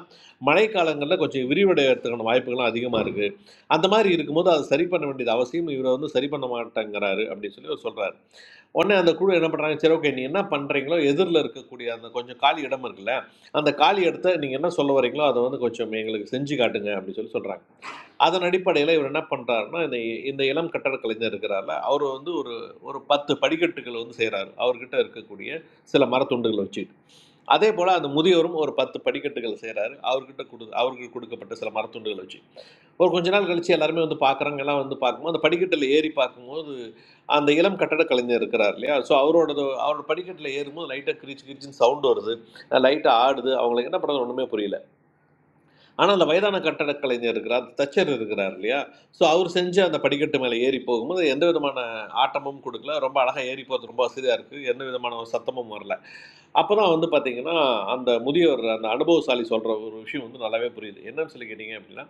[SPEAKER 16] மழைக்காலங்களில் கொஞ்சம் விரிவடைகிறதுக்கான வாய்ப்புகளும் அதிகமாக இருக்குது அந்த மாதிரி இருக்கும்போது அதை சரி பண்ண வேண்டியது அவசியம் இவரை வந்து சரி பண்ண மாட்டேங்கிறாரு அப்படின்னு சொல்லி அவர் சொல்கிறாரு உடனே அந்த குழு என்ன பண்ணுறாங்க சரி ஓகே நீ என்ன பண்ணுறீங்களோ எதிரில் இருக்கக்கூடிய அந்த கொஞ்சம் காலி இடம் இருக்குல்ல அந்த காலி இடத்த நீங்கள் என்ன சொல்ல வரீங்களோ அதை வந்து கொஞ்சம் எங்களுக்கு செஞ்சு காட்டுங்க அப்படின்னு சொல்லி சொல்கிறாங்க அதன் அடிப்படையில் இவர் என்ன பண்ணுறாருன்னா இந்த இந்த இளம் கட்டடக் கலைஞர் இருக்கிறார்ல அவர் வந்து ஒரு ஒரு பத்து படிக்கட்டுகள் வந்து செய்கிறாரு அவர்கிட்ட இருக்கக்கூடிய சில மரத்துண்டுகளை வச்சுட்டு அதே போல் அந்த முதியோரும் ஒரு பத்து படிக்கட்டுகள் செய்கிறாரு அவர்கிட்ட கொடு அவருக்கு கொடுக்கப்பட்ட சில மரத்துண்டுகளை வச்சு ஒரு கொஞ்ச நாள் கழித்து எல்லாருமே வந்து பார்க்குறாங்க எல்லாம் வந்து பார்க்கும்போது அந்த படிக்கட்டில் ஏறி பார்க்கும்போது அந்த இளம் கட்டடக் கலைஞர் இருக்கிறார் இல்லையா ஸோ அவரோட அவரோட படிக்கட்டில் ஏறும்போது லைட்டாக கிரிச்சு கிரிச்சின்னு சவுண்டு வருது லைட்டாக ஆடுது அவங்களுக்கு என்ன பண்ணுறது ஒன்றுமே புரியல ஆனால் அந்த வயதான கட்டடக் கலைஞர் இருக்கிறார் தச்சர் இருக்கிறார் இல்லையா ஸோ அவர் செஞ்ச அந்த படிக்கட்டு மேலே ஏறி போகும்போது எந்த விதமான ஆட்டமும் கொடுக்கல ரொம்ப அழகாக ஏறி போகிறது ரொம்ப வசதியாக இருக்குது எந்த விதமான ஒரு சத்தமும் வரல அப்போ தான் வந்து பார்த்தீங்கன்னா அந்த முதியோர் அந்த அனுபவசாலி சொல்கிற ஒரு விஷயம் வந்து நல்லாவே புரியுது என்னன்னு சொல்லி கேட்டிங்க அப்படின்னா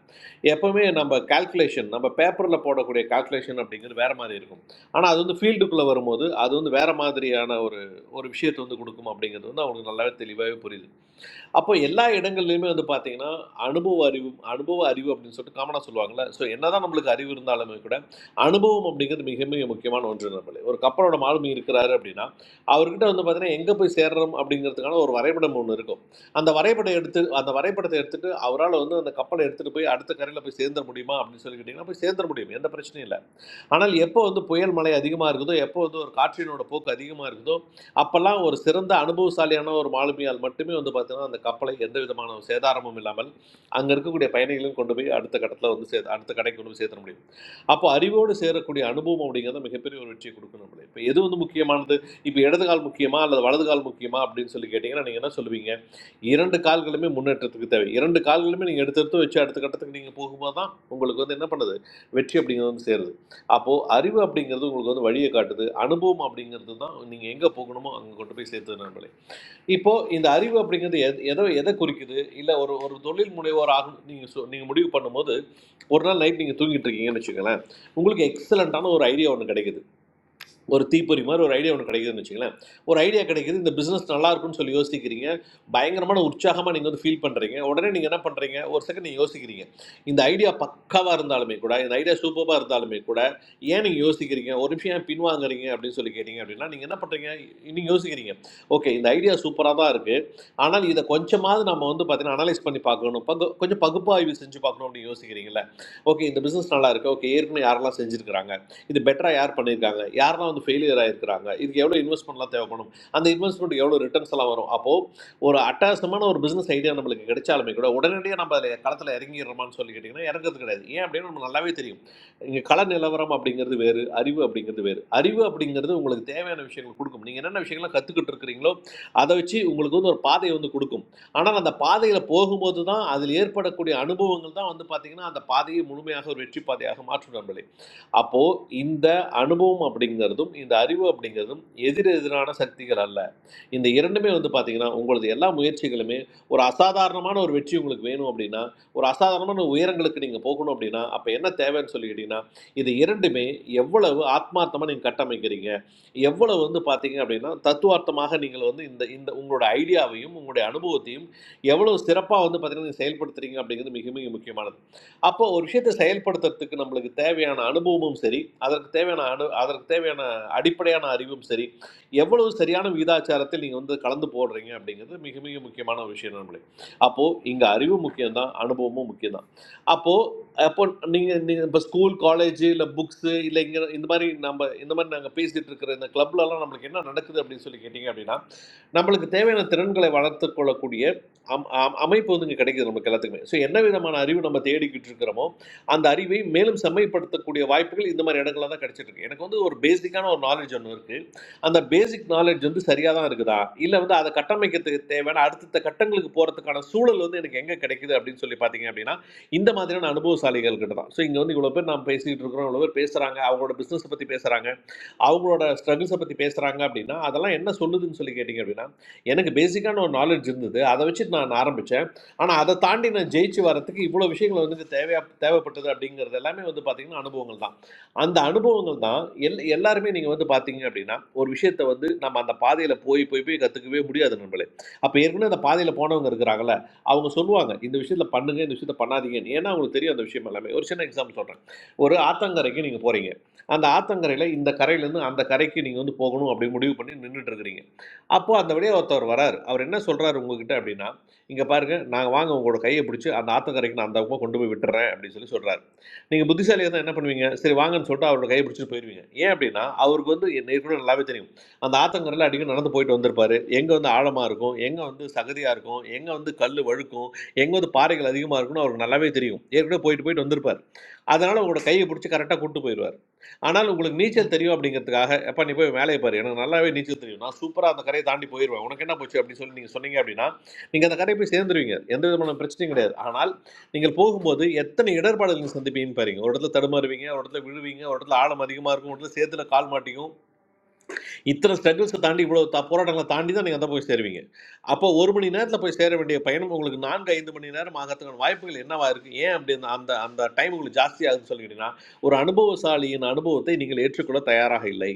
[SPEAKER 16] எப்போவுமே நம்ம கால்குலேஷன் நம்ம பேப்பரில் போடக்கூடிய கால்குலேஷன் அப்படிங்கிறது வேறு மாதிரி இருக்கும் ஆனால் அது வந்து ஃபீல்டுக்குள்ளே வரும்போது அது வந்து வேறு மாதிரியான ஒரு ஒரு விஷயத்தை வந்து கொடுக்கும் அப்படிங்கிறது வந்து அவங்களுக்கு நல்லாவே தெளிவாகவே புரியுது அப்போ எல்லா இடங்கள்லையுமே வந்து பார்த்தீங்கன்னா அனுபவ அறிவு அனுபவ அறிவு அப்படின்னு சொல்லிட்டு காமனாக சொல்லுவாங்கள்ல ஸோ என்னதான் நம்மளுக்கு அறிவு இருந்தாலுமே கூட அனுபவம் அப்படிங்கிறது மிக மிக முக்கியமான ஒன்று நம்மளே ஒரு கப்பலோட மாலுமி இருக்கிறாரு அப்படின்னா அவர்கிட்ட வந்து பார்த்தீங்கன்னா எங்கே போய் சேர்றோம் அப்படிங்கிறதுக்கான ஒரு வரைபடம் ஒன்று இருக்கும் அந்த வரைபடம் எடுத்து அந்த வரைபடத்தை எடுத்துட்டு அவரால் வந்து அந்த கப்பலை எடுத்துகிட்டு போய் அடுத்த கரையில் போய் சேர்ந்துட முடியுமா அப்படின்னு சொல்லி கேட்டிங்கன்னா போய் சேர்ந்துட முடியும் எந்த பிரச்சனையும் இல்லை ஆனால் எப்போ வந்து புயல் மழை அதிகமாக இருக்குதோ எப்போ வந்து ஒரு காற்றினோட போக்கு அதிகமாக இருக்குதோ அப்பெல்லாம் ஒரு சிறந்த அனுபவசாலியான ஒரு மாலுமியால் மட்டுமே வந்து பார்த்தீங்கன்னா அந்த கப்பலை எந்த விதமான ஒரு சேதாரமும் இல்லாமல் அங்கே இருக்கக்கூடிய பயணிகளையும் கொண்டு போய் அடுத்த கட்டத்தில் வந்து சே அடுத்த கடைக்கு கொண்டு போய் சேர்த்த முடியும் அப்போ அறிவோடு சேரக்கூடிய அனுபவம் அப்படிங்கிறது மிகப்பெரிய ஒரு வெற்றியை கொடுக்கணும் நம்மளே இப்போ எது வந்து முக்கியமானது இப்போ இடது கால் முக்கியமா அல்லது வலது கால் முக்கியமா அப்படின்னு சொல்லி கேட்டிங்கன்னா நீங்கள் என்ன சொல்லுவீங்க இரண்டு கால்களுமே முன்னேற்றத்துக்கு தேவை இரண்டு கால்களுமே நீங்கள் எடுத்து எடுத்து வச்சு அடுத்த கட்டத்துக்கு நீங்கள் போகும்போது தான் உங்களுக்கு வந்து என்ன பண்ணுது வெற்றி அப்படிங்கிறது வந்து சேருது அப்போ அறிவு அப்படிங்கிறது உங்களுக்கு வந்து வழியை காட்டுது அனுபவம் அப்படிங்கிறது தான் நீங்கள் எங்கே போகணுமோ அங்கே கொண்டு போய் சேர்த்துது நண்பர்களே இப்போ இந்த அறிவு அப்படிங்கிறது எத- எதோ எதை குறிக்குது இல்லை ஒரு ஒரு தொழில் முனைவோர் ஆகும் நீங்கள் சொ நீங்கள் முடிவு பண்ணும்போது ஒரு நாள் நைட் நீங்கள் தூங்கிட்டு இருக்கீங்கன்னு வச்சுக்கோங்களேன் உங்களுக்கு எக்ஸலண்ட்டான ஒரு ஐடியா ஒன்று கிடைக்குது ஒரு தீப்பொறி மாதிரி ஒரு ஐடியா ஒன்று கிடைக்குதுன்னு வச்சுங்களேன் ஒரு ஐடியா கிடைக்குது இந்த பிஸ்னஸ் நல்லா இருக்கும்னு சொல்லி யோசிக்கிறீங்க பயங்கரமான உற்சாகமாக நீங்கள் வந்து ஃபீல் பண்ணுறீங்க உடனே நீங்கள் என்ன பண்ணுறீங்க ஒரு செகண்ட் நீங்கள் யோசிக்கிறீங்க இந்த ஐடியா பக்காவாக இருந்தாலுமே கூட இந்த ஐடியா சூப்பராக இருந்தாலுமே கூட ஏன் நீங்கள் யோசிக்கிறீங்க ஒரு நிமிஷம் ஏன் பின்வாங்குறீங்க அப்படின்னு சொல்லி கேட்டீங்க அப்படின்னா நீங்கள் என்ன பண்ணுறீங்க நீங்கள் யோசிக்கிறீங்க ஓகே இந்த ஐடியா சூப்பராக தான் இருக்குது ஆனால் இதை கொஞ்சமாவது நம்ம வந்து பார்த்தீங்கன்னா அனலைஸ் பண்ணி பார்க்கணும் பகு கொஞ்சம் பகுப்பாய்வு செஞ்சு பார்க்கணும் அப்படின்னு யோசிக்கிறீங்களா ஓகே இந்த பிஸ்னஸ் நல்லா இருக்குது ஓகே ஏற்கனவே யாரெல்லாம் செஞ்சுருக்கிறாங்க இது பெட்டராக யார் பண்ணியிருக்காங்க யாரெல்லாம் வந்து ஃபெயிலியர் ஆகிருக்கிறாங்க இதுக்கு எவ்வளோ இன்வெஸ்ட்மெண்ட்லாம் தேவைப்படும் அந்த இன்வெஸ்ட்மெண்ட் எவ்வளோ ரிட்டர்ன்ஸ் எல்லாம் வரும் அப்போது ஒரு அட்டாசமான ஒரு பிஸ்னஸ் ஐடியா நம்மளுக்கு கிடைச்சாலுமே கூட உடனடியாக நம்ம அதில் களத்தில் இறங்கிடுறோமான்னு சொல்லி கேட்டிங்கன்னா இறங்குறது கிடையாது ஏன் அப்படின்னு நம்ம நல்லாவே தெரியும் இங்கே கள நிலவரம் அப்படிங்கிறது வேறு அறிவு அப்படிங்கிறது வேறு அறிவு அப்படிங்கிறது உங்களுக்கு தேவையான விஷயங்கள் கொடுக்கும் நீங்கள் என்னென்ன விஷயங்கள்லாம் கற்றுக்கிட்டு இருக்கிறீங்களோ அதை வச்சு உங்களுக்கு வந்து ஒரு பாதையை வந்து கொடுக்கும் ஆனால் அந்த பாதையில் போகும்போது தான் அதில் ஏற்படக்கூடிய அனுபவங்கள் தான் வந்து பார்த்திங்கன்னா அந்த பாதையை முழுமையாக ஒரு வெற்றி பாதையாக மாற்றும் நம்மளே அப்போது இந்த அனுபவம் அப்படிங்கிறதும் இந்த அறிவு அப்படிங்கிறதும் எதிர் எதிரான சக்திகள் அல்ல இந்த இரண்டுமே வந்து பார்த்தீங்கன்னா உங்களது எல்லா முயற்சிகளுமே ஒரு அசாதாரணமான ஒரு வெற்றி உங்களுக்கு வேணும் அப்படின்னா ஒரு அசாதாரணமான உயரங்களுக்கு நீங்கள் போகணும் அப்படின்னா அப்போ என்ன தேவைன்னு சொல்லிக்கிட்டீங்கன்னா இது இரண்டுமே எவ்வளவு ஆத்மார்த்தமாக நீங்கள் கட்டமைக்கிறீங்க எவ்வளவு வந்து பார்த்தீங்க அப்படின்னா தத்துவார்த்தமாக நீங்கள் வந்து இந்த இந்த உங்களோட ஐடியாவையும் உங்களுடைய அனுபவத்தையும் எவ்வளவு சிறப்பாக வந்து பார்த்தீங்கன்னா நீங்கள் செயல்படுத்துறீங்க அப்படிங்கிறது மிக மிக முக்கியமானது அப்போ ஒரு விஷயத்தை செயல்படுத்துறதுக்கு நம்மளுக்கு தேவையான அனுபவமும் சரி அதற்கு தேவையான அனு அதற்கு தேவையான அடிப்படையான அறிவும் சரி எவ்வளவு சரியான விகிதாச்சாரத்தில் நீங்கள் வந்து கலந்து போடுறீங்க அப்படிங்கிறது மிக மிக முக்கியமான ஒரு விஷயம் நம்மளே அப்போது இங்கே அறிவும் முக்கியம்தான் அனுபவமும் முக்கியம்தான் அப்போது அப்போ நீங்கள் நீங்கள் இப்போ ஸ்கூல் காலேஜ் இல்லை புக்ஸு இல்லை இங்கே இந்த மாதிரி நம்ம இந்த மாதிரி நாங்கள் பேசிகிட்டு இருக்கிற இந்த கிளப்லலாம் நம்மளுக்கு என்ன நடக்குது அப்படின்னு சொல்லி கேட்டிங்க அப்படின்னா நம்மளுக்கு தேவையான திறன்களை வளர்த்து கொள்ளக்கூடிய அம் அம்- அமைப்பு வந்து இங்கே கிடைக்குது நமக்கு எல்லாத்துக்குமே ஸோ என்ன விதமான அறிவு நம்ம தேடிக்கிட்டு இருக்கிறோமோ அந்த அறிவை மேலும் செம்மைப்படுத்தக்கூடிய வாய்ப்புகள் இந்த மாதிரி இடங்கள்ல தான் கிடைச்சிட்டு இருக்கு எனக்கு வந்து ஒரு பேசிக்கான ஒரு நாலேஜ் ஒன்று இருக்கு அந்த பேசிக் நாலேஜ் வந்து சரியாக தான் இருக்குதா இல்லை வந்து அதை கட்டமைக்கிறதுக்கு தேவையான அடுத்தடுத்த கட்டங்களுக்கு போகிறதுக்கான சூழல் வந்து எனக்கு எங்கே கிடைக்குது அப்படின்னு சொல்லி பார்த்தீங்க அப்படின்னா இந்த மாதிரியான அனுபவசாலிகள் கிட்ட தான் ஸோ இங்கே வந்து இவ்வளோ பேர் நாம் பேசிக்கிட்டு இருக்கிறோம் இவ்வளோ பேர் பேசுகிறாங்க அவங்களோட பிஸ்னஸை பற்றி பேசுகிறாங்க அவங்களோட ஸ்ட்ரகிள்ஸை பற்றி பேசுகிறாங்க அப்படின்னா அதெல்லாம் என்ன சொல்லுதுன்னு சொல்லி கேட்டிங்க அப்படின்னா எனக்கு பேசிக்கான ஒரு நாலேஜ் இருந்தது அதை வச்சு நான் ஆரம்பித்தேன் ஆனால் அதை தாண்டி நான் ஜெயிச்சு வரத்துக்கு இவ்வளோ விஷயங்கள் வந்து தேவையா தேவைப்பட்டது அப்படிங்கிறது எல்லாமே வந்து பார்த்திங்கன்னா அனுபவங்கள் தான் அந்த அனுபவங்கள் தான் எல் எல்லாருமே நீங்கள் வந்து பார்த்தீங்க அப்படின்னா ஒரு விஷயத்தை வந்து நம்ம அந்த பாதையில் போய் போய் போய் கற்றுக்கவே முடியாது நம்மளே அப்போ ஏற்கனவே அந்த பாதையில் போனவங்க இருக்கிறாங்கல்ல அவங்க சொல்லுவாங்க இந்த விஷயத்தில் பண்ணுங்க இந்த விஷயத்தை பண்ணாதீங்கன்னு ஏன்னா அவங்களுக்கு தெரியும் அந்த விஷயம் எல்லாமே ஒரு சின்ன எக்ஸாம்பிள் சொல்கிறேன் ஒரு ஆத்தங்கரைக்கு நீங்கள் போகிறீங்க அந்த ஆத்தங்கரையில் இந்த கரையிலேருந்து அந்த கரைக்கு நீங்கள் வந்து போகணும் அப்படி முடிவு பண்ணி நின்றுட்டு இருக்கிறீங்க அப்போ அந்த வழியா ஒருத்தவர் வராரு. அவரு என்ன சொல்றாரு உங்ககிட்ட அப்டின்னா, "இங்க பாருங்க, நான் வாங்க உங்களோட கைய புடிச்சு அந்த ஆத்தங்கரைக்கு நான் அந்த பக்கமா கொண்டு போய் விட்டுர்றேன்" அப்டின்னு சொல்லி சொல்றாரு. நீங்க புத்திசாலியா இருந்தா என்ன பண்ணுவீங்க? சரி வாங்கன்னு சொல்லிட்டு அவரோட கைய புடிச்சுட்டு போயிருவீங்க. ஏன் அப்டின்னா, அவருக்கு வந்து ஏற்கனவே நல்லாவே தெரியும். அந்த ஆத்தங்கரையில அடிக்கடி நடந்து போயிட்டு வந்திருப்பாரு. எங்க வந்து ஆழமா இருக்கும், எங்க வந்து சகதியா இருக்கும், எங்க வந்து கல்லு வழுக்கும், எங்க வந்து பாறைகள் அதிகமா இருக்கும்னு அவருக்கு நல்லாவே தெரியும். ஏற்கனவே போயிட்டு போயிட்டு வந்திருப்பாரு. அதனால உங்களோட கைய புடிச்சு கரெக்ட்டா கூட்டிட்டு போயிருவாரு. ஆனால் உங்களுக்கு நீச்சல் தெரியும் அப்படிங்கிறதுக்காக எப்பா நீ போய் வேலையை பாரு எனக்கு நல்லாவே நீச்சல் தெரியும் நான் சூப்பராக அந்த கரையை தாண்டி போயிடுவேன் உனக்கு என்ன போச்சு அப்படின்னு சொல்லி நீங்கள் சொன்னீங்க அப்படின்னா நீங்கள் அந்த கரையை போய் சேர்ந்துருவீங்க எந்த விதமான பிரச்சனையும் கிடையாது ஆனால் நீங்கள் போகும்போது எத்தனை இடர்பாடுகள் நீங்கள் சந்திப்பீங்கன்னு பாருங்க ஒரு இடத்துல தடுமாறுவீங்க ஒரு இடத்துல விழுவீங்க ஒரு இடத்துல ஆழம் அதிகமாக இருக்கும் ஒரு இடத்துல சேத்துல கால் மாட்டிக்கும் இத்தனை ஸ்ட்ரகிள்ஸை தாண்டி இவ்வளோ த போராட்டங்களை தாண்டி தான் நீங்கள் அந்த போய் சேருவீங்க அப்போ ஒரு மணி நேரத்தில் போய் சேர வேண்டிய பயணம் உங்களுக்கு நான்கு ஐந்து மணி நேரம் ஆகிறதுக்கான வாய்ப்புகள் என்னவா இருக்குது ஏன் அப்படி அந்த அந்த அந்த டைம் உங்களுக்கு ஜாஸ்தி ஆகுதுன்னு சொல்லி கேட்டீங்கன்னா ஒரு அனுபவசாலியின் அனுபவத்தை நீங்கள் ஏற்றுக்கொள்ள தயாராக இல்லை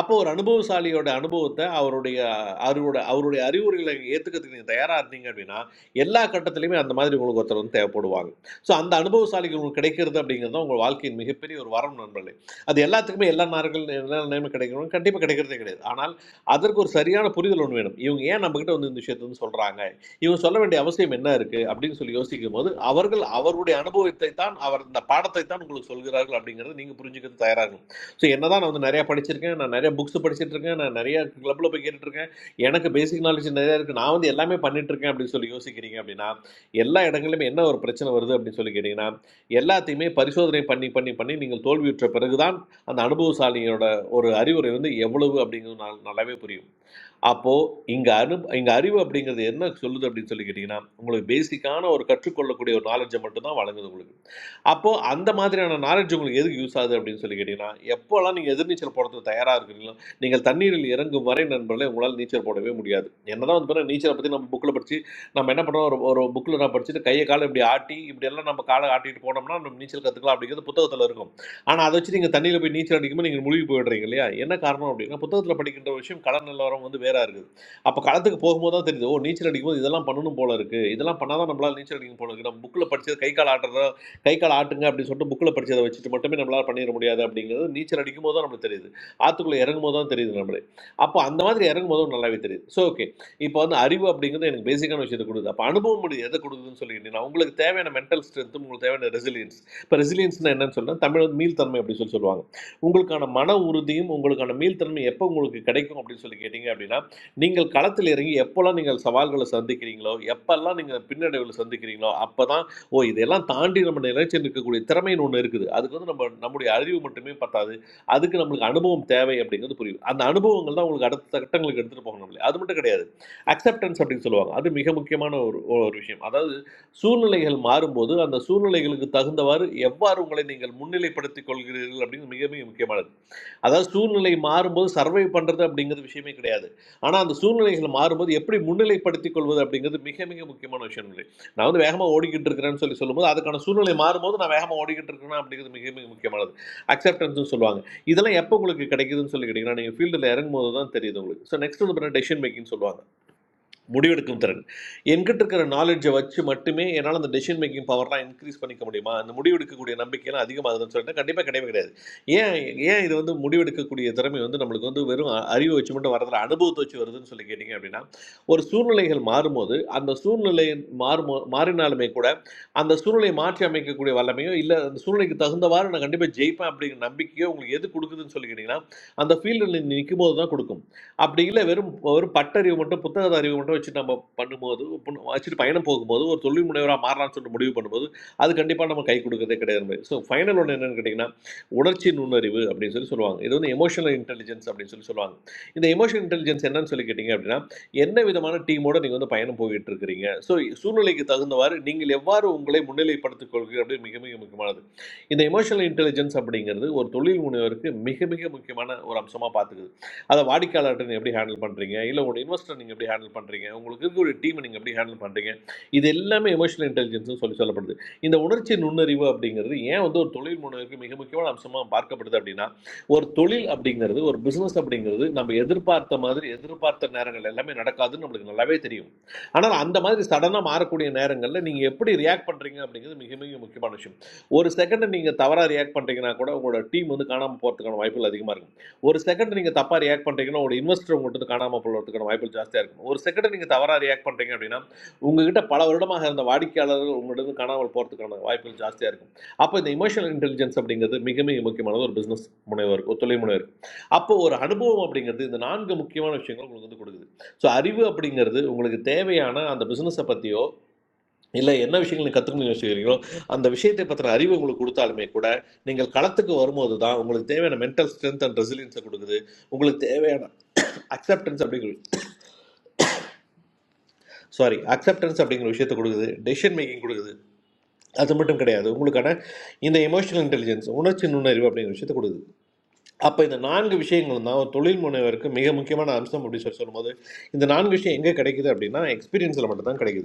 [SPEAKER 16] அப்போ ஒரு அனுபவசாலியோட அனுபவத்தை அவருடைய அவரோட அவருடைய அறிவுரைகளை ஏற்றுக்கிறதுக்கு நீங்கள் தயாராக இருந்தீங்க அப்படின்னா எல்லா கட்டத்துலையுமே அந்த மாதிரி உங்களுக்கு ஒருத்தர் வந்து தேவைப்படுவாங்க ஸோ அந்த அனுபவசாலிகள் உங்களுக்கு கிடைக்கிறது அப்படிங்கிறது தான் உங்கள் வாழ்க்கையின் மிகப்பெரிய ஒரு வரம் நண்பர்களே அது எல்லாத்துக்குமே எல்லா நார்கள் எல்லா நேரமும் கிடைக்கணும் கண்டிப்பாக கிடைக்கிறதே கிடையாது ஆனால் அதற்கு ஒரு சரியான புரிதல் ஒன்று வேணும் இவங்க ஏன் நம்மக்கிட்ட வந்து இந்த விஷயத்தை வந்து சொல்கிறாங்க இவங்க சொல்ல வேண்டிய அவசியம் என்ன இருக்குது அப்படின்னு சொல்லி யோசிக்கும் போது அவர்கள் அவருடைய அனுபவத்தை தான் அவர் இந்த பாடத்தை தான் உங்களுக்கு சொல்கிறார்கள் அப்படிங்கிறது நீங்கள் புரிஞ்சுக்கிறது தயாராக இருக்கணும். ஸோ என்னதான் நான் வந்து நிறையா படிச்சிருக்கேன் நான் நிறைய புக்ஸ் படிச்சிட்டு இருக்கேன் நான் நிறைய கிளப்பில் போய் கேட்டுட்டு இருக்கேன் எனக்கு பேசிக் நாலேஜ் நிறையா இருக்குது நான் வந்து எல்லாமே பண்ணிட்டு இருக்கேன் அப்படின்னு சொல்லி யோசிக்கிறீங்க அப்படின்னா எல்லா இடங்களிலுமே என்ன ஒரு பிரச்சனை வருது அப்படின்னு சொல்லி கேட்டிங்கன்னா எல்லாத்தையுமே பரிசோதனை பண்ணி பண்ணி பண்ணி நீங்கள் தோல்வியுற்ற பிறகுதான் அந்த அனுபவசாலியோட ஒரு அறிவுரை வந்து எவ்வளவு அப்படிங்கிறது நல்- நல்லாவே புரியும் அப்போ இங்க அனு இங்க அறிவு அப்படிங்கிறது என்ன சொல்லுது அப்படின்னு சொல்லி கேட்டீங்கன்னா உங்களுக்கு பேசிக்கான ஒரு கற்றுக்கொள்ளக்கூடிய ஒரு நாலேஜை மட்டும் தான் வழங்குது உங்களுக்கு அப்போ அந்த மாதிரியான நாலேஜ் உங்களுக்கு எதுக்கு யூஸ் ஆகுது அப்படின்னு சொல்லி கேட்டீங்கன்னா எப்போல்லாம் நீங்க எதிர்நீச்சல் போடுறதுக்கு தயாரா இருக்கிறீங்களோ நீங்கள் தண்ணீரில் இறங்கும் வரை நண்பர்களே உங்களால் நீச்சல் போடவே முடியாது என்னதான் வந்து பாருங்க, நீச்சலை பத்தி நம்ம புக்ல படிச்சு நம்ம என்ன பண்றோம் ஒரு ஒரு புக்ல நான் படிச்சுட்டு கையை காலை இப்படி ஆட்டி இப்படி எல்லாம் நம்ம காலை ஆட்டிட்டு போனோம்னா நம்ம நீச்சல் கத்துக்கலாம் அப்படிங்கிறது புத்தகத்துல இருக்கும் ஆனால் அதை வச்சு நீங்கள் தண்ணியில் போய் நீச்சல் அடிக்கும்போது நீங்கள் முழுகி போயிடுறீங்க இல்லையா என்ன காரணம் அப்படின்னா புத்தகத்தில் படிக்கின்ற விஷயம் கள நிலவரம் வந்து வேற இருக்குது அப்போ களத்துக்கு போகும்போது தான் தெரியுது ஓ நீச்சல் அடிக்கும்போது இதெல்லாம் பண்ணணும் போல இருக்குது இதெல்லாம் பண்ணாதான் நம்மளால் நீச்சல் அடிக்கும் போல இருக்குது நம்ம புக்கில் படிச்சது கை கால் ஆட்டுறதா கை கால் ஆட்டுங்க அப்படின்னு சொல்லிட்டு புக்கில் படிச்சதை வச்சுட்டு மட்டுமே நம்மளால் பண்ணிட முடியாது அப்படிங்கிறது நீச்சல் அடிக்கும் போது தான் நம்மளுக்கு தெரியுது ஆற்றுக்குள்ளே இறங்கும் போது தான் தெரியுது நம்மளே அப்போ அந்த மாதிரி இறங்கும் போதும் நல்லாவே தெரியுது ஸோ ஓகே இப்போ வந்து அறிவு அப்படிங்கிறது எனக்கு பேசிக்கான விஷயத்தை கொடுக்குது அப்போ அனுபவம் முடியுது எதை கொடுக்குதுன்னு சொல்லி கேட்டீங்கன்னா உங்களுக்கு தேவையான மென்டல் ஸ்ட்ரென்த்தும் உங்களுக்கு தேவையான ரெசிலியன்ஸ் இப்போ ரெசிலியன்ஸ்னா என்னன்னு சொன்னா தமிழ் மீள்தன்மை அப்படின்னு சொல்லி சொல்லுவாங்க உங்களுக்கான மன உறுதியும் உங்களுக்கான மீள்தன்மை எப்போ உங்களுக்கு கிடைக்கும் அப்படின்னு சொல்லி கேட்டிங்க அப்படின்னா நீங்கள் களத்தில் இறங்கி எப்போல்லாம் நீங்கள் சவால்களை சந்திக்கிறீங்களோ எப்போல்லாம் நீங்கள் பின்னடைவுகளை சந்திக்கிறீங்களோ அப்போ தான் ஓ இதெல்லாம் தாண்டி நம்ம நிலைச்சு நிற்கக்கூடிய திறமைன்னு ஒன்று இருக்குது அதுக்கு வந்து நம்ம நம்முடைய அறிவு மட்டுமே பத்தாது அதுக்கு நம்மளுக்கு அனுபவம் தேவை அப்படிங்கிறது புரியும் அந்த அனுபவங்கள் தான் உங்களுக்கு அடுத்த கட்டங்களுக்கு எடுத்துகிட்டு போகணும் இல்லையா? அது மட்டும் கிடையாது அக்செப்டன்ஸ் அப்படின்னு சொல்லுவாங்க அது மிக முக்கியமான ஒரு ஒரு விஷயம் அதாவது சூழ்நிலைகள் மாறும்போது அந்த சூழ்நிலைகளுக்கு தகுந்தவாறு எவ்வாறு உங்களை நீங்கள் முன்னிலைப்படுத்திக் கொள்கிறீர்கள் அப்படிங்கிறது மிக மிக முக்கியமானது அதாவது சூழ்நிலை மாறும்போது சர்வை பண்ணுறது அப்படிங்கிறது விஷயமே கிடையாது ஆனால் அந்த சூழ்நிலைகள் மாறும்போது எப்படி முன்னிலைப்படுத்திக் கொள்வது அப்படிங்கிறது மிக மிக முக்கியமான விஷயம் இல்லை நான் வந்து வேகமாக ஓடிக்கிட்டு இருக்கிறேன்னு சொல்லி சொல்லும்போது அதுக்கான சூழ்நிலை மாறும்போது நான் வேகமாக ஓடிக்கிட்டு இருக்கிறேன் அப்படிங்கிறது மிக மிக முக்கியமானது அக்செப்டன்ஸ்னு சொல்லுவாங்க இதெல்லாம் எப்போ உங்களுக்கு கிடைக்குதுன்னு சொல்லி கேட்டிங்கன்னா நீங்கள் ஃபீல்டில் இறங்கும்போது தான் தெரியுது உங்களுக்கு ஸோ நெக்ஸ்ட் வந்து பார்த்தீங்கன்னா டெசிஷன் மேக்கிங் சொல்லுவாங்க முடிவெடுக்கும் திறன் என்கிட்ட இருக்கிற நாலேஜை வச்சு மட்டுமே என்னால் அந்த டெசிஷன் மேக்கிங் பவர்லாம் இன்க்ரீஸ் பண்ணிக்க முடியுமா அந்த முடிவெடுக்கக்கூடிய நம்பிக்கையெல்லாம் அதிகமாகுதுன்னு சொல்லிட்டு கண்டிப்பாக கிடையவே கிடையாது ஏன் ஏன் இது வந்து முடிவெடுக்கக்கூடிய திறமை வந்து நம்மளுக்கு வந்து வெறும் அ- அறிவு வச்சு மட்டும் வரதில்ல அனுபவத்தை வச்சு வருதுன்னு சொல்லி கேட்டிங்க அப்படின்னா ஒரு சூழ்நிலைகள் மாறும்போது அந்த சூழ்நிலை மாறுமோ மாறினாலுமே கூட அந்த சூழ்நிலையை மாற்றி அமைக்கக்கூடிய வல்லமையோ இல்லை அந்த சூழ்நிலைக்கு தகுந்தவாறு நான் கண்டிப்பாக ஜெயிப்பேன் அப்படிங்கிற நம்பிக்கையோ உங்களுக்கு எது கொடுக்குதுன்னு சொல்லி கேட்டிங்கன்னா அந்த ஃபீல்டில் நிற்கும் போது தான் கொடுக்கும் அப்படி இல்லை வெறும் ஒரு பட்டறிவு மட்டும் புத்தகத்தை அறிவு மட்டும் வச்சு நம்ம பண்ணும்போது புண்ணு- வச்சுட்டு பயணம் போகும்போது ஒரு தொழில் முனைவராக மாறலாம்னு சொல்லிட்டு முடிவு பண்ணும்போது அது கண்டிப்பாக நம்ம கை கொடுக்கறதே கிடையாது ஸோ ஃபைனல் ஒன்று என்னன்னு கேட்டிங்கன்னா உணர்ச்சி நுண்ணறிவு அப்படின்னு சொல்லி சொல்லுவாங்க இது வந்து எமோஷனல் இன்டெலிஜென்ஸ் அப்படின்னு சொல்லி சொல்லுவாங்க இந்த எமோஷனல் இன்டெலிஜென்ஸ் என்னன்னு சொல்லி கேட்டிங்க அப்படின்னா என்ன விதமான டீமோட நீங்கள் வந்து பயணம் போயிட்டு இருக்கிறீங்க ஸோ சூழ்நிலைக்கு தகுந்தவாறு நீங்கள் எவ்வாறு உங்களை முன்னிலைப்படுத்திக் கொள்கிறீங்க அப்படின்னு மிக மிக முக்கியமானது இந்த எமோஷனல் இன்டெலிஜென்ஸ் அப்படிங்கிறது ஒரு தொழில் முனைவருக்கு மிக மிக முக்கியமான ஒரு அம்சமாக பார்த்துக்கிறது அதை வாடிக்கையாளர்கிட்ட நீங்கள் எப்படி ஹேண்டில் பண்ணுறீங்க இல்லை உங்களோட இன்வெஸ்டர் நீங்கள் எப்படி ஹேண்டில் பண்ணுறீங்க உங்களுக்கு இருக்கக்கூடிய டீமை நீங்கள் எப்படி ஹேண்டில் பண்ணுறீங்க இது எல்லாமே எமோஷனல் இன்டெலிஜென்ஸ்னு சொல்லி சொல்லப்படுது இந்த உணர்ச்சி நுண்ணறிவு அப்படிங்கிறது ஏன் வந்து ஒரு தொழில் முனைவருக்கு மிக முக்கியமான அம்சமாக பார்க்கப்படுது அப்படின்னா ஒரு தொழில் அப்படிங்கிறது ஒரு பிஸ்னஸ் அப்படிங்கிறது நம்ம எதிர்பார்த்த மாதிரி எதிர்பார்த்த நேரங்கள் எல்லாமே நடக்காதுன்னு நம்மளுக்கு நல்லாவே தெரியும் ஆனால் அந்த மாதிரி சடனாக மாறக்கூடிய நேரங்களில் நீங்கள் எப்படி ரியாக்ட் பண்ணுறீங்க அப்படிங்கிறது மிக மிக முக்கியமான விஷயம் ஒரு செகண்ட் நீங்கள் தவறாக ரியாக்ட் பண்ணுறீங்கன்னா கூட உங்களோட டீம் வந்து காணாமல் போகிறதுக்கான வாய்ப்புகள் அதிகமாக இருக்குது ஒரு செகண்ட் நீங்கள் தப்பாக ரியாக்ட் பண்ணுறீங்கன்னா ஒரு இன்வெஸ்டர் உங்கள்கிட்ட காணாமல் போகிறதுக்கான வாய்ப்புகள் ஜாஸ்தியாக இருக்கும் ஒரு செகண்ட் நீங்கள் தவறாக ரியாக்ட் பண்ணுறீங்க அப்படின்னா உங்ககிட்ட பல வருடமாக இருந்த வாடிக்கையாளர்கள் உங்கள்கிட்ட காணாமல் போகிறதுக்கான வாய்ப்புகள் ஜாஸ்தியாக இருக்கும் அப்போ இந்த இமோஷனல் இன்டெலிஜென்ஸ் அப்படிங்கிறது மிக மிக முக்கியமானது ஒரு பிஸ்னஸ் முனைவருக்கு ஒரு தொழில் முனைவருக்கு அப்போ ஒரு அனுபவம் அப்படிங்கிறது இந்த நான்கு முக்கியமான விஷயங்கள் உங்களுக்கு வந்து கொடுக்குது ஸோ அறிவு அப்படிங்கிறது உங்களுக்கு தேவையான அந்த பிஸ்னஸை பற்றியோ இல்லை என்ன விஷயங்கள் நீங்கள் கற்றுக்கணும்னு யோசிக்கிறீங்களோ அந்த விஷயத்தை பற்றின அறிவு உங்களுக்கு கொடுத்தாலுமே கூட நீங்கள் களத்துக்கு வரும்போது தான் உங்களுக்கு தேவையான மென்டல் ஸ்ட்ரென்த் அண்ட் ரெசிலியன்ஸை கொடுக்குது உங்களுக்கு தேவையான அக்செப்டன்ஸ் அப்படிங்கிற சாரி அக்செப்டன்ஸ் அப்படிங்கிற விஷயத்தை கொடுக்குது டெசிஷன் மேக்கிங் கொடுக்குது அது மட்டும் கிடையாது உங்களுக்கான இந்த எமோஷனல் இன்டெலிஜென்ஸ் உணர்ச்சி நுண்ணறிவு அப்படிங்கிற விஷயத்தை கொடுக்குது அப்போ இந்த நான்கு விஷயங்களும் தான் ஒரு தொழில் முனைவருக்கு மிக முக்கியமான அம்சம் அப்படின்னு சொல்லி சொல்லும்போது இந்த நான்கு விஷயம் எங்கே கிடைக்குது அப்படின்னா எக்ஸ்பீரியன்ஸில் மட்டும் தான் கிடைக்குது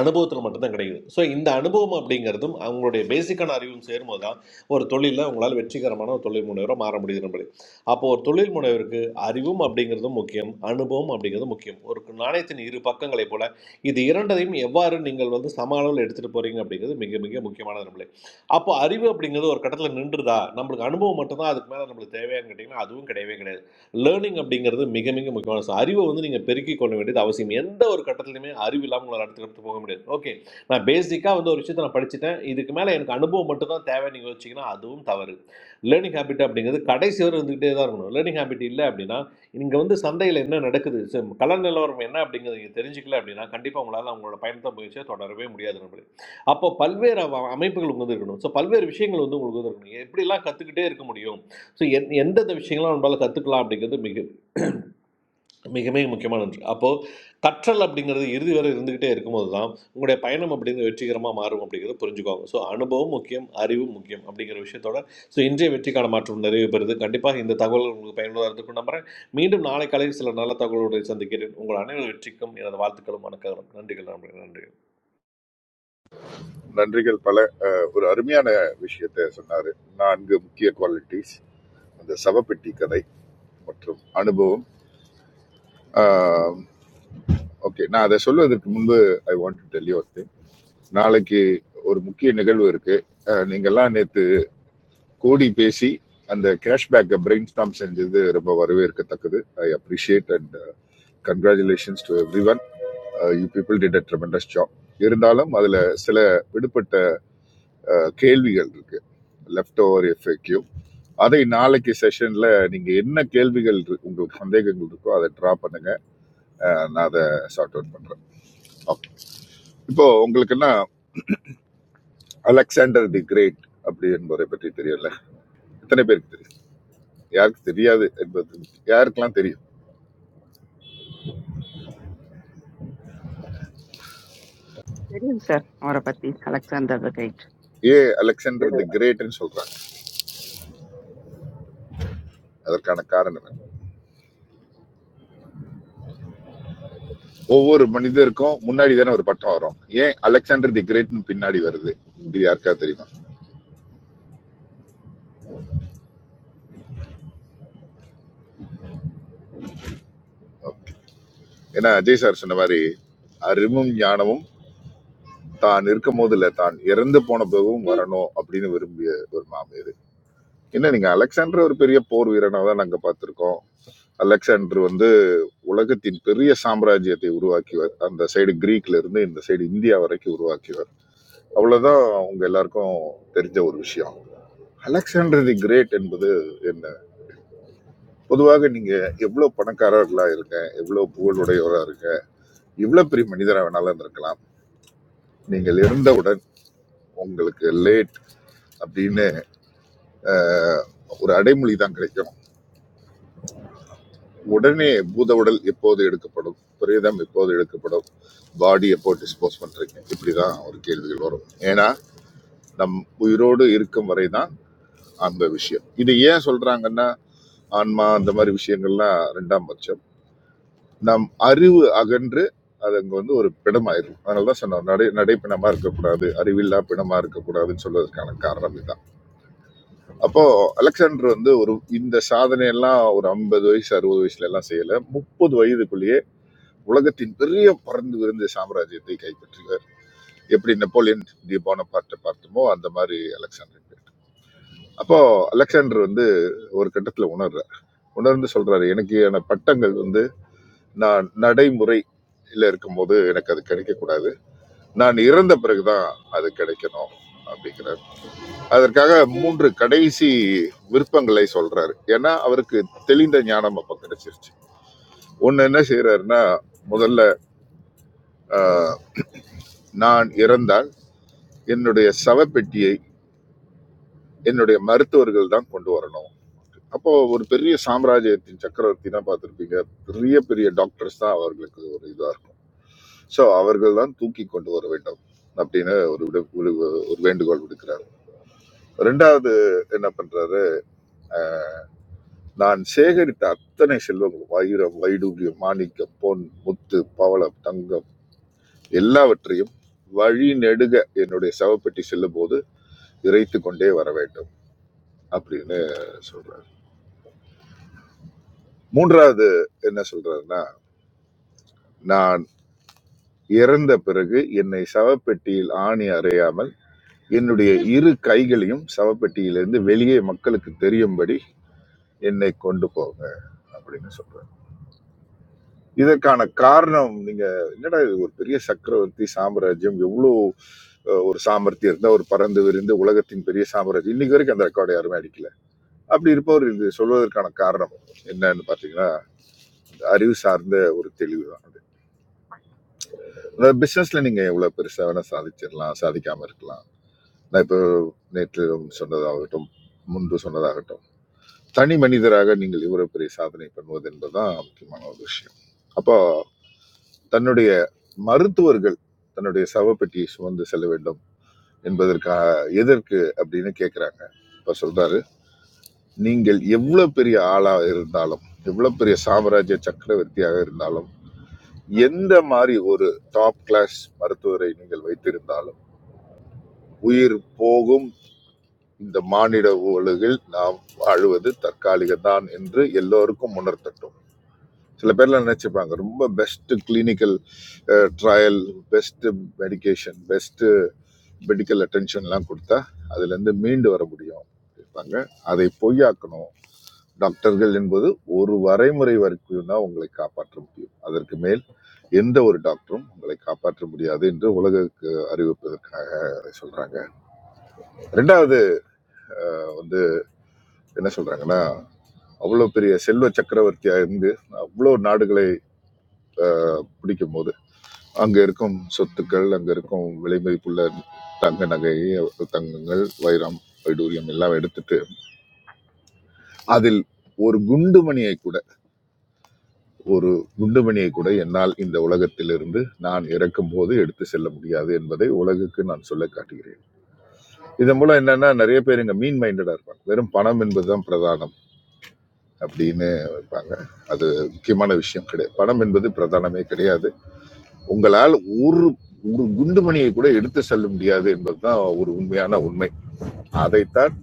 [SPEAKER 16] அனுபவத்தில் மட்டும்தான் கிடைக்குது ஸோ இந்த அனுபவம் அப்படிங்கிறதும் அவங்களுடைய பேசிக்கான அறிவும் சேரும்போது தான் ஒரு தொழிலில் அவங்களால் வெற்றிகரமான ஒரு தொழில் முனைவராக மாற முடியுது நம்மளே அப்போ ஒரு தொழில் முனைவருக்கு அறிவும் அப்படிங்கிறதும் முக்கியம் அனுபவம் அப்படிங்கிறதும் முக்கியம் ஒரு நாணயத்தின் இரு பக்கங்களைப் போல இது இரண்டையும் எவ்வாறு நீங்கள் வந்து சம அளவில் எடுத்துகிட்டு போகிறீங்க அப்படிங்கிறது மிக மிக முக்கியமானது நம்மளே அப்போ அறிவு அப்படிங்கிறது ஒரு கட்டத்தில் நின்றுதா நம்மளுக்கு அனுபவம் மட்டும்தான் அதுக்கு மேலே நம்மளுக்கு தேவையான்னு கேட்டிங்கன்னா அதுவும் கிடையவே கிடையாது லேர்னிங் அப்படிங்கிறது மிக மிக முக்கியமான விஷயம். அறிவை வந்து நீங்கள் பெருக்கிக் கொள்ள வேண்டியது அவசியம் எந்த ஒரு கட்டத்துலையுமே அறிவு இல்லாமல் உங்களால் அடுத்த கட்டத்துக்கு போக முடியாது ஓகே நான் பேசிக்காக வந்து ஒரு விஷயத்தை நான் படிச்சுட்டேன் இதுக்கு மேலே எனக்கு அனுபவம் மட்டும் தான் தேவைன்னு நீங்கள் யோசிச்சிங்கன்னா அதுவும் தவறு லேர்னிங் ஹேபிட் அப்படிங்கிறது கடைசி வரை இருந்துகிட்டே தான் இருக்கணும் லேர்னிங் ஹேபிட் இல்லை அப்படின்னா இங்கே வந்து சந்தையில் என்ன நடக்குது so கலர் நிலவரம் என்ன அப்படிங்கிறது நீங்கள் தெரிஞ்சுக்கல அப்படின்னா கண்டிப்பாக உங்களால் அவங்களோட பயணத்தை முயற்சியை தொடரவே முடியாது நம்மளே அப்போ பல்வேறு அவ- அமைப்புகள் உங்களுக்கு வந்து இருக்கணும் ஸோ பல்வேறு விஷயங்கள் வந்து உங்களுக்கு வந்து இருக்கணும் எப்படிலாம் கற்றுக்கிட்டே இருக்க முடியும் ஸோ எந் எந்தெந்த விஷயங்கள்லாம் நம்மளால கற்றுக்கலாம் அப்படிங்கிறது மிக மிக மிக முக்கியமான ஒன்று அப்போது கற்றல் அப்படிங்கிறது இறுதி வரை இருந்துக்கிட்டே இருக்கும்போது தான் உங்களுடைய பயணம் அப்படிங்கிறது வெற்றிகரமாக மாறும் அப்படிங்கிறத புரிஞ்சுக்கோங்க ஸோ அனுபவம் முக்கியம் அறிவும் முக்கியம் அப்படிங்கிற விஷயத்தோட ஸோ இன்றைய வெற்றிக்கான மாற்றம் நிறைவு பெறுது கண்டிப்பாக இந்த தகவல் உங்களுக்கு பயனுள்ளதாக இருந்திருக்கும் நம்புகிறேன் மீண்டும் நாளை காலையில் சில நல்ல தகவலோடு சந்திக்கிறேன் உங்கள் அனைவரும் வெற்றிக்கும் எனது வாழ்த்துக்களும் வணக்கம் நன்றிகள் நன்றி
[SPEAKER 8] நன்றிகள் பல அஹ், ஒரு அருமையான விஷயத்தை சொன்னாரு நான்கு முக்கிய குவாலிட்டிஸ் அந்த சவப்பெட்டி கதை மற்றும் அனுபவம் ஓகே நான் அதை சொல்வதற்கு முன்பு I want to tell you ஒரு திங் நாளைக்கு ஒரு முக்கிய நிகழ்வு இருக்கு அஹ், நீங்கெல்லாம் நேத்து கோடி பேசி அந்த கேஷ்பேக்கை பிரெயின் ஸ்டாம் செஞ்சது ரொம்ப வரவேற்கத்தக்கது I appreciate and congratulations to every one you people did a tremendous job இருந்தாலும் அதுல சில விடுபட்ட அஹ், கேள்விகள் இருக்கு லெஃப்ட் ஓவர் எஃப்எக்யூ அதை நாளைக்கு செஷன்ல நீங்க என்ன கேள்விகள் இருக்கு- உங்களுக்கு சந்தேகங்கள் இருக்கோ அதை ட்ரா பண்ணுங்க அஹ், நான் அதை சார்ட் அவுட் பண்றேன் ஓகே இப்போ உங்களுக்குன்னா அலெக்சாண்டர் தி கிரேட் அப்படி என்பவரை பற்றி தெரியல எத்தனை பேருக்கு தெரியும் யாருக்கு தெரியாது என்பது யாருக்கெல்லாம் தெரியும்
[SPEAKER 11] தெரியும் சார் அவரை பத்தி அலெக்சாண்டர் த கிரேட்
[SPEAKER 8] ஏன் அலெக்சாண்டர் தி கிரேட்னு சொல்றாங்க அதற்கான காரணம் என்ன? ஒவ்வொரு மனிதருக்கும் முன்னாடி தானே ஒரு பட்டம் வரும் ஏன் அலெக்சாண்டர் தி கிரேட்னு பின்னாடி வருது இது யாருக்காவது தெரியுமா ஏன்னா அஜய் சார் சொன்ன மாதிரி அறிவும் ஞானமும் தான் இருக்கும் போது இல்ல தான் இறந்து போன பிறகும் வரணும் அப்படின்னு விரும்பிய ஒரு மாமியார் என்ன நீங்க அலெக்சாண்டர் ஒரு பெரிய போர் வீரனா தான் நாங்க பார்த்திருக்கோம் அலெக்சாண்டர் வந்து உலகத்தின் பெரிய சாம்ராஜ்யத்தை உருவாக்கியவர் அந்த சைடு கிரீக்ல இருந்து இந்த சைடு இந்தியா வரைக்கும் உருவாக்கியவர் அவ்வளவுதான் உங்க எல்லாருக்கும் தெரிஞ்ச ஒரு விஷயம் அலெக்சாண்டர் தி கிரேட் என்பது என்ன பொதுவாக நீங்க எவ்வளவு பணக்காரர்களா இருங்க எவ்வளவு புகழுடையவரா இருங்க எவ்வளவு பெரிய மனிதரா வேணாலும் இருக்கலாம் நீங்கள் இருந்தவுடன் உங்களுக்கு லேட் அப்படின்னு ஒரு அடைமொழி தான் கிடைக்கும் உடனே பூத உடல் எப்போது எடுக்கப்படும் பிரேதம் எப்போது எடுக்கப்படும் பாடி எப்போ டிஸ்போஸ் பண்றீங்க இப்படிதான் ஒரு கேள்விகள் வரும் ஏன்னா நம் உயிரோடு இருக்கும் வரை தான் அந்த விஷயம் இது ஏன் சொல்றாங்கன்னா ஆன்மா அந்த மாதிரி விஷயங்கள்லாம் ரெண்டாம் பட்சம் நம் அறிவு அகன்று அது அங்க வந்து ஒரு பிணமாயிரும் அதனால தான் சொன்னோம் நடை நடைப்பிணமா இருக்கக்கூடாது அறிவில்லா பிணமா இருக்கக்கூடாதுன்னு சொல்வதற்கான காரணம் இதுதான் அப்போ அலெக்சாண்டர் வந்து ஒரு இந்த சாதனையெல்லாம் ஒரு ஐம்பது வயசு அறுபது வயசுல எல்லாம் செய்யல முப்பது வயதுக்குள்ளேயே உலகத்தின் பெரிய பறந்து விரிந்த சாம்ராஜ்யத்தை கைப்பற்றுகிறார் எப்படி நெப்போலியன் டி பார்ட்ட பார்த்தோமோ அந்த மாதிரி அலெக்சாண்டர் அப்போ அலெக்சாண்டர் வந்து ஒரு கட்டத்துல உணர்றார் உணர்ந்து சொல்றாரு எனக்கு என பட்டங்கள் வந்து நான் நடைமுறை இருக்கும்போது எனக்கு அது கிடைக்கக்கூடாது நான் இறந்த பிறகுதான் அது கிடைக்கணும் அப்படிங்கிறார் அதற்காக மூன்று கடைசி விருப்பங்களை சொல்றாரு ஏன்னா அவருக்கு தெளிந்த ஞானம் அப்ப கிடைச்சிருச்சு ஒண்ணு என்ன செய்யறாருன்னா முதல்ல ஆஹ், நான் இறந்தால் என்னுடைய சவப்பெட்டியை என்னுடைய மருத்துவர்கள் தான் கொண்டு வரணும் அப்போ ஒரு பெரிய சாம்ராஜ்யத்தின் சக்கரவர்த்தி தான் பார்த்துருப்பீங்க பெரிய பெரிய டாக்டர்ஸ் தான் அவர்களுக்கு ஒரு இதாக இருக்கும் ஸோ அவர்கள் தான் தூக்கி கொண்டு வர வேண்டும் அப்படின்னு ஒரு விடு- ஒரு ஒரு வேண்டுகோள் விடுக்கிறார் ரெண்டாவது என்ன பண்றாரு நான் சேகரித்த அத்தனை செல்வங்களும் வைரம் வைடூரியம் மாணிக்கம் பொன் முத்து பவளம் தங்கம் எல்லாவற்றையும் வழி நெடுக என்னுடைய சவப்பெட்டி செல்லும் போது இறைத்து கொண்டே வர வேண்டும் அப்படின்னு சொல்றாரு மூன்றாவது என்ன சொல்றாருன்னா நான் இறந்த பிறகு என்னை சவப்பெட்டியில் ஆணி அறையாமல் என்னுடைய இரு கைகளையும் சவப்பெட்டியிலிருந்து வெளியே மக்களுக்கு தெரியும்படி என்னை கொண்டு போங்க அப்படின்னு சொல்றாரு இதற்கான காரணம் நீங்க என்னடா இது ஒரு பெரிய சக்கரவர்த்தி சாம்ராஜ்யம் எவ்வளோ அஹ், ஒரு சாமர்த்தியம் இருந்தா ஒரு பறந்து விரிந்து உலகத்தின் பெரிய சாம்ராஜ்யம் இன்னைக்கு வரைக்கும் அந்த ரெக்கார்டு யாருமே அடிக்கல அப்படி இருப்பவர் இது சொல்வதற்கான காரணம் என்னன்னு பார்த்தீங்கன்னா இந்த அறிவு சார்ந்த ஒரு தெளிவு தான் அது. அதாவது பிசினஸ்ல நீங்க எவ்வளவு பெருசா வேணா சாதிச்சிடலாம் சாதிக்காம இருக்கலாம் நான் இப்போ நேற்று சொன்னதாகட்டும் முன்பு சொன்னதாகட்டும் தனி மனிதராக நீங்கள் இவ்வளவு பெரிய சாதனை பண்ணுவது என்பதுதான் முக்கியமான ஒரு விஷயம் அப்போ தன்னுடைய மருத்துவர்கள் தன்னுடைய சவப்பெட்டியை சுமந்து செல்ல வேண்டும் என்பதற்காக எதற்கு அப்படின்னு கேட்குறாங்க இப்போ சொல்றாரு நீங்கள் எவ்வளோ பெரிய ஆளாக இருந்தாலும் எவ்வளோ பெரிய சாம்ராஜ்ய சக்கரவர்த்தியாக இருந்தாலும் எந்த மாதிரி ஒரு டாப் கிளாஸ் மருத்துவரை நீங்கள் வைத்திருந்தாலும் உயிர் போகும் இந்த மானிட உலகில் நாம் வாழ்வது தற்காலிகம்தான் என்று எல்லோருக்கும் உணர்த்தட்டும் சில பேர்லாம் நினைச்சுப்பாங்க ரொம்ப best clinical trial best medication best medical அட்டென்ஷன்லாம் கொடுத்தா அதுலேருந்து மீண்டு வர முடியும் இருப்பாங்க அதை பொய்யாக்கணும் டாக்டர்கள் என்பது ஒரு வரைமுறை வரைக்கும் தான் உங்களை காப்பாற்ற முடியும் அதற்கு மேல் எந்த ஒரு டாக்டரும் உங்களை காப்பாற்ற முடியாது என்று உலகுக்கு அறிவிப்பதற்காக சொல்றாங்க ரெண்டாவது வந்து என்ன சொல்றாங்கன்னா அவ்வளோ பெரிய செல்வ சக்கரவர்த்தியா இருந்து அவ்வளோ நாடுகளை பிடிக்கும் போது அங்க இருக்கும் சொத்துக்கள் அங்க இருக்கும் விலைமதிப்புள்ள தங்க நகை தங்கங்கள் வைரம் வைடூரியம் எல்லாம் எடுத்துட்டு அதில் ஒரு குண்டுமணியை கூட ஒரு குண்டுமணியை கூட என்னால் இந்த உலகத்திலிருந்து நான் இறக்கும் போது எடுத்து செல்ல முடியாது என்பதை உலகுக்கு நான் சொல்ல காட்டுகிறேன் இதன் மூலம் என்னன்னா நிறைய பேர் இங்க மீன் மைண்டடா இருப்பாங்க வெறும் பணம் என்பதுதான் பிரதானம் அப்படின்னு இருப்பாங்க அது முக்கியமான விஷயம் கிடையாது பணம் என்பது பிரதானமே கிடையாது உங்களால் ஒரு ஒரு குண்டுமணியை கூட எடுத்து செல்ல முடியாது என்பதுதான் ஒரு உண்மையான உண்மை அதைத்தான்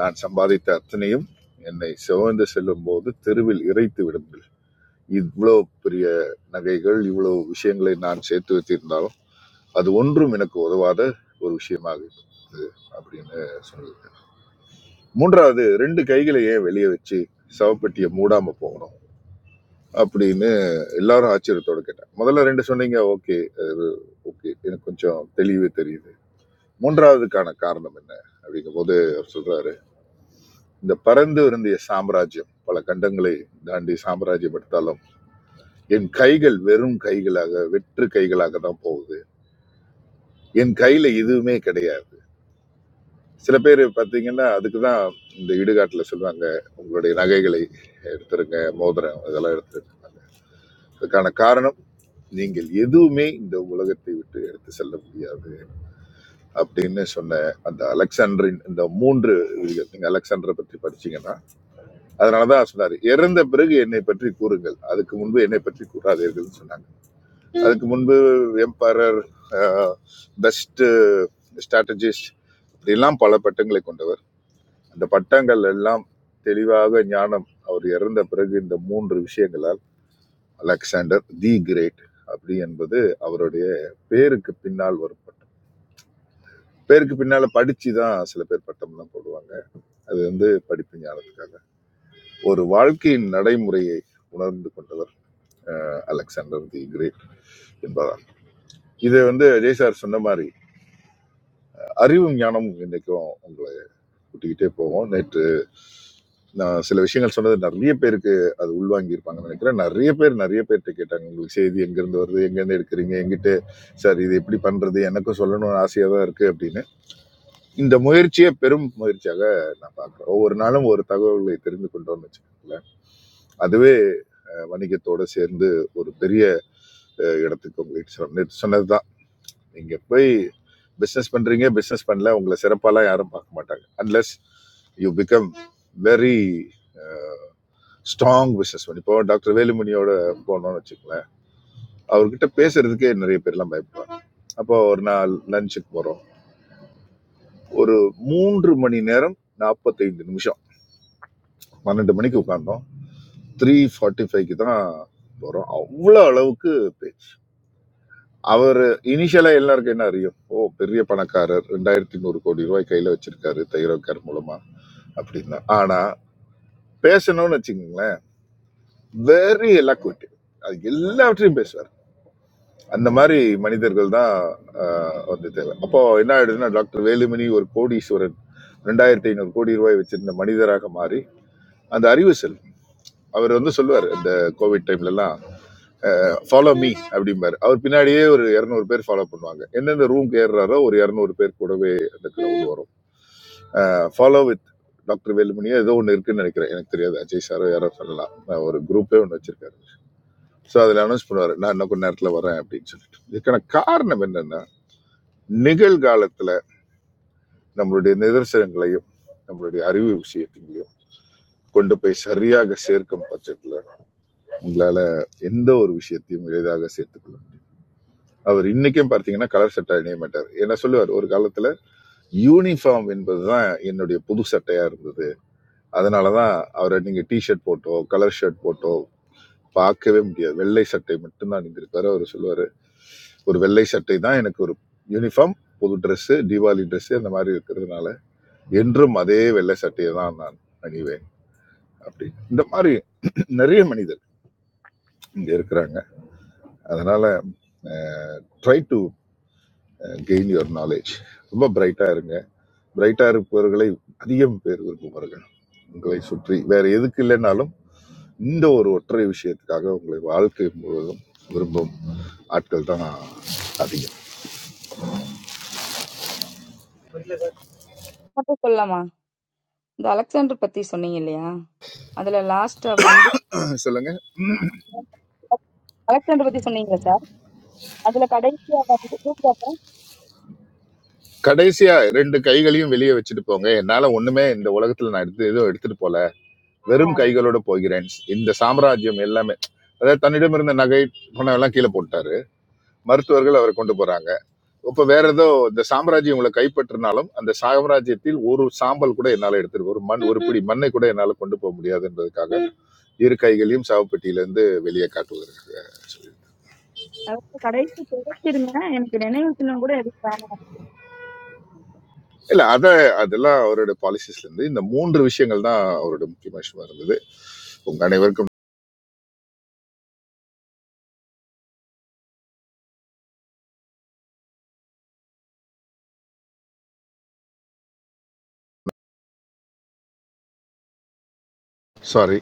[SPEAKER 8] நான் சம்பாதித்த அத்தனையும் என்னை சுமந்து செல்லும் போது தெருவில் இறைத்து விடும் இவ்வளவு பெரிய நகைகள் இவ்வளவு விஷயங்களை நான் சேர்த்து வைத்திருந்தாலும் அது ஒன்றும் எனக்கு உதவாத ஒரு விஷயமாக இருந்தது அப்படின்னு சொன்னது மூன்றாவது ரெண்டு கைகளையே வெளியே வச்சு சவப்பெட்டியை மூடாம போகணும் அப்படின்னு எல்லாரும் ஆச்சரியத்தோட கேட்டாங்க முதல்ல ரெண்டு சொன்னீங்க ஓகே ஓகே எனக்கு கொஞ்சம் தெளிவு தெரியுது மூன்றாவதுக்கான காரணம் என்ன அப்படிங்கும் போது அவர் சொல்றாரு இந்த பறந்து இருந்திய சாம்ராஜ்யம் பல கண்டங்களை தாண்டி சாம்ராஜ்யம் எடுத்தாலும் என் கைகள் வெறும் கைகளாக வெற்று கைகளாக தான் போகுது என் கையில எதுவுமே கிடையாது சில பேர் பார்த்தீங்கன்னா அதுக்கு தான் இந்த இடுகாட்டில் சொல்லுவாங்க உங்களுடைய நகைகளை எடுத்துருங்க மோதிரம் இதெல்லாம் எடுத்துருக்காங்க அதுக்கான காரணம் நீங்கள் எதுவுமே இந்த உலகத்தை விட்டு எடுத்து செல்ல முடியாது அப்படின்னு சொன்ன அந்த அலெக்சாண்டரின் இந்த மூன்று விதிகள் நீங்க அலெக்சாண்டரை பற்றி படிச்சீங்கன்னா அதனாலதான் சொன்னாரு இறந்த பிறகு என்னை பற்றி கூறுங்கள் அதுக்கு முன்பு என்னை பற்றி கூறாதீர்கள்னு சொன்னாங்க அதுக்கு முன்பு எம்பரர் பெஸ்ட்டு ஸ்ட்ராட்டஜிஸ்ட் இப்படிலாம் பல பட்டங்களை கொண்டவர் அந்த பட்டங்கள் எல்லாம் தெளிவாக ஞானம் அவர் இறந்த பிறகு இந்த மூன்று விஷயங்களால் அலெக்சாண்டர் தி கிரேட் அப்படி என்பது அவருடைய பேருக்கு பின்னால் வரும் பட்டம் பேருக்கு பின்னால படிச்சு தான் சில பேர் பட்டம்லாம் போடுவாங்க அது வந்து படிப்பு ஞானத்துக்காக ஒரு வாழ்க்கையின் நடைமுறையை உணர்ந்து கொண்டவர் அலெக்சாண்டர் தி கிரேட் என்பதால் இது வந்து ஜெய் சார் சொன்ன மாதிரி அறிவும் ஞானமும் இன்னைக்கும் உங்க விட்டுக்கிட்டே போவோம் நேற்று நான் சில விஷயங்கள் சொன்னது நிறைய பேருக்கு அது உள்வாங்கி இருப்பாங்கன்னு நினைக்கிறேன் நிறைய பேர் நிறைய பேர்கிட்ட கேட்டாங்க உங்களுக்கு செய்தி எங்கேருந்து வருது எங்கேருந்து எடுக்கிறீங்க எங்கிட்ட சார் இது எப்படி பண்ணுறது எனக்கும் சொல்லணும்னு ஆசையாக தான் இருக்குது அப்படின்னு இந்த முயற்சியை பெரும் முயற்சியாக நான் பார்க்குறேன் ஒவ்வொரு நாளும் ஒரு தகவல்களை தெரிந்து கொண்டோம்னு வச்சுக்கோங்களேன் அதுவே அஹ், வணிகத்தோட சேர்ந்து ஒரு பெரிய அஹ், இடத்துக்கு உங்களை இட்டு செல்லும். நேற்று சொன்னது தான் நீங்கள் போய் பிஸ்னஸ் பண்ணுறீங்க பிஸ்னஸ் பண்ணல உங்களை சிறப்பாலாம் யாரும் பார்க்க மாட்டாங்க unless you become very strong business man. இப்போ டாக்டர் வேலுமணியோட போனோம்னு வச்சுக்கோங்களேன் அவர்கிட்ட பேசுறதுக்கே நிறைய பேர்லாம் பயப்படுவாங்க அப்போ ஒரு நாள் லஞ்சுக்கு போகிறோம் ஒரு மூன்று மணி நேரம் நாற்பத்தைந்து நிமிஷம் பன்னெண்டு மணிக்கு உட்கார்ந்தோம் த்ரீ ஃபார்ட்டி ஃபைவ்க்கு தான் போகிறோம் அவ்வளோ அளவுக்கு பேச்சு அவர் இனிஷியலாக எல்லாருக்கும் என்ன அறியும் ஓ பெரிய பணக்காரர் ரெண்டாயிரத்தி நூறு கோடி ரூபாய் கையில் வச்சிருக்காரு தைரோக்கார் மூலமா அப்படின்னா ஆனால் பேசணும்னு வச்சுக்கோங்களேன் வெரி எலாக்விட்டி அது எல்லாவற்றையும் பேசுவார் அந்த மாதிரி மனிதர்கள் தான் ஆஹ், வந்து தேவை அப்போ என்ன ஆயிடுதுன்னா டாக்டர் வேலுமணி ஒரு கோடீஸ்வரன் ரெண்டாயிரத்தி ஐநூறு கோடி ரூபாய் வச்சிருந்த மனிதராக மாறி அந்த அறிவு செல் அவர் வந்து சொல்லுவார் இந்த கோவிட் டைம்ல எல்லாம் ஃபாலோ மீ அப்படிம்பாரு அவர் பின்னாடியே ஒரு இரநூறு பேர் ஃபாலோ பண்ணுவாங்க எந்தெந்த ரூம்க்கு ஏறுறாரோ ஒரு இரநூறு பேர் கூடவே அந்த கிரௌண்ட் வரும் ஃபாலோ வித் டாக்டர் வேலுமணியோ ஏதோ ஒன்று இருக்குன்னு நினைக்கிறேன் எனக்கு தெரியாது அஜய் சாரோ யாரோ சொல்லலாம் நான் ஒரு குரூப்பே ஒன்று வச்சிருக்காரு ஸோ அதில் அனௌன்ஸ் பண்ணுவார் நான் இன்னும் கொஞ்ச நேரத்தில் வரேன் அப்படின்னு சொல்லிட்டு இதுக்கான காரணம் என்னன்னா நிகழ்காலத்தில் நம்மளுடைய நிதர்சனங்களையும் நம்மளுடைய அறிவு விஷயத்தையும் கொண்டு போய் சரியாக சேர்க்கும் பட்சத்துல உங்களால எந்த ஒரு விஷயத்தையும் எளிதாக சேர்த்துக்கொள்ளும் அவர் இன்னைக்கும் பார்த்தீங்கன்னா கலர் சட்டை அணிய மாட்டார் என்ன சொல்லுவார் ஒரு காலத்துல யூனிஃபார்ம் என்பதுதான் என்னுடைய புது சட்டையா இருந்தது அதனாலதான் அவரை நீங்க டி ஷர்ட் போட்டோ கலர் ஷர்ட் போட்டோ பார்க்கவே முடியாது வெள்ளை சட்டை மட்டும்தான் அணிந்திருப்பாரு அவர் சொல்லுவாரு ஒரு வெள்ளை சட்டை தான் எனக்கு ஒரு யூனிஃபார்ம் புது Dress தீபாவளி Dress அந்த மாதிரி இருக்கிறதுனால என்றும் அதே வெள்ளை சட்டையை தான் நான் அணிவேன் அப்படி இந்த மாதிரி நிறைய மனிதர் இங்க இருக்கிறாங்க அதனால try to gain your knowledge ரொம்ப பிரைட்டா இருங்க பிரைட்டா இருப்பவர்களை அதிகம் பேர் விரும்புவார்கள் உங்களை சுற்றி வேற எதுக்கு இல்லைனாலும் இந்த ஒரு ஒற்றை விஷயத்துக்காக உங்களை வாழ்க்கை முழுவதும் விரும்பும் ஆட்கள் தான் அதிகம்
[SPEAKER 1] மட்டும் சொல்லலாமா இந்த அலெக்சாண்டர் பத்தி சொன்னீங்க இல்லையா அதுல லாஸ்ட் வந்து
[SPEAKER 8] அஹ் சொல்லுங்க
[SPEAKER 1] அலெக்சாண்டர் பத்தி சொன்னீங்க சார் அதுல கடைசியா வந்து கூப்பிட்டப்ப
[SPEAKER 8] கடைசியா ரெண்டு கைகளையும் வெளியே வச்சுட்டு போங்க என்னால ஒண்ணுமே இந்த உலகத்துல நான் எடுத்து எதுவும் எடுத்துட்டு போல வெறும்
[SPEAKER 1] ஆமா.
[SPEAKER 8] கைகளோட போகிறேன் இந்த சாம்ராஜ்யம் எல்லாமே அதாவது தன்னிடம் இருந்த நகை பணம் எல்லாம் கீழே போட்டாரு மருத்துவர்கள் அவரை கொண்டு போறாங்க இப்ப வேற ஏதோ இந்த சாம்ராஜ்யம் உங்களை கைப்பற்றினாலும் அந்த சாம்ராஜ்யத்தில் ஒரு சாம்பல் கூட என்னால எடுத்துட்டு ஒரு மண் ஒரு பிடி மண்ணை கூட என்னால கொண்டு போக முடியாது என்பதற்காக இரு கைகளையும் சாவுப்பெட்டியில இருந்து வெளியே காட்டுவதற்காக சொல்லி
[SPEAKER 1] அதுல கடைசி கிடைச்சிருந்தேன் எனக்கு நினைவு சின்னம் கூட இருக்கு
[SPEAKER 8] இல்ல அத அதெல்லாம் அவரோட பாலிசிஸ்ல இருந்து இந்த மூன்று விஷயங்கள் தான் அவரோட முக்கியமான விஷயமா இருந்தது உங்க அனைவருக்கும் சாரி